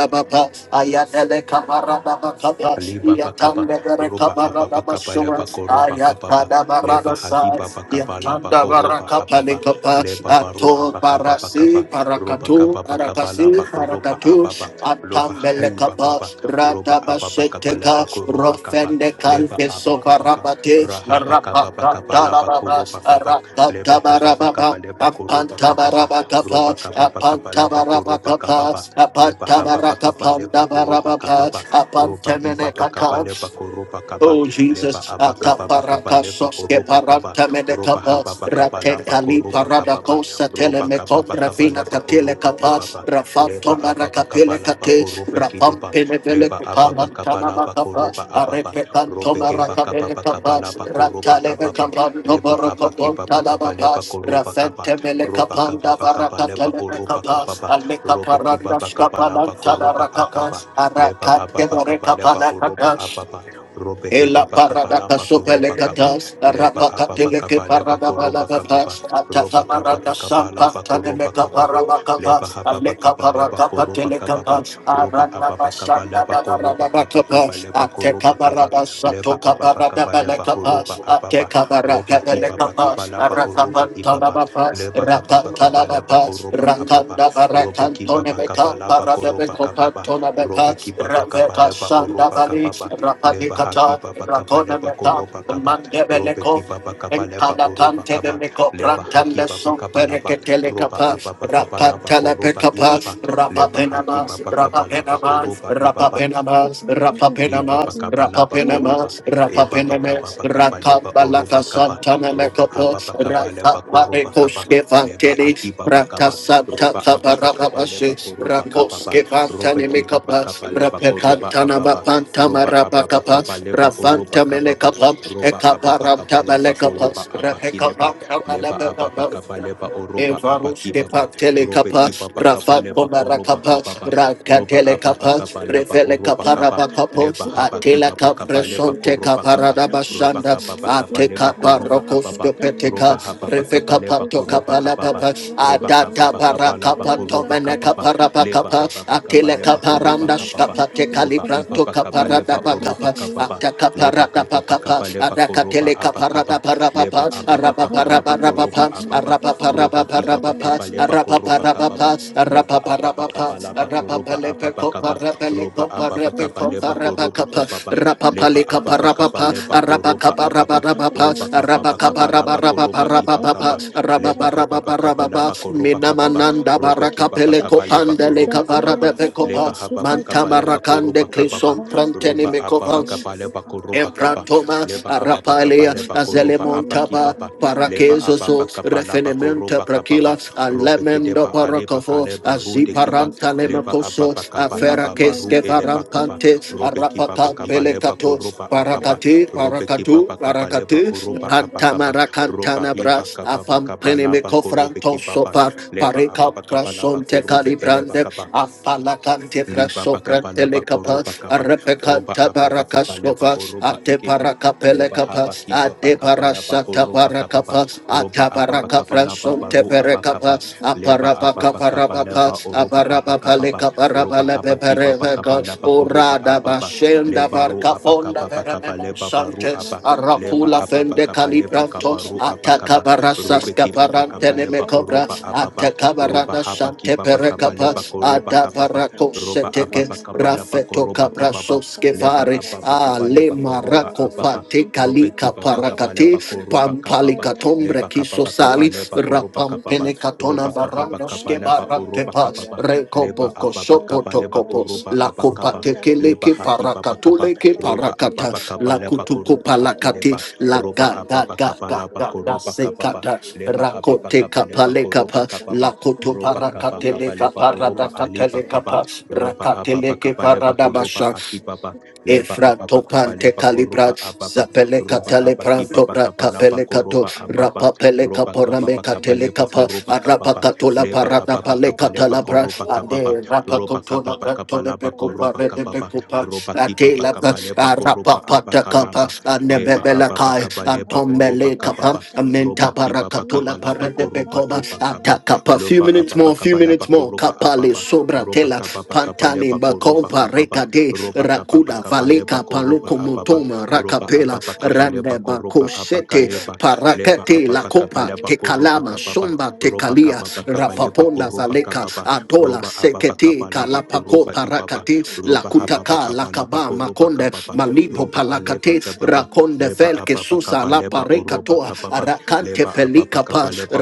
A: ayatele kapa, rababa kapa,
B: Leba bakaba roba ababa kaba
A: Basura,
B: leba koroba kababa
A: Ayatada
B: leba
A: Baradasa,
B: hagiba bakaba laba
A: Yatanda
B: koroba ababa
A: Barakapalikapa,
B: leba baru
A: Ato
B: abakaba
A: Parasi,
B: bakaba roba
A: Parakatu,
B: kababa kaba bakaba
A: Parakasi,
B: laba koroba
A: Parakatu,
B: ababa loba hai
A: Atambelekapa,
B: bababa roba ababa kaba
A: Ratabasheteka,
B: leba koroba kaba
A: Rofende
B: leba
A: Kalpe
B: abakaba ka
A: Sovarabate,
B: rahaba kaba bakaba laba
A: Rapakatarabas,
B: koroba kaba leba kababa kaba
A: Rakatabarababa.
B: bakaba leba koroba kababa roba
A: Apantabarabakapa,
B: kababa kaba bakaba laba koroba
A: apantabarabakapa,
B: kababa leba hababa kaba leba oroba
A: apantabarakapandabarabapa,
B: kababa ropa hipa pa kapa
A: apantemenekata,
B: lepa koropa kapa
A: Oh
B: lepa
A: Jesus,
B: apa kapa pa kapa
A: ataparaka
B: lepa
A: soske
B: oropa kapa
A: paranta
B: ropa
A: medekapa,
B: hapa pa kapa lapa
A: ratekali
B: koropa
A: parada
B: kapa pa
A: kosa
B: ropa kapa
A: telemekom
B: pa kapa
A: rafina
B: lepa
A: katile
B: koropa
A: kapa,
B: ipa pa
A: rafato
B: lepa apa pa kapa
A: marakapile
B: lapa
A: kate,
B: koropa kidepa
A: rapampe mevele
B: lepa apa pa
A: kuparanta
B: kapa lapa
A: namakapa,
B: koropa apa pa
A: arepekanto
B: rope hipa kapa
A: marakapile
B: pa kapa
A: kapa,
B: lapa koropa
A: ratale
B: kapa pa
A: mekapanto
B: lepa apa kipa
A: borokoponta
B: pa kapa
A: namapa,
B: lepa koropa kapa
A: rafente mele
B: ropa kapa
A: kapanda
B: pa kapa lepa
A: barakatele
B: oropa
A: mekapa,
B: kapa pa rope kipa
A: alekaparanda
B: pa kapa lapa
A: skapalanta
B: koropa akapa
A: barakapa,
B: leba
A: arakate
B: ababa kapa leba oroba
A: barekapalakata,
B: ababa robe
A: Ela
B: hibaba kapa
A: parada
B: laba
A: kasopele
B: koroba kapa
A: katas,
B: leba
A: rapa
B: ababa
A: katele ke
B: kapa leba
A: parada
B: koroba
A: balada
B: kapa ba
A: pas,
B: roba
A: atata
B: kapa ba
A: marada
B: kapa
A: sampa
B: laba
A: tane
B: koroba
A: meka
B: kapa ba
A: parada
B: leba
A: kapas,
B: hababa
A: aleka
B: kapa leba
A: parada
B: koroba
A: katele
B: kapa ba
A: kapas,
B: roba
A: arana
B: ababa kapa
A: basanda
B: leba
A: da da da da
B: koroba
A: da
B: aba kapa
A: kapas,
B: leba
A: ateka
B: koroba kapa
A: parada sato
B: leba ababa
A: kaparada
B: kapa
A: bele
B: leba horoba
A: kapas,
B: ababa
A: ateka
B: roba
A: parada bele
B: kibaba kapa
A: kapas,
B: laba
A: arata
B: oroba
A: pantana
B: ibaba
A: bapas,
B: leba hababa
A: rata
B: kapa leba
A: Rabapa,
B: koroba ababa
A: Rakanda
B: robe
A: Barakantone
B: kibaba kapa
A: Beka,
B: laba koroba
A: Paradabeko
B: kapa ba
A: Pantona Beka,
B: robe ki papa kapa
A: Rebeka
B: leba
A: Sanda
B: oropa
A: Bali,
B: kapapa leba haki
A: Rapadikata,
B: papa kapa
A: Rakona
B: leba
A: Meka,
B: koropa kapa robe ki
A: Mandebeleko,
B: papa kapa leba oropa
A: Empalacante de
B: kapa
A: Meco
B: leba haki
A: Prantale
B: papa
A: Son
B: kapa laba roba
A: Perecatelecapa,
B: apa pa kapa laba koropa ipapa
A: Rapatalepecapa,
B: leba haki
A: Rapapenamas,
B: papa kapa laba
A: Rapapenamas,
B: oropa ipapa
A: Rapapenamas,
C: Sataya
A: Rapapenamas,
B: Liba
C: Kadabaya
B: bakaba laba
C: Sataya
A: Rapapenama,
C: and
B: koroba.
A: Rapapenama,
B: Eba
A: Rapapename,
B: bakaba bakaba
C: Yes,
B: leba
A: Rakabalaka
B: oroba kaba.
A: Santana
B: Roba
A: Mekopo,
B: aba
C: yes,
B: bakaba leba
C: Kadabaya
B: koroba kaba.
A: Rakaparekoske
C: Sataya
B: Leba
A: Vantini,
B: akiba
A: Rata
B: bakaba.
A: Santa
B: Roba aba bakaba leba
A: Kabarabashe,
B: koroba kaba ba.
A: Rakoske
C: Yes,
B: Roba
A: Vantani
B: kiba
C: Sataya
A: Mekapa,
B: bakaba leba koroba
A: Rapekantana
B: aba ba.
A: Bapantama
B: Roba aba
A: Rabakapa,
B: bakaba leba
A: Rafanta
B: oroba kaba ba.
A: Melekapa,
B: Roba aba
A: Ekaparam
B: bakaba laba
A: Tabalekapa,
B: koroba aba
C: Sakadabaya
B: kileba.
A: Rapekapa,
B: Leba aba
C: Sukadabaya
A: Tabalekapa,
B: bakaba leba
C: Sataya
B: oroba aba
A: Evarush
B: kiba
A: kepa
B: ba. Robe
A: telekapa,
B: kiba bakaba
A: Rafa
C: Masataya
B: leba
A: komara
B: koroba
A: kapa,
C: Kadabaya
B: kaba ba.
C: Sukadabaya
A: Raka
B: Roba aba
A: telekapa,
B: bakaba leba
A: Revele
B: oroba
C: Sataya
A: kapara
B: kaba
A: bakapo,
B: leba
C: Kadabaya
B: haba
A: Atela
B: kiba bakaba leba
A: kapresonte
C: Sukadabaya
B: koroba
C: Sukadabaya
B: kaba
A: kaparada
B: roba
A: bashanda,
B: kaba bakaba
A: Ate
B: leba koroba
A: kaparokos
B: ababa
C: Sataya
B: roba
A: kepeteka,
B: haba
A: Reve
C: Nadabaya
B: bakaba leba
A: kapato
B: koroba
C: Sukadabaya
A: kapala
B: ababa
A: papa,
B: roba kaba
A: Adata para
B: bakaba laba
C: Sukadabaya
A: kapato
B: koroba
A: mene
B: kababa
A: kapara
C: Sataya
B: leba
A: bakapa,
B: haba bakaba
A: Atele
B: leba
C: Masataya
B: koroba
A: kaparanda
B: kababa
A: shkapate
C: Mudabaya
B: roba iba
A: kalibranto
B: bakaba
C: Sakatabaya
A: kaparada
B: leba oroba
A: bakapa,
C: Sakatabaya
B: kababa
A: Ata
B: leba
A: kaparada
B: kaba
A: bakapa,
B: bakaba leba
A: Adaka
B: koroba
A: tele
B: abakaba
A: kapara Arapapa,
B: leba aba bakaba laba
A: Arapaparapa,
C: Masukadabaya
B: koroba
C: Sataya
B: ababa
C: Dabaya
B: roba kiba
A: Arapaparapa,
B: bakaba
C: Sukadabaya
B: leba koroba
A: Arapaparapa,
B: kababa
C: Align
B: leba aba
A: Arapaparapa,
B: bakaba laba koroba
C: the spirit
B: ababa
A: Arapapalepeco,
B: kaba roba
A: Parapeleco,
B: ababa kaba
A: Parapeco,
B: leba horoba
C: Satayandabaya
A: Parapacapa,
B: kababa leba
A: Rapapalica,
C: Sukataya
B: ababa kaba
A: Parapapa,
B: leba koroba
C: Satayandabaya
B: ababa
A: Arapacaparabarabapa,
B: roba
C: Sukatabaya
B: kababa kaba laba koroba
C: Satayandabaya
B: iba
A: Arapacaparabarabapa,
B: kaba leba hababa
C: Satayandabaya
B: kaba
A: Arapaparabarabapa,
B: laba koroba
C: Sukatabaya
B: kababa
A: Minamananda,
B: robe
C: Satayandabaya
B: kibaba
A: Baracapeleco,
B: kaba leba
A: Pandeleca,
B: koroba ababa
C: Masatayandabaya
B: leba
A: Varabepecopa,
B: hababa kaba leba
A: Mantamaracan de
B: koroba
C: Sukatayandabaya
B: kababa
A: Clison, Pranteni
B: roba ababa
A: Mekova
C: Satayandabaya
B: kaba leba koroba kaba
C: Sukatabaya
A: Empratoma,
B: leba
C: Sata
B: ababa kaba
A: Arapalia,
B: leba koroba abaki
A: Azelemontaba,
B: baba leba
C: Masutayandabaya
B: ababa
A: Parakezoso,
B: kaba laba
A: Refenementa
B: koroba kababa
A: Prakila,
B: robe
A: Alemendo
B: kideba aleba
A: Paracofo,
B: kaleba rude kiba
A: Aziparanta
C: Satayandabaya
B: leba
A: Lemacoso,
B: ababa kaba laba baru
C: Endabaya
A: Aferakesque
B: eleba kaba
A: Varampante,
B: robe
C: Satayandabaya
B: kibaba
A: Arapata
B: kaba leba
A: Pelecato,
B: koroba
C: Sukataya
B: ababa
A: Paracati,
B: robe
A: Paracatu,
B: kibaba kaba leba
A: Paracati,
B: oroba
C: Jesus,
B: abakaba roba
A: Antamaracantana
B: hiba
A: Bras,
B: kaba bakaba laba
A: Afampenemico
B: korobe
A: Franto
B: kibaba
A: Sopar,
B: leba
C: Jesus,
A: Pareca
B: ababa kaba laba
A: Prasonte
B: korobe eleba
A: Calibrande,
B: kaba
A: Afalacante
B: Liba bakaba
A: Prasoprante
B: laba
A: Lecapa,
B: koroba kaba roba ababa
A: Arapecanta
B: kaba leba
A: Parakaskova,
B: oroba
A: Ate
B: ikeba leba
A: Parakapelekapa,
B: haba kiba
A: Ate
B: bakaba laba
A: Parasata
B: koroba kaba ba
A: Parakapa,
B: roba
A: Ata
B: ababa kaba
A: Parakapra
B: laba
A: Sonte
C: Masataya
B: baru
A: Perekapa,
C: Nabaya
B: abakaba leba
C: Sataya
A: Aparabaka
B: ababa kaba
C: Kadabaya
A: Parabapa,
B: leba oroba
C: Sataya
A: Aparabapa
B: abakaba ba
C: Nabaya
A: Leka
B: roba
A: Parabalepe
B: haba
C: Sukadabaya
B: kiba bakaba
A: Pereveka,
C: Sataya
B: laba koroba
A: Urada
C: Kadabaya
B: ababa
C: Sutaya
A: Bashenda
B: leba ru
A: Barca
C: Nabaya
A: Fonda
B: abakaba bakaba
A: Verememo
C: Sukadabaya
B: leba baru
A: Santes,
B: aba leba
C: Masataya
A: Arapula
B: ababa
A: Fende
B: kaba
C: Dadabaya
B: leba kaba
A: Calibrantos,
B: ru
C: Sukadabaya
A: Ataka
B: abakaba
C: Sataya
B: robe
A: Barasaska
B: kiba
C: Kadabaya
B: bakaba
A: Parantene
B: leba
A: Mecobra,
B: oroba
C: Sataya
B: ababa
A: Ataka
C: Dadabaya
B: roba
A: Barada
B: haba
C: Sataya
A: Sante
B: kiba bakaba
A: Perekapa,
B: leba koroba
C: Masataya
A: Ada
B: kaba ba
C: Kadabaya
B: roba
A: Paracosete,
B: ababa
C: Sutaya
B: kabala bako
A: Rafeto
B: roba
C: Dadabaya
B: kababa
A: Cabrasoske
C: Sataya
B: leba
A: vare
B: ababa
C: Dadabaya
B: kabale
A: ale
B: bako roba
A: marako
C: Sukarabaya
B: ababa
A: pate
B: robe
C: Sutaya
A: kalika
B: kibaba kabale
A: parakate
C: Dadabaya
B: bako roba
A: pampali
B: kababa
C: Sukadabaya
A: kisosali
B: leba
C: Andabaya
A: kiso
B: kababa
A: sali
B: kabale bako
C: Hindabaya
B: roba kababa
A: rapampele katona
B: roba
C: Sukadabaya
B: kababa
A: barando ske
B: kabala
C: Sataya
B: ba
A: barante
B: roba
A: pa
C: Dadarabaya
B: kababa
A: rekopo
B: leba
C: Sutaya
B: ababa
A: kosopo
B: kabale
C: Kadarabaya
A: tokopo
B: bako roba
A: la
B: abakaba
A: kopate
C: Sukadabaya
B: leba
A: keleke
B: haki
C: Sataya
B: baba kaba
A: parakatole ke
C: Dadarabaya
B: roba
A: parakata
B: ababa
A: la
B: kabale
C: Sukadabaya
B: bako
A: kutuko
B: roba
C: Sataya
A: palakate
B: akileba
A: la
C: Dabaya
B: roba
A: ga
C: Suk
A: ga
B: ababa
A: ga ga
B: kabala
A: ga
B: bako
A: ga
C: Debayende
B: roba kababa
A: sekata
C: Hindabaya
B: leba ababa
A: rakote
B: kabale
C: Sukadabaya
A: kapale
B: bako
A: kapa
B: roba
A: la
B: kababa
C: Dadarabaya
A: koto
B: roba kaba
C: Sukadabaya
A: parakatele
B: kabaleba
C: Sutaya
B: oroba
A: kaparadata
B: aliba
C: Dabaya
B: kaba
C: Sataya
B: ropa apapa kapale pako ropa
A: paradabasha
B: akipapa
C: sukada
B: leba apapa
A: Efranto
B: kapale
A: pante
B: pako
A: calibra,
B: ropa apapa
A: zapele
B: ropa
A: catale
B: hapa
A: pranto
B: kipapa
A: bra
B: kapala
A: capele
B: pako
A: cato,
B: ropa apapa
A: rapa pele
B: ropa
A: caporame
B: kapapa kapale
A: catele
B: pako
A: capa, arapa
B: kapapa
A: catola
B: leba
A: parana
B: apapa
A: pale
B: kapale pako
A: catalabra,
B: ropa kapapa
A: ade rapa
B: ropa
A: cotona
B: kapapa
A: branto
B: kapala
A: de
B: pako
A: pecupa,
B: ropa
A: de
B: kapapa
A: pecupa,
B: ropa
C: Thank
A: ate
B: kipapa
A: la
B: kapale pako ropa
A: arapa pata capa,
B: apakalapa
A: ane
B: leba
A: bebela
B: apapa
A: kai,
B: kapale pa oropa
A: antomele capa,
B: kapapa
A: amenta
B: ropa
A: para
B: kipapa
A: catola
B: kapala
A: para
B: pako
A: pecoba,
B: ipakapa
A: ataca pa, few
B: lopa
A: minutes
B: apapa
A: more, few
B: kapala
A: minutes
B: pako
A: more,
B: apapa
A: capale sobra
B: roba
A: tela,
B: kaba baka
A: pantale
B: baleba ko roba
A: bacompa
B: kaba ba
A: reca
B: roba kaba
A: Rakuda
B: baka baleba
A: Valeka
B: ko ababa
A: Palukomotoma
B: roba
A: Rakapela
B: ababa kaba koroba ko
A: Randeba Kosete
B: leba
A: Parakate La
B: ababa kaba
A: Copa
B: koroba
A: Tekalama
B: kababa.
A: Somba
B: roba
A: Tekalia
B: kaba ba roba kaba baka baleba ko
A: Rapaponda
B: roba
A: Valeka Adola
B: roba ababa kaba
A: Sekete
B: koroba
A: Kalapako
B: ibaba
A: Parakate
B: roba hababa
A: Lakutaka
B: kaba
A: Lakaba
B: koroba kababa. roba
A: Makonde
C: you.
A: Malibo
B: aleba
A: Palakate
C: Thank
B: kababa.
A: Rakonde
B: leba
A: Velke
B: ababa
A: Susa
B: kaba
A: La
B: oroba kababa.
A: Parekatoa Arakante
B: leba ababa
A: Pelika
B: kaba
A: Pa
B: koroba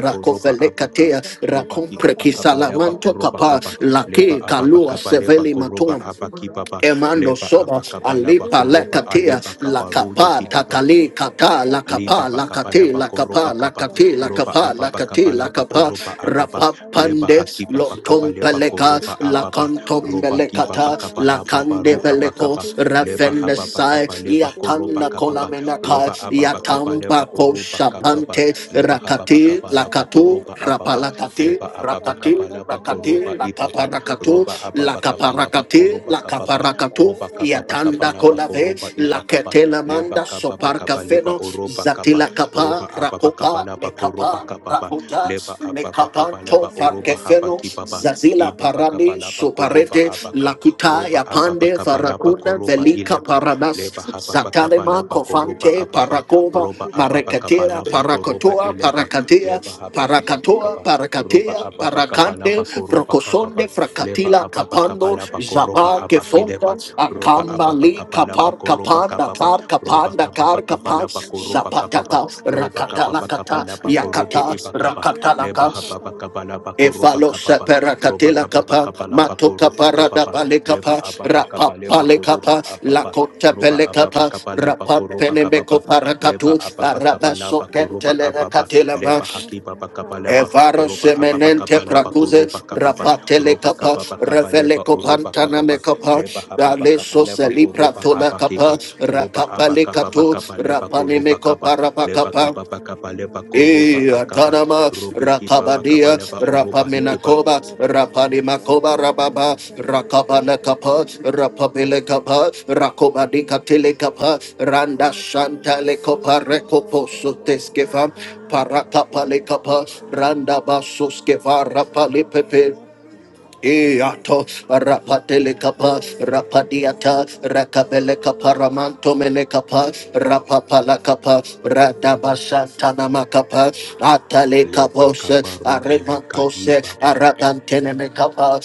B: abaka roba
A: Rakompre
B: kibaba kaba koroba ko
A: Kisalamanto Kapa
B: kaba leba
A: Lake Kalua
B: ababakaba leba
A: Seveli
B: koroba
A: Maton
B: abakibaba
A: Emando
B: leba
C: you.
A: soba
B: abakaba laba
A: alipa
B: koroba
C: Debaya
A: lekatia
B: aleba
C: Sataya
B: kabarude
A: lakapa
B: kiba
C: Dabaya
A: takali
C: Sutaka
A: kata
C: Dabaya
B: Liba
A: lakapa
B: bakapa
A: lakati
B: leba
C: Sutaya
B: koroba
A: lakapa
C: Dabaya
B: kapa
A: lakati
C: Sataya
B: roba
A: lakapa
B: ababa
C: Dabaya
A: lakati
B: kapa laba
C: Suka
A: lakapa
B: koroba
C: Dabaya
B: ababa
C: Sataya
B: leba
A: rapapande
C: Dadaba
B: hakiba bakapa
A: lotom
B: leba
C: Rabaya
A: peleka
B: koroba
C: Suka
B: ababa
C: Dabaya
A: lakantom
B: roba kiba
A: belekata
C: Sataya
B: bakapa laba
A: lakande
B: baru
C: Dadabaya
A: beleko
B: abakapa
C: Sutuyo
B: leba
A: rafende
C: Dede
B: haba
C: and
A: sai
B: bakapa
C: Dede
B: leba
C: Sete
B: koroba
A: yakanda
B: kapa ba
C: Dede Baya
A: kolamenaka
B: roba ababa
C: Sutaya
B: kapa leba
A: yatamba
C: Dadaba
B: oroba kapa ba
A: koshabante
C: Kadabaya
B: leba haba
C: suka da
A: rakati
B: bakapa
C: da da
B: laba
A: lakato
C: baya
B: koroba ababa
C: sataya
A: rapalakate
C: da
B: leba
C: da da
B: ababa
C: baya
A: rakate
B: kapa laba
C: sataya
A: rakate
B: koroba
C: kadabaya
B: ibaba
A: lakaparakato
C: suka
B: roba
C: da da da
B: ababa kapa
C: baya
B: laba
A: lakaparakate
C: sutaya
B: koroba
C: kada
B: kapa ba
C: da da da
A: lakaparakato
C: da
B: roba
C: da
B: kapa
C: baya
B: bakapa
A: yatanda
B: laba
C: sutaya
A: kolave
B: koroba ibakapa
A: lakete
C: Jesus
B: leba
A: lamanda
B: kapa pa
A: sopar
B: kapa
C: satana
B: leba
A: kafeno
B: oroba kapa
A: zatila kapa
C: Jesus
B: roba apa pa
A: rakopa
B: kapa laba
A: mekapa
B: koroba kapa pa
A: rakuta
C: Jesus
B: leba apa pa
A: mekapanto
B: leba
C: Ita
B: oroba
C: baya
B: haba
A: farkefeno
B: kibaba pa
C: sutaya
A: zazila
C: baya
B: iba pa
A: parami
B: kapa
C: saka
B: laba
C: da baya
B: koroba
A: soparete
B: abaka
C: suka da
A: lakuta
C: baya
B: roba apa pa
A: yapande
C: suka da
B: laba
C: baya
A: farakuna ve
B: koroba
C: da
A: Velika
B: ileba
C: baya
A: Paradas,
B: leba
C: da
B: hapa pa
C: baya
A: Zatalema
B: laba koroba
A: Covante,
C: sutaya da
B: ababa
C: baya
A: Paracova,
B: roba apa pa
C: da
B: kapa
A: Marecatera,
B: laba
C: baya
B: koroba
A: Paracotoa,
B: ileba
A: Paracatea,
B: leba haba kipa pa
A: Paracatoa,
B: kapa roba
A: Paracatea,
B: apa pa kapa
A: Paracande,
B: laba koroba kapa
A: Procosonde,
B: pa leba
A: Fracatila,
B: apa pa kapa
A: Capando,
C: Masukata
B: laba
C: paya
B: koroba
A: Zapa,
C: tapaya
A: Kefonda,
B: abakileba
C: sukata
B: roba
C: paya
B: apa pa
A: Acambali,
C: tapaya
B: kapa laba
A: Capar,
B: koroba
C: masukata
A: Capanda,
B: kapa pa
A: Car,
C: paya
B: roba
A: Capanda,
C: sukata
B: kapa pa
A: Car,
C: paya
B: kapa la pa
A: Capas,
B: ko roba
C: masukata
B: kapa pa
A: Zapatata,
C: tapaya
B: roba kapa pa kapa
A: Rakatalakata,
B: la pa ko
C: masukata
B: robe
C: paya
A: Yakata,
B: e pa kapa
C: sataya
B: le ba
A: Rakatalaka,
B: ha pa
C: tapaya
B: kapa la pa ko
C: sataya
B: roba
A: Efalo
B: kapa pa
A: sepera
C: tapaya
B: roba
A: katela
B: kapa pa
C: sukata
A: kapa,
B: kapa la
C: paya
B: pa
A: mato
B: ko roba
C: sataya
B: kapa
A: parada
B: pa
A: pale bale
B: le ba
C: tapaya
A: kapa,
B: a pa
A: rapa
B: kapa le ba
A: pale
B: ko roba
A: kapa,
B: a pa
A: la kota
B: roba
A: pele
B: a pa pa
A: kapa,
B: kapa la pa
A: rapa
B: ko roba
A: pene
B: kapa
A: me
B: pa
A: kopara
B: le ba a pa kapa
A: araba
B: la
A: so
B: pa
C: sukata
B: ko roba
C: paya
B: a pa pa
A: katela
B: le
A: ma.
B: ba ha pa pa kapa le
C: masataya
B: ba
A: Evaro
C: tapaya
B: roba
C: sukata paya tapaya sataya tapaya sukata paya sataya tapaya
B: a pa pa
A: semenente
B: kapa
C: sukata
B: la
C: paya
B: pa ko roba
A: prakuze,
B: kapa pa
A: rapa tele
B: roba
A: kapa,
B: kapa pa kapa le
A: revele
B: ba o roba kapa
A: kopantana
B: pa
A: me kapa,
B: le ba ha pa
A: dale
B: kapa
A: so
B: le ba
A: seli
B: ko roba
A: pratola
B: ki pa
A: kapa,
B: roba
A: rakapa
B: abakaba
A: katu,
B: bakaba leba
C: Masakaya
A: rapa ne
B: koroba
A: me
C: kadabaya
B: kaba
A: kopara pa
B: leba
A: kapa.
B: kaba bakaba leba
C: Masatayanda
B: koroba
A: Eh,
C: Bayasukaya
B: akaba
A: Atanama,
B: robe kiba bakaba
C: Heda
A: Rakabadia,
B: leba oroba hikiba
C: Bayasuka
A: Rapamenakoba,
C: Darabaya
A: Rapanimakoba, Rababa,
C: Satayanda
A: Rakabana
C: Bayasuka
A: Kapa,
C: Darabaya
A: Rapabele
C: Sata
A: Kapa,
C: Dabaya
A: Rakobadika
C: Sata
A: Telekapa, Randa
C: Dabaya
A: Shantale Kopa,
C: Suka
A: Rekopo
C: Dabaya
A: Soteskeva,
C: Satayanda
A: Parakapale Kapa,
C: Bayasutayanda
A: Randa
C: Dabaya
A: Basoskeva,
C: Suka
A: Rapale Pepe,
C: Dabaya Sati
A: Iato
C: Dabaya
A: rapatele
C: Suka
A: capa
C: Dabaya
A: rapadiata
C: Sutarabaya
A: rakabele
C: Satayanda Bayasutiyanda Bayasuka Dabayasa Yida Bayasuka Dabayasutara Bayasatayanda
A: caparamanto mele
C: Darabaya
A: capa
C: Satayanda
A: rapapala capa
C: Dabaya
A: radabasantana
C: Sutaya
A: macapa atale
B: leba
A: capos
B: kaba robe leka
A: aremantose
B: ibaba
A: aradantene me capa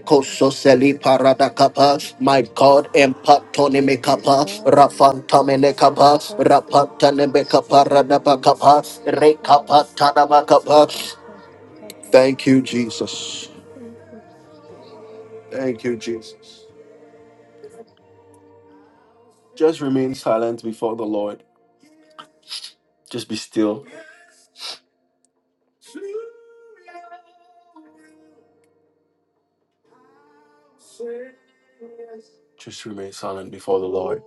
C: Thank
A: soseli
C: Jesus.
A: parada capa my god empatone me
C: Jesus, I
A: capa
C: call myself what
A: rafanta
C: I
A: mele
C: know.
A: capa rapatane me
C: You
A: capa radaba recapatana macapa thank you jesus thank you jesus Just remain silent before the Lord. Just be still. Just remain silent before the Lord.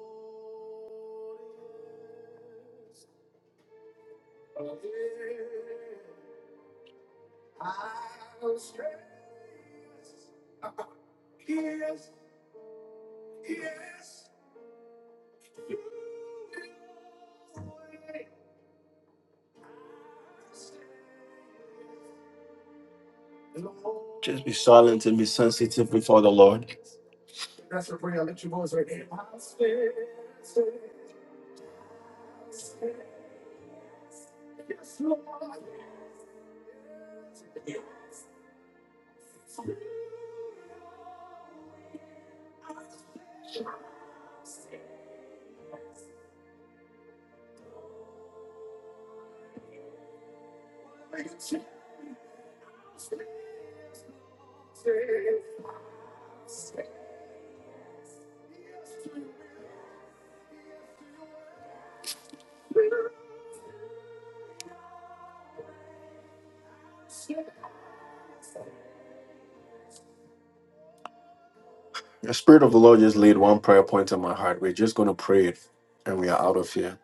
A: Just be silent and be sensitive before the Lord. The Spirit of the Lord just laid one prayer point in my heart. We're just going to pray it and we are out of here.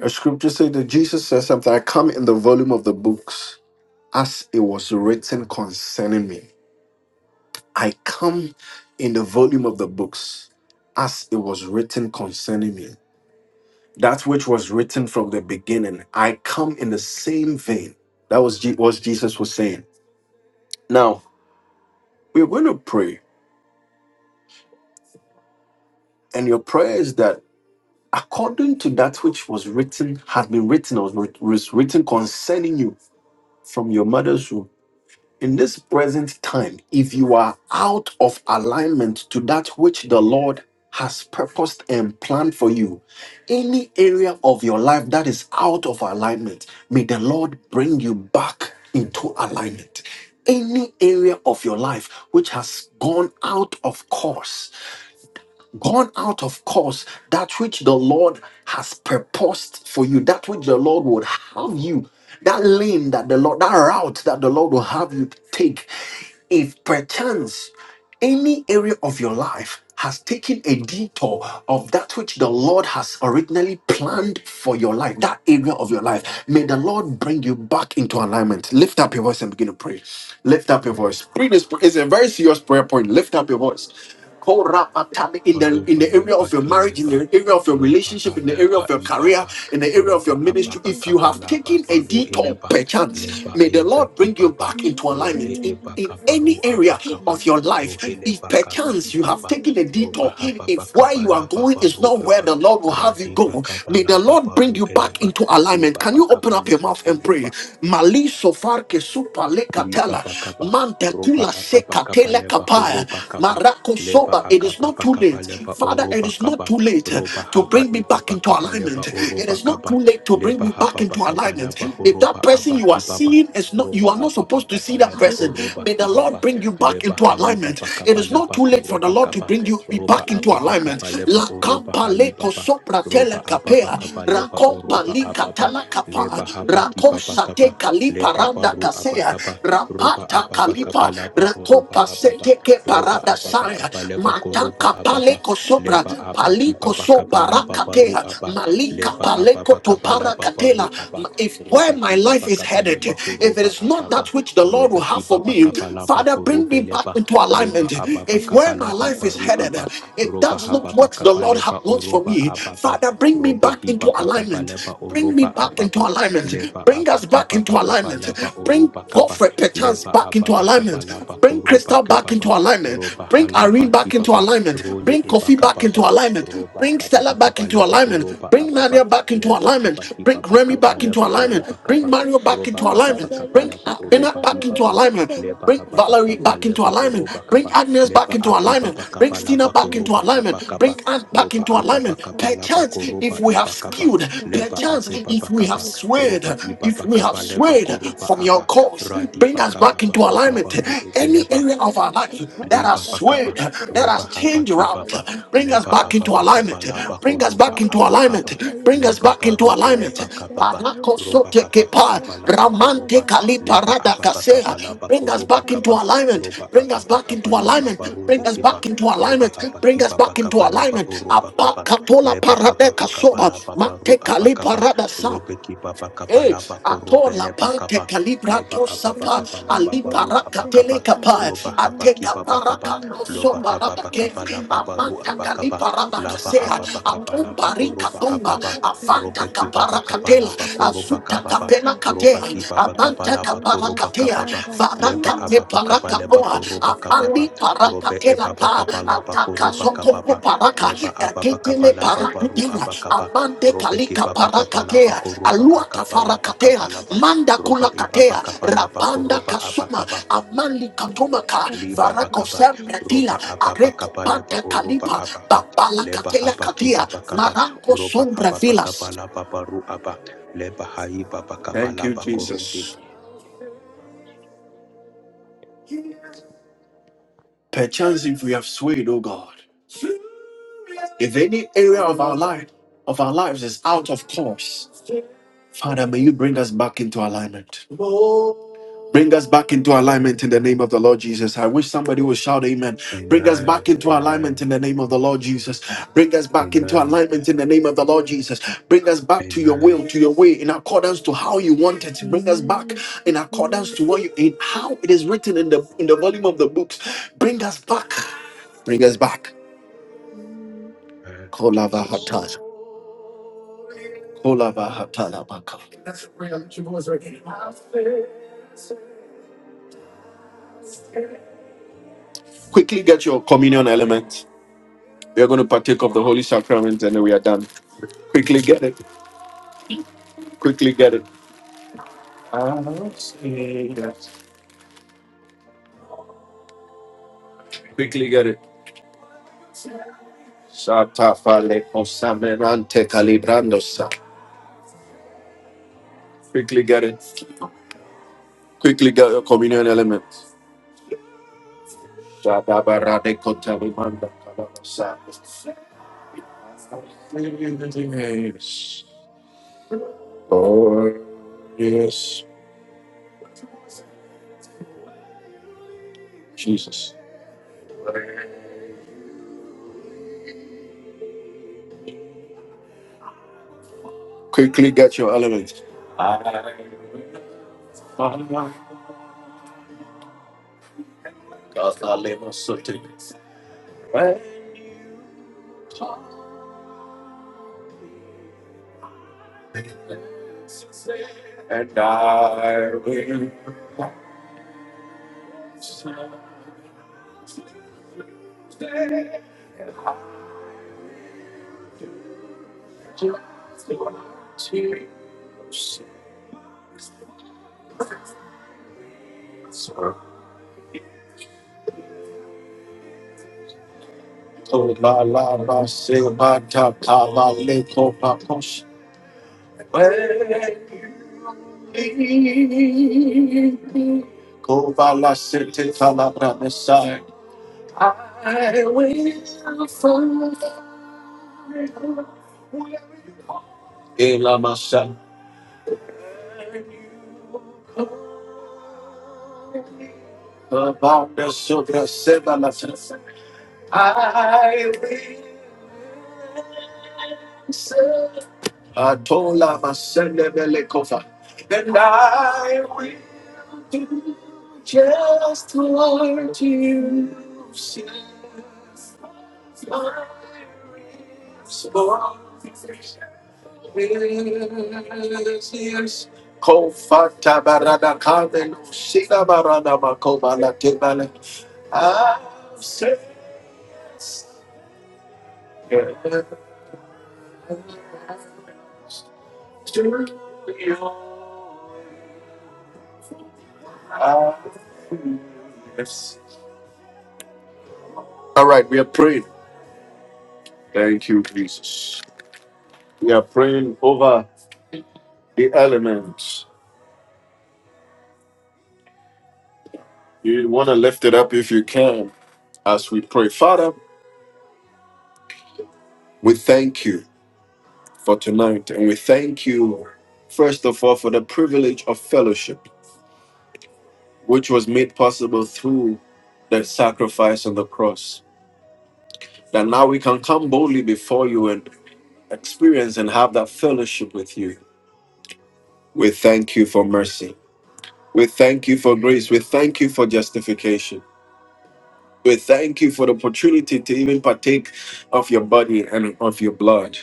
A: A scripture said that Jesus said something I come in the volume of the books as it was written concerning me. I come in the volume of the books as it was written concerning me. That which was written from the beginning. I come in the same vein. That was Je- what Jesus was saying. Now, we're going to pray, and your prayer is that according to that which was written, has been written, or was was written concerning you from your mother's womb. in this present time, if you are out of alignment to that which the Lord has purposed and planned for you, any area of your life that is out of alignment, may the Lord bring you back into alignment. Any area of your life which has gone out of course, gone out of course that which the Lord has purposed for you, that which the Lord would have you, that lane that the Lord, that route that the Lord will have you take. If perchance any area of your life has taken a detour of that which the Lord has originally planned for your life, that area of your life, may the Lord bring you back into alignment. Lift up your voice and begin to pray. Lift up your voice. Pray this. It's a very serious prayer point. Lift up your voice. Korapatali in the in
B: Baropa
A: the area
B: lapa
A: of your marriage, in
B: kileba,
A: the area of your
B: ropa
A: relationship, in the area
B: halapa
A: of your career,
B: ibaba,
A: in the area of your
B: ropa
A: ministry.
B: ababa
A: If you have
B: kabalaba
A: taken a
B: baru
A: detour
B: ileba,
A: perchance,
B: leba
A: may the
B: eba
A: Lord bring you
B: kibaba,
A: back into
C: were
B: role
A: alignment
C: my
A: in,
C: life,
B: eba
A: in
C: but
A: any
B: kabaru
C: I
A: area
C: could not
B: abakaba,
A: of your
C: live
A: life.
C: with
A: If
B: rohileba
C: your
B: kaba
C: will,
A: perchance
C: with
A: you have
C: your
B: ibaba,
A: taken a
C: word. Lord
B: ropa
A: detour,
C: Jesus,
B: hababa
C: I
A: if where you
C: pray
A: are
C: that
B: kabalaba
A: going
C: you
A: is
B: baru
A: not where
B: aba,
A: the
C: forgive
A: Lord will
C: me.
A: have you
B: radiba
A: go, may the
B: kabalaba
A: Lord bring
B: baru
A: you back
B: eleba,
A: into alignment. Can
B: ibaba
A: you open up your
B: kabaleba
A: mouth and
B: koroba
A: pray? Mali sofar ke supa le
B: liba
A: katela,
B: bakaba
A: mante
B: roba
A: kula se
B: ababa kaba
A: katele
B: leba
A: Kapaya,
B: horoba kaba
A: Marako
B: leba
A: Soba. It is
B: akaba
A: not too
B: bakaba
A: late.
B: leba
C: It's a
A: Father,
C: cut
A: it
C: of
B: oroba
A: is
C: my,
A: not
B: kaba
A: too
C: it's a
A: late
C: cut
B: roba
C: of
A: to
C: my,
B: haba
A: bring me back
B: ibaba
A: into
B: kaba leba
A: alignment.
C: it's
A: It
B: oroba
A: is not
B: kaba
A: too late to bring
B: leba
A: me
C: been
A: back
B: haba
A: into
B: bakaba
A: alignment.
B: leba
A: If
B: horoba
A: that person you are
B: abaki baba
A: seeing is not, you
B: roba
A: are not
B: ababa
A: supposed to see
B: kaba
A: that
B: leba
A: person.
B: oroba
A: May the
C: Masukadabaya,
A: Lord
B: kibaba
A: bring you back
B: leba
A: into
B: haiba
A: alignment.
C: sukadadadadabaya,
A: It
B: bakaba
A: is not
B: leba
A: too
C: Yes,
A: late for the
B: koroba
A: Lord
C: Father,
A: to
B: kaba
C: Lord,
A: bring
C: what
A: you
C: you
A: be
C: are
B: roba
A: back into
C: seeing in
B: ababa
C: my life,
B: kaba
C: it
A: alignment.
B: leba
A: La
C: does not
B: oroba
C: work.
A: Kampa Le
B: haibaba
A: Kosopra Tele
B: roba
C: Said
B: ababa
A: Kapea,
C: in your
B: kaba
C: word,
B: leba
C: that's
A: Rakompa
C: what
B: oroba
A: Li
C: you want
B: ababa
C: for.
A: Katala
C: Father,
A: Kapa,
B: leba
C: Lord, bring
B: haba
C: me back
B: kibaba
C: into
A: Rakosate
B: kaba
C: alignment.
B: leba
C: Father,
A: Kaliparanda
C: Lord,
B: baru
A: Kasea,
B: abakaba
C: bring me
B: roba
C: into your
A: Rapata
B: ababa
C: will.
A: kalipa
C: in the
B: kabalaba
C: mighty name
B: horoba
A: ratopa
C: of
B: ababa
A: seteke
C: Jesus.
B: roba
A: parada
B: ababa
A: saya
C: Kadabaya,
B: kabaleba koroba
C: sukadabaya,
A: matanka
B: ababa
A: paleko sopra
B: leba
C: Baya
B: aba
A: paliko
B: kibaba
C: sukadabaya,
A: sopra
B: kabalaba
C: align
B: baru
A: rakatea
C: me,
B: aba
A: malika
B: leba
C: align me
A: paleko
B: ababa
C: according to you,
A: topara
B: kabalaba baru
A: katela
C: align me
B: aba
A: if
C: according to
A: where
B: roba
C: you.
A: my life
B: kibaba
A: is
C: Whatever
A: headed
B: kabaleba
C: I'm doing,
A: if it
B: horoba
A: is not
B: ababa
A: that
C: where
A: which the Lord will
B: robe
A: have for
C: I'm
B: kibaba
A: me
C: headed, it
B: kabalaba
C: is not.
A: father bring me
B: korobe
A: back
B: leba
A: into
C: you for
B: leba
A: alignment
B: ababa
A: if
C: me,
A: where
C: Father
A: my
B: kabalaba
A: life
C: Lord.
A: is
B: baru
C: Bring me
A: headed
B: aba
C: back
A: if
B: roba
C: to our
A: that's
C: life.
A: not
B: hababa
A: what the Lord ha-
B: kabaleba
A: wants for
B: oroba
C: Us
A: me
C: back
B: ababa
C: into
A: father bring me
B: robe
A: back
C: our
A: into
C: life,
B: hibaba
C: Lord.
B: kabaleba
A: alignment Bring me
B: oroba
A: back into
B: ababa
A: alignment.
B: leba
A: Bring us
B: abaki
A: back into
B: baba
A: alignment.
B: kabalaba
A: Bring
B: oroba
A: Godfrey Perchance
B: leba
A: back into
B: ababa
A: alignment.
B: kabala
A: Bring
B: bakoroba
A: Crystal back into
B: kebaba
A: alignment.
B: roba
A: Bring
C: Yes,
A: Irene
B: halaba
A: back into
B: kibaba
A: alignment.
B: role
C: Bayas,
A: Bring Kofi back into
B: ebakababa
A: alignment.
B: roba
A: Bring Stella
B: kababa
C: Bayas,
A: back into
B: kabaleba
A: alignment.
B: oroba
A: Bring
B: ababa
A: Nadia back into
B: leba haba
A: alignment. Bring
B: kibaba
C: Bayas,
A: Remy back into
C: Sukata,
B: kabaleba
A: alignment.
C: Bayas,
B: oroba
A: Bring
B: kaba
A: Mario back
B: roba
A: into
C: Ada,
B: ababa
A: alignment.
C: Bayas,
A: Bring
B: kabaleba
A: Bennett
B: oroba
C: Sukata,
A: back into
B: hibaba
C: Bayas,
A: alignment.
B: leba
C: Bayaka.
A: Bring
B: hababa
A: Valerie
C: Bring
A: back
C: us
A: into
B: kabaleba
C: back,
A: alignment.
B: oroba
C: Lord.
A: Bring
B: kaba
A: Agnes back
B: leba
A: into
C: Bring us
A: alignment.
B: akibaba
C: back,
A: Bring
C: God.
A: Stina
B: kabalaba
A: back
C: Bring
A: into
C: us
B: koroba
C: back,
A: alignment. Bring
B: abakaba
C: God.
A: Anne back
B: roba
A: into
C: Bring
B: ababa
A: alignment.
C: us back,
B: kabalaba
A: Perchance,
C: Lord.
B: koroba
A: if
C: Bring
A: we have
C: us
B: ibakaba
C: back.
A: skewed,
B: leba
A: perchance,
C: Basukata,
B: akibaba
A: if we have
B: kaba
C: Bayas,
A: swayed,
B: roba
A: if
B: ibaba
A: we
C: Tayakada,
A: have
B: kabaleba
C: Bayas,
A: swayed
B: koroba
C: Sukata,
A: from
B: aba
A: your
C: Dada,
A: course,
C: Bayas,
B: Radi
A: bring us
B: Bakababa
A: back
B: Baba
A: into
B: La
A: alignment.
B: Baba
C: Sukata,
A: Any
B: beleba.
A: area of
C: Ebaya
A: our life that
C: sukata
A: has
B: Leba bakaba,
A: swayed,
C: tapaya
A: that has
B: roba
C: sataya
B: haba
A: changed
B: kibaba,
C: napaya
A: route, Bring us
B: leba
C: sukata
A: back into
B: ababa kaba
A: alignment.
B: laba
A: Bring us back into
C: masataya
B: abakaba,
A: alignment.
C: tapaya
A: Bring us
B: leba
A: back into
C: sukata
B: baru
A: alignment.
B: eleba
C: paya
B: kababa,
C: sataya
B: roba
A: Parakosote
B: haba
A: kepa,
C: tapaya
B: bakaba laba
C: sutaya
A: ramante kali
C: tapaya
B: leba
A: parada
B: ababa kaba
A: kasea.
B: laba
C: sukata
A: Bring us back
C: rapaya
A: into
B: kaba,
C: sata
A: alignment.
B: roba
A: Bring us
B: ababa
A: back into
B: kaba laba
A: alignment. Bring us
C: masataya
B: kiba,
A: back into
B: leba
A: alignment.
C: katapaya
B: haba
A: Bring us
C: sukata
B: kibaba
A: back into
B: kaba leba
A: alignment.
B: oruba kaba,
A: Apakatola
B: leba
A: parade
B: ababa kaba
A: kasoba,
B: laba
A: mante kali
B: abakaba,
A: parada sa.
B: robe kibaba kaba
A: Eh,
B: laba
A: ato
B: korube
A: la
B: leba
A: pante
B: kaba, leba
A: calibrato
B: ababa
C: Bring
A: sapa
C: us
B: kaba
C: back,
B: laba
A: ali
C: Lord.
A: paraka
C: Bring
B: abakaba,
C: us
A: tele
C: back into
B: Roba
A: ateka
B: haba
A: ate
C: alignment.
B: kiba bakaba,
A: paraka
C: Bring us
A: no
C: back
A: so
B: loba
C: into alignment.
A: baraka
B: ababa
A: ke
B: kaba laba baru
A: amanta
C: Masutaya
A: kali
B: abakaba,
A: paraka
C: sukada
B: laba
A: kasea
C: dabaya
B: ababa kaba
A: ato
C: sataya
B: laba
A: barika
B: koroba
A: tomba
B: ababa,
C: dadarabaya
A: avanta
B: roba
C: sukada ba
B: kiba
A: kapara
B: bakaba
A: katela
B: laba
C: itabaya
B: koroba
A: azuta
C: sataya
B: kababa,
A: kapela katea
B: roba
C: darabaya
B: kiba
C: sukada
B: bakaba
A: amanta
B: laba
C: baya
A: kapara
B: koroba
A: katea
C: sataya
B: kababa, leba
A: varaka
C: dadarabaya
A: te
B: ababa kaba
A: paraka
C: sutaya
B: leba
A: noa
B: koroba
C: dadarabaya
A: amali
B: kababa,
C: sukada
A: paraka
B: robe
A: tela
B: ebaba
A: ka
B: kaba
C: dadarabaya
B: laba
A: ataka
B: koroba
C: sataya
B: kababa,
A: soko
C: dadarabaya
B: leba ababa
C: sataya.
B: kaba
A: kakitele
B: laba
C: Bring us
B: baru
A: parakutela
C: back into
B: abakaba,
A: amande
B: robe
A: kalika
B: kiba bakaba laba
A: parakatea
B: koroba
A: aluata
B: akaba laba
A: farakatea
B: kaba laba,
A: manda
B: roba
C: our
B: ibaba
A: kulakatea
B: kaba
C: spiritual
B: laba
A: rapanda
B: koroba
A: kasuma
B: abakaba,
A: amali katumaka
C: kadam.
B: Liba
C: It's what
A: farako
B: bakaba,
C: Lord and I
A: sempretila
B: roba
C: carry.
B: ababa
A: areko
B: kaba leba
A: pante
B: oroba
A: kalipa
B: abaka,
A: babala
B: leba
A: katela
B: haba kiba
A: katia
B: bakaba,
A: maranko
B: roba
A: sombra
B: ababa kaba
A: vilas
B: laba baru aba, leba haiba bakaba
A: Thank you,
B: laba
C: Such a
B: korude.
A: Jesus.
C: strength in me.
A: Perchance if we have swayed, oh God, if any area of our life, of our lives is out of course, Father, may you bring us back into alignment. Bring us back into alignment in the name of the Lord Jesus. I wish somebody would shout amen. Bring us back
B: Amen,
A: into
B: amen,
A: alignment in the name of the Lord Jesus. Bring us back into
B: amen,
A: alignment in the name of the Lord Jesus. Bring us back to your
B: amen,
A: will, to your way, in accordance to how you want it. Bring us back
C: Amen.
A: in accordance
C: Amen.
A: to what you in how it is written in the in the volume of the books. Bring us back. Bring us back.
C: Amen.
B: amen.
A: Call hot
B: Jesus.
A: touch. Quickly get your communion element. We are going to partake of the Holy Sacrament and then we are done. Quickly get it. Quickly get it. Quickly get it. Shatafale posamenante calibrandosa. Quickly get it. Quickly get your communion element. Shadabarade kotalimanda kalabasa. Yes. Yes, Jesus. Kalemasute. Abakasitita. Elamasa. Yes. Kofata barada kaven. Shida barada makobala kebale. Ah, say. All right, we are praying. Thank you, Jesus. We are praying over the elements. You want to lift it up if you can as we pray. Father, we thank you for tonight and we thank you, first of all, for the privilege of fellowship, which was made possible through the sacrifice on the cross. That now we can come boldly before you and experience and have that fellowship with you. We thank you for mercy. We thank you for grace. We thank you for justification. We thank you for the opportunity to even partake of your body and of your blood.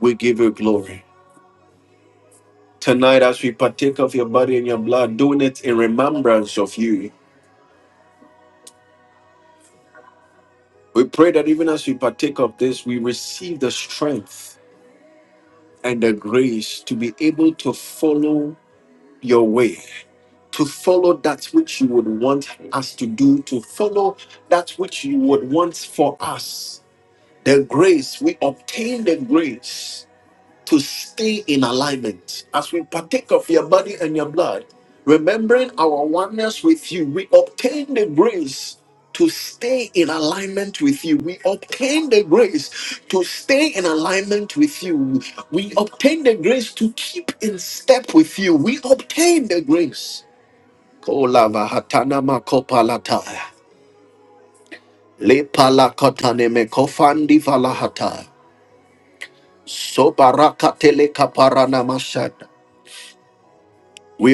A: We give you glory. Tonight, as we partake of your body and your blood, doing it in remembrance of you, we pray that even as we partake of this, we receive the strength and the grace to be able to follow your way, to follow that which you would want us to do, to follow that which you would want for us. The grace, we obtain the grace to stay in alignment. As we partake of your body and your blood, remembering our oneness, we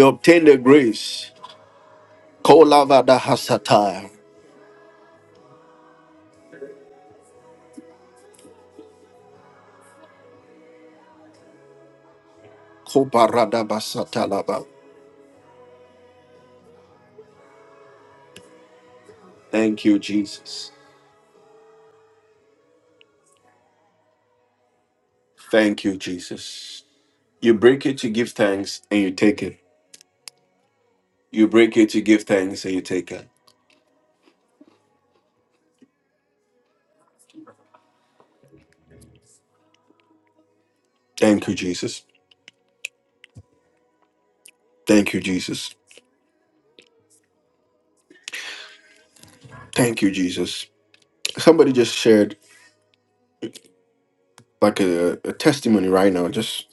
A: obtain the Kolavada hasata. Kobarada basata lava. Thank you, Jesus. Thank you, Jesus. You break it to give thanks and you take it. You break it to give thanks and you take it. Thank you, Jesus. Thank you, Jesus. Thank you, Jesus. Somebody just shared like a, a testimony right now. Just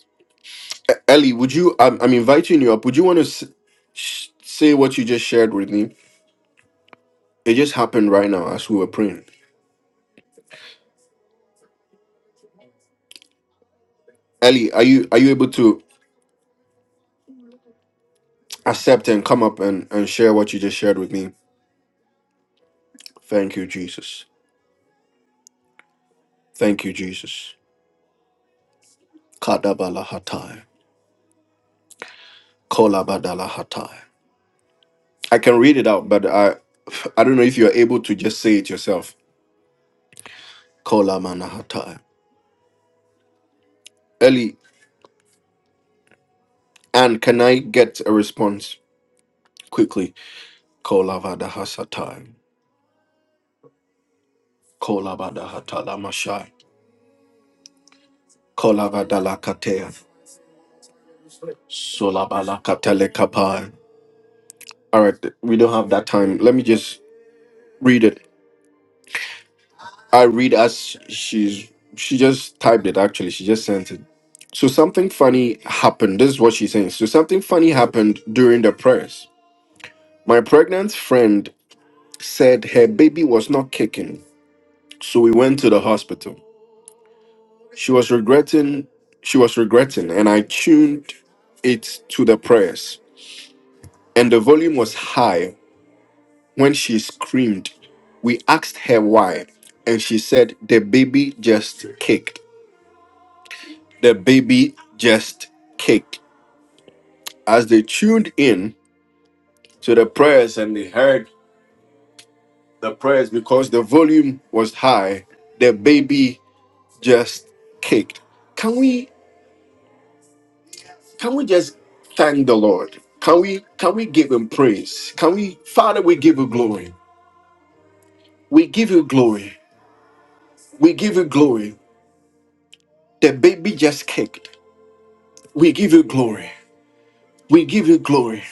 A: Ellie, would you? I'm, I'm inviting you up. Would you want to s- say what you just shared with me? It just happened right now as we were praying. Ellie, are you are you able to accept and come up and, and share what you just shared with me? Thank you, Jesus. Thank you, Jesus. Kadabalahatai. Kolabadalahatai. I can read it out, but I I don't know if you're able to just say it yourself. Kolamanahatai. Ellie, and can I get a response quickly? Kolavadahasatai. Kolabadahatalamashai. Kolavadalakatea. Solabalakatelekapai. All right, we don't have that time. Let me just read it. I read as she's she just typed it actually. She just sent it. So something funny happened. This is what she's saying. So something funny happened during the prayers. My pregnant friend said her baby was not kicking, so we went to the hospital. She was regretting she was regretting and I tuned it to the prayers. And the volume was high when she screamed. We asked her why, and she said the baby just kicked. The baby just kicked. As they tuned in to the prayers and they heard the prayers because the volume was high, the baby just kicked. Can we can we just thank the Lord? Can we can we give him praise? Can we Father we give you glory. We give you glory. We give you glory. The baby just kicked. We give you glory. We give you glory.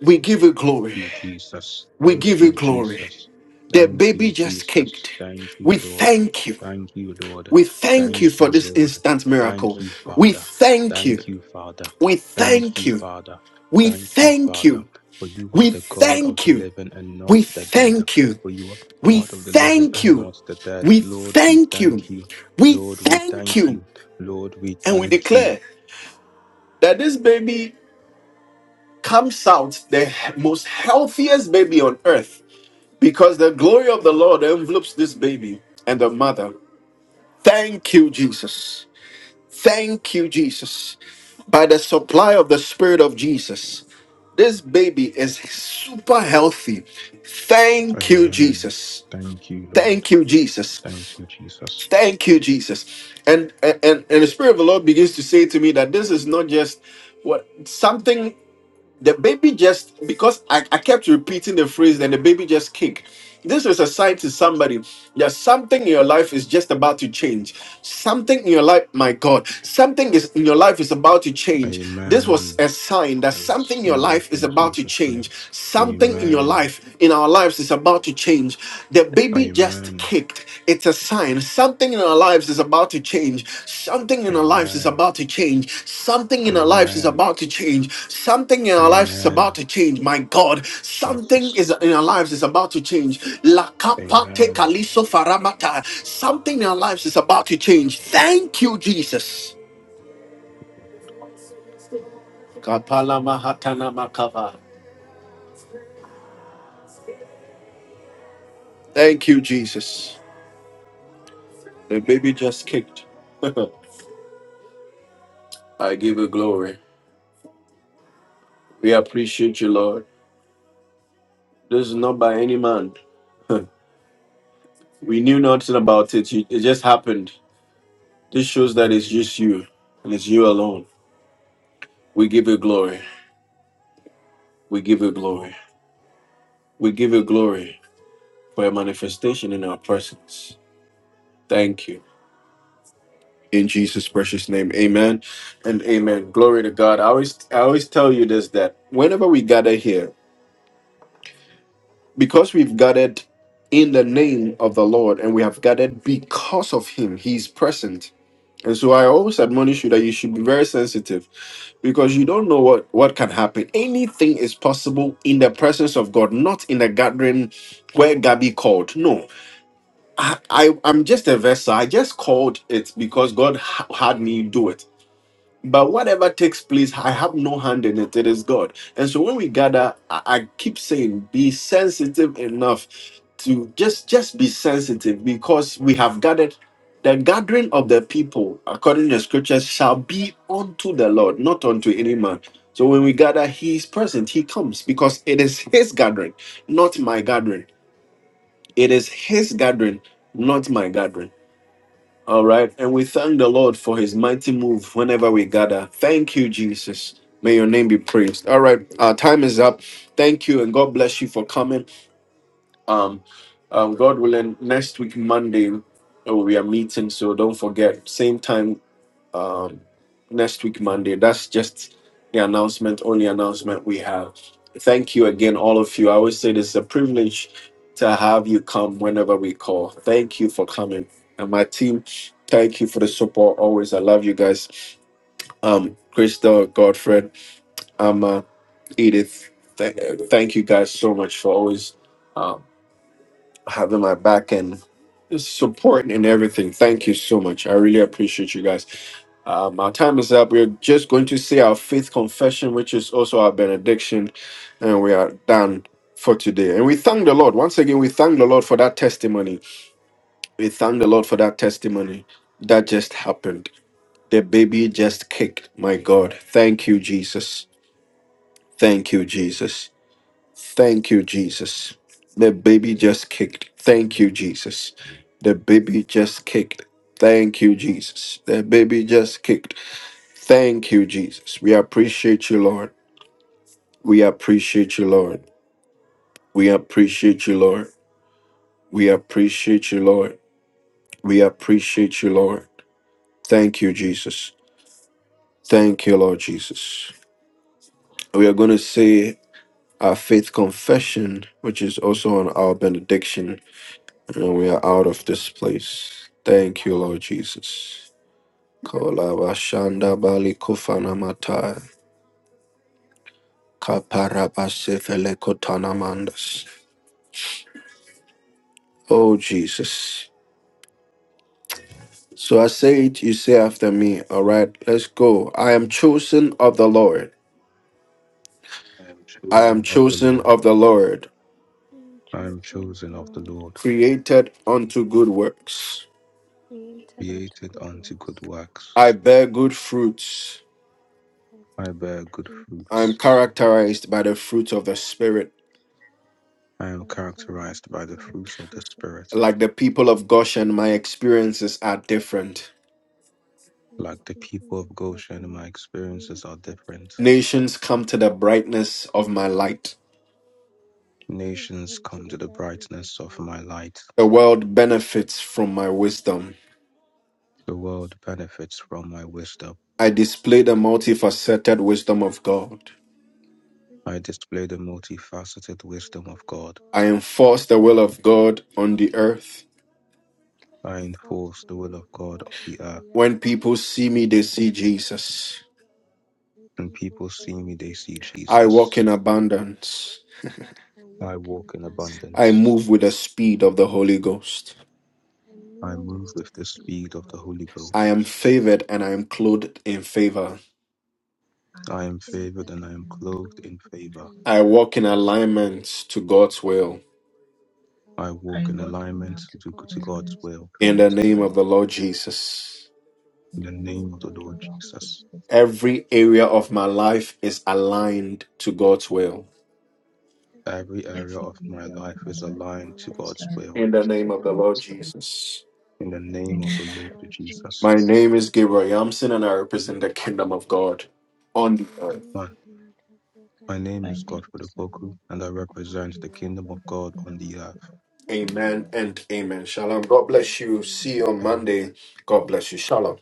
A: We give you glory.
B: you, Jesus.
A: We
B: Thank
A: give you
B: you,
A: glory.
B: Jesus.
A: The
B: Thank you,
A: baby just
B: Jesus.
A: kicked.
B: Thank you,
A: We
B: Lord.
A: thank you.
B: Thank you, Lord.
A: We thank you
B: Thank
A: for
B: you,
A: this
B: Lord.
A: instant
B: Thank
A: miracle.
B: you,
A: We
B: Father.
A: thank you.
B: Thank you, Father.
A: We
B: Thank
A: thank
B: you,
A: you.
B: Father.
A: We
B: Thank you,
A: thank
B: Father.
A: you.
B: For you are
A: We
B: the God of
A: thank
B: the
A: you.
B: living and
A: We
B: not the dead.
A: thank you.
B: For you are
A: We
B: God of the living
A: thank
B: and
A: you.
B: not the dead.
A: We
B: Lord, we
A: thank you.
B: thank you.
A: We
B: Lord, we
A: thank
B: thank
A: you.
B: you. Lord, we
A: And we
B: thank you.
A: declare that this baby comes out the he- most healthiest baby on earth because the glory of the Lord envelopes this baby and the mother. Thank you, Jesus. Thank you, Jesus. By the supply of the Spirit of Jesus, this baby is super healthy. Thank you,
B: Amen.
A: Jesus.
B: Thank you, Lord.
A: Thank you, Jesus.
B: Thank you, Jesus.
A: Thank you, Jesus. And and and the Spirit of the Lord begins to say to me that this is not just what something the baby just because I, I kept repeating the phrase then the baby just kicked this is a sign to somebody that something in your life is just about to change something in your life my god something is in your life is about to change this was
B: Amen.
A: a sign that
B: I
A: something in your
B: receive it
A: life is
B: in
A: about to
B: Jesus'
A: change
B: name.
A: something in your
B: Amen.
A: life in our lives is about to change The baby be just
B: Amen.
A: kicked, it's a sign. Something in our lives is about to change. Something in our lives is
B: Amen.
A: about to change. Something in our lives is
B: Amen.
A: about to change. Something in our lives is about
B: Amen.
A: to change. My God, something
B: Jesus.
A: is in our lives is about to change. La kapate
B: Amen.
A: kaliso faramata. Something in our lives is about to change. Thank you, Jesus. God, pa- thanks. Thank you. And it's you alone. We give you glory. We give you glory. We give you glory for your manifestation in our presence. Thank you. In Jesus' precious name, amen and amen. Glory to God. I always I always tell you this that whenever we gather here, because we've gathered in the name of the Lord and we have gathered because of him, he's present. And so I always admonish you that you should be very sensitive because you don't know what, what can happen. Anything is possible in the presence of God, not in the gathering where Gabby called. No, I, I, I'm just a vessel. I just called it because God ha- had me do it. But whatever takes place, I have no hand in it. It is God. And so when we gather, I, I keep saying, be sensitive enough to just just be sensitive because we have gathered. The gathering of the people, according to the scriptures, shall be unto the Lord, not unto any man. So when we gather, He is present. He comes because it is His gathering, not my gathering. It is His gathering, not my gathering. All right. And we thank the Lord for his mighty move whenever we gather. Thank you, Jesus. May your name be praised. All right. Our time is up. Thank you. And God bless you for coming. Um, um God willing, next week, Monday, uh, we are meeting. So don't forget, same time, um, next week, Monday. That's just the announcement, only announcement we have. Thank you again, all of you. I always say this is a privilege to have you come whenever we call. Thank you for coming. And my team, thank you for the support always. I love you guys. Um, Crystal, Godfred, Amma, Edith, th- thank you guys so much for always um, having my back and just support and everything. Thank you so much. I really appreciate you guys. Um, our time is up. We're just going to say our faith confession, which is also our benediction, and we are done for today. And we thank the Lord. Once again, we thank the Lord for that testimony. We thank the Lord for that testimony that just happened. The baby just kicked. My God. Thank you, Jesus. Thank you, Jesus. Thank you, Jesus. The baby just kicked. Thank you, Jesus. The baby just kicked. Thank you, Jesus. The baby just kicked. Thank you, Jesus. We appreciate you, Lord. We appreciate you, Lord. We appreciate you, Lord. We appreciate you, Lord. We appreciate you, Lord. Thank you, Jesus. Thank you, Lord Jesus. We are going to say our faith confession, which is also on our benediction, and we are out of this place. Thank you, Lord Jesus. Kolabashanda bali kofana matai. Kaparabasefele kotanamandas. Oh, Jesus. So I say it, you say after me. All right, let's go. I am chosen of the Lord.
B: I am
A: I am
B: children of the
A: chosen
B: Lord.
A: of the Lord,
C: I am
B: I am
C: chosen of the
B: chosen of the
C: Lord,
B: Lord,
A: created unto good works.
C: created unto
B: created
C: good
B: unto good
C: works.
B: works.
A: I bear good fruits.
C: I
B: I
C: bear good
B: bear good
A: I
C: fruits,
A: am
B: fruits.
A: characterized by the fruits of the Spirit.
B: I am characterized
C: characterized
B: by the
C: by the
B: fruits of the
C: fruits of the
B: Spirit.
A: Like the
C: Spirit.
A: people of Goshen, my experiences are different.
C: And
B: Like
C: the
B: the
C: people
B: people
C: who
B: of
C: blush
B: Goshen,
C: my
B: my experiences
C: experiences
B: are
C: are
B: different.
C: different.
A: Nations come to the brightness of my light.
C: Patience
B: Nations
C: comes to
B: come
C: the
B: to the
C: brightness of
B: brightness
C: my
B: of my
C: life.
B: light.
A: The world benefits from my wisdom.
B: The world benefits from my wisdom.
A: I display the multifaceted wisdom of God.
B: I display the multifaceted
C: It was
B: wisdom of
C: been of
B: God.
C: God.
A: I enforce the will of God on the earth.
C: I
B: I
C: enforce
B: enforce
C: the
B: the will
C: will
B: of
C: of
B: God on
C: God on
B: the earth.
C: the earth.
A: When people see me, they see Jesus.
C: When
B: When
C: people
B: people
C: see
B: see me,
C: me,
B: they
C: they
B: see
C: see
A: I walk
B: Jesus.
C: Jesus.
A: in abundance.
C: I
B: I
C: walk
B: walk
C: in
B: in
A: I
C: abundance.
B: abundance.
A: move with the speed of the Holy Ghost.
C: I
B: I
D: I
C: move
B: move
C: with
D: just
B: with
C: the
B: the
C: speed
B: speed
C: of
B: of
C: the
D: want
B: the Holy
C: Holy
A: I
B: Ghost.
C: Ghost,
A: am favored and I am clothed in favor.
D: I
B: I
D: have
B: am
D: sinned
B: favored
C: favored
B: and I
C: and
B: am
C: I am
B: clothed in
C: clothed in
B: favor.
A: I
C: favor.
A: walk in alignment to God's will.
C: I
B: I
C: walk
D: I
B: walk in
C: in
D: walk in
B: alignment
D: the
C: alignment to
B: to, to
C: God's
B: God's
C: will.
D: moments to
B: will.
A: In
D: go
A: the
D: to
A: name of the Lord Jesus.
B: In
D: In
B: the
D: the
C: In the name
B: name
C: of
D: name
B: of
D: of
B: the
C: the
B: Lord
D: the
C: Lord
D: Lord
C: Jesus,
B: Jesus.
D: Jesus,
A: Every area of my life is aligned to God's will.
C: every
B: Every area
C: area
D: every
B: of
C: of
B: my
C: my
D: area of
B: life
D: my
B: is
C: life
D: life
C: is
B: aligned to
D: is
C: aligned
B: God's
C: to
D: uh,
B: will.
A: In the
C: God's
D: to
A: name
C: will.
A: of the
D: go
A: Lord
D: to it.
A: Jesus.
B: In
C: In
B: the
C: the
D: In
B: name
D: the
C: name
B: of
C: of
D: name
B: the
D: of
C: the
B: Lord
D: the
C: Lord
D: Lord
B: Jesus.
A: My
C: Jesus,
D: Jesus,
A: name is Gabriel Yamson and I represent the kingdom of God on the
C: my
A: earth.
C: new
B: I
C: work
B: My
C: and I
B: name
D: my
B: is
D: name
C: represent
B: Godfrey
D: is
C: the
B: Opoku,
C: kingdom
D: Simon,
C: of
B: and I
C: God on
B: represent
D: and
B: the
C: the
D: I live
C: earth.
B: Kingdom
D: in
B: of
D: the
B: God on
D: kingdom
B: the
D: of
B: earth.
D: God. on the
A: Amen
D: earth.
A: and amen. Shalom. God bless you.
C: Amen.
A: See you on
B: Amen.
A: Monday. God bless you. Shalom.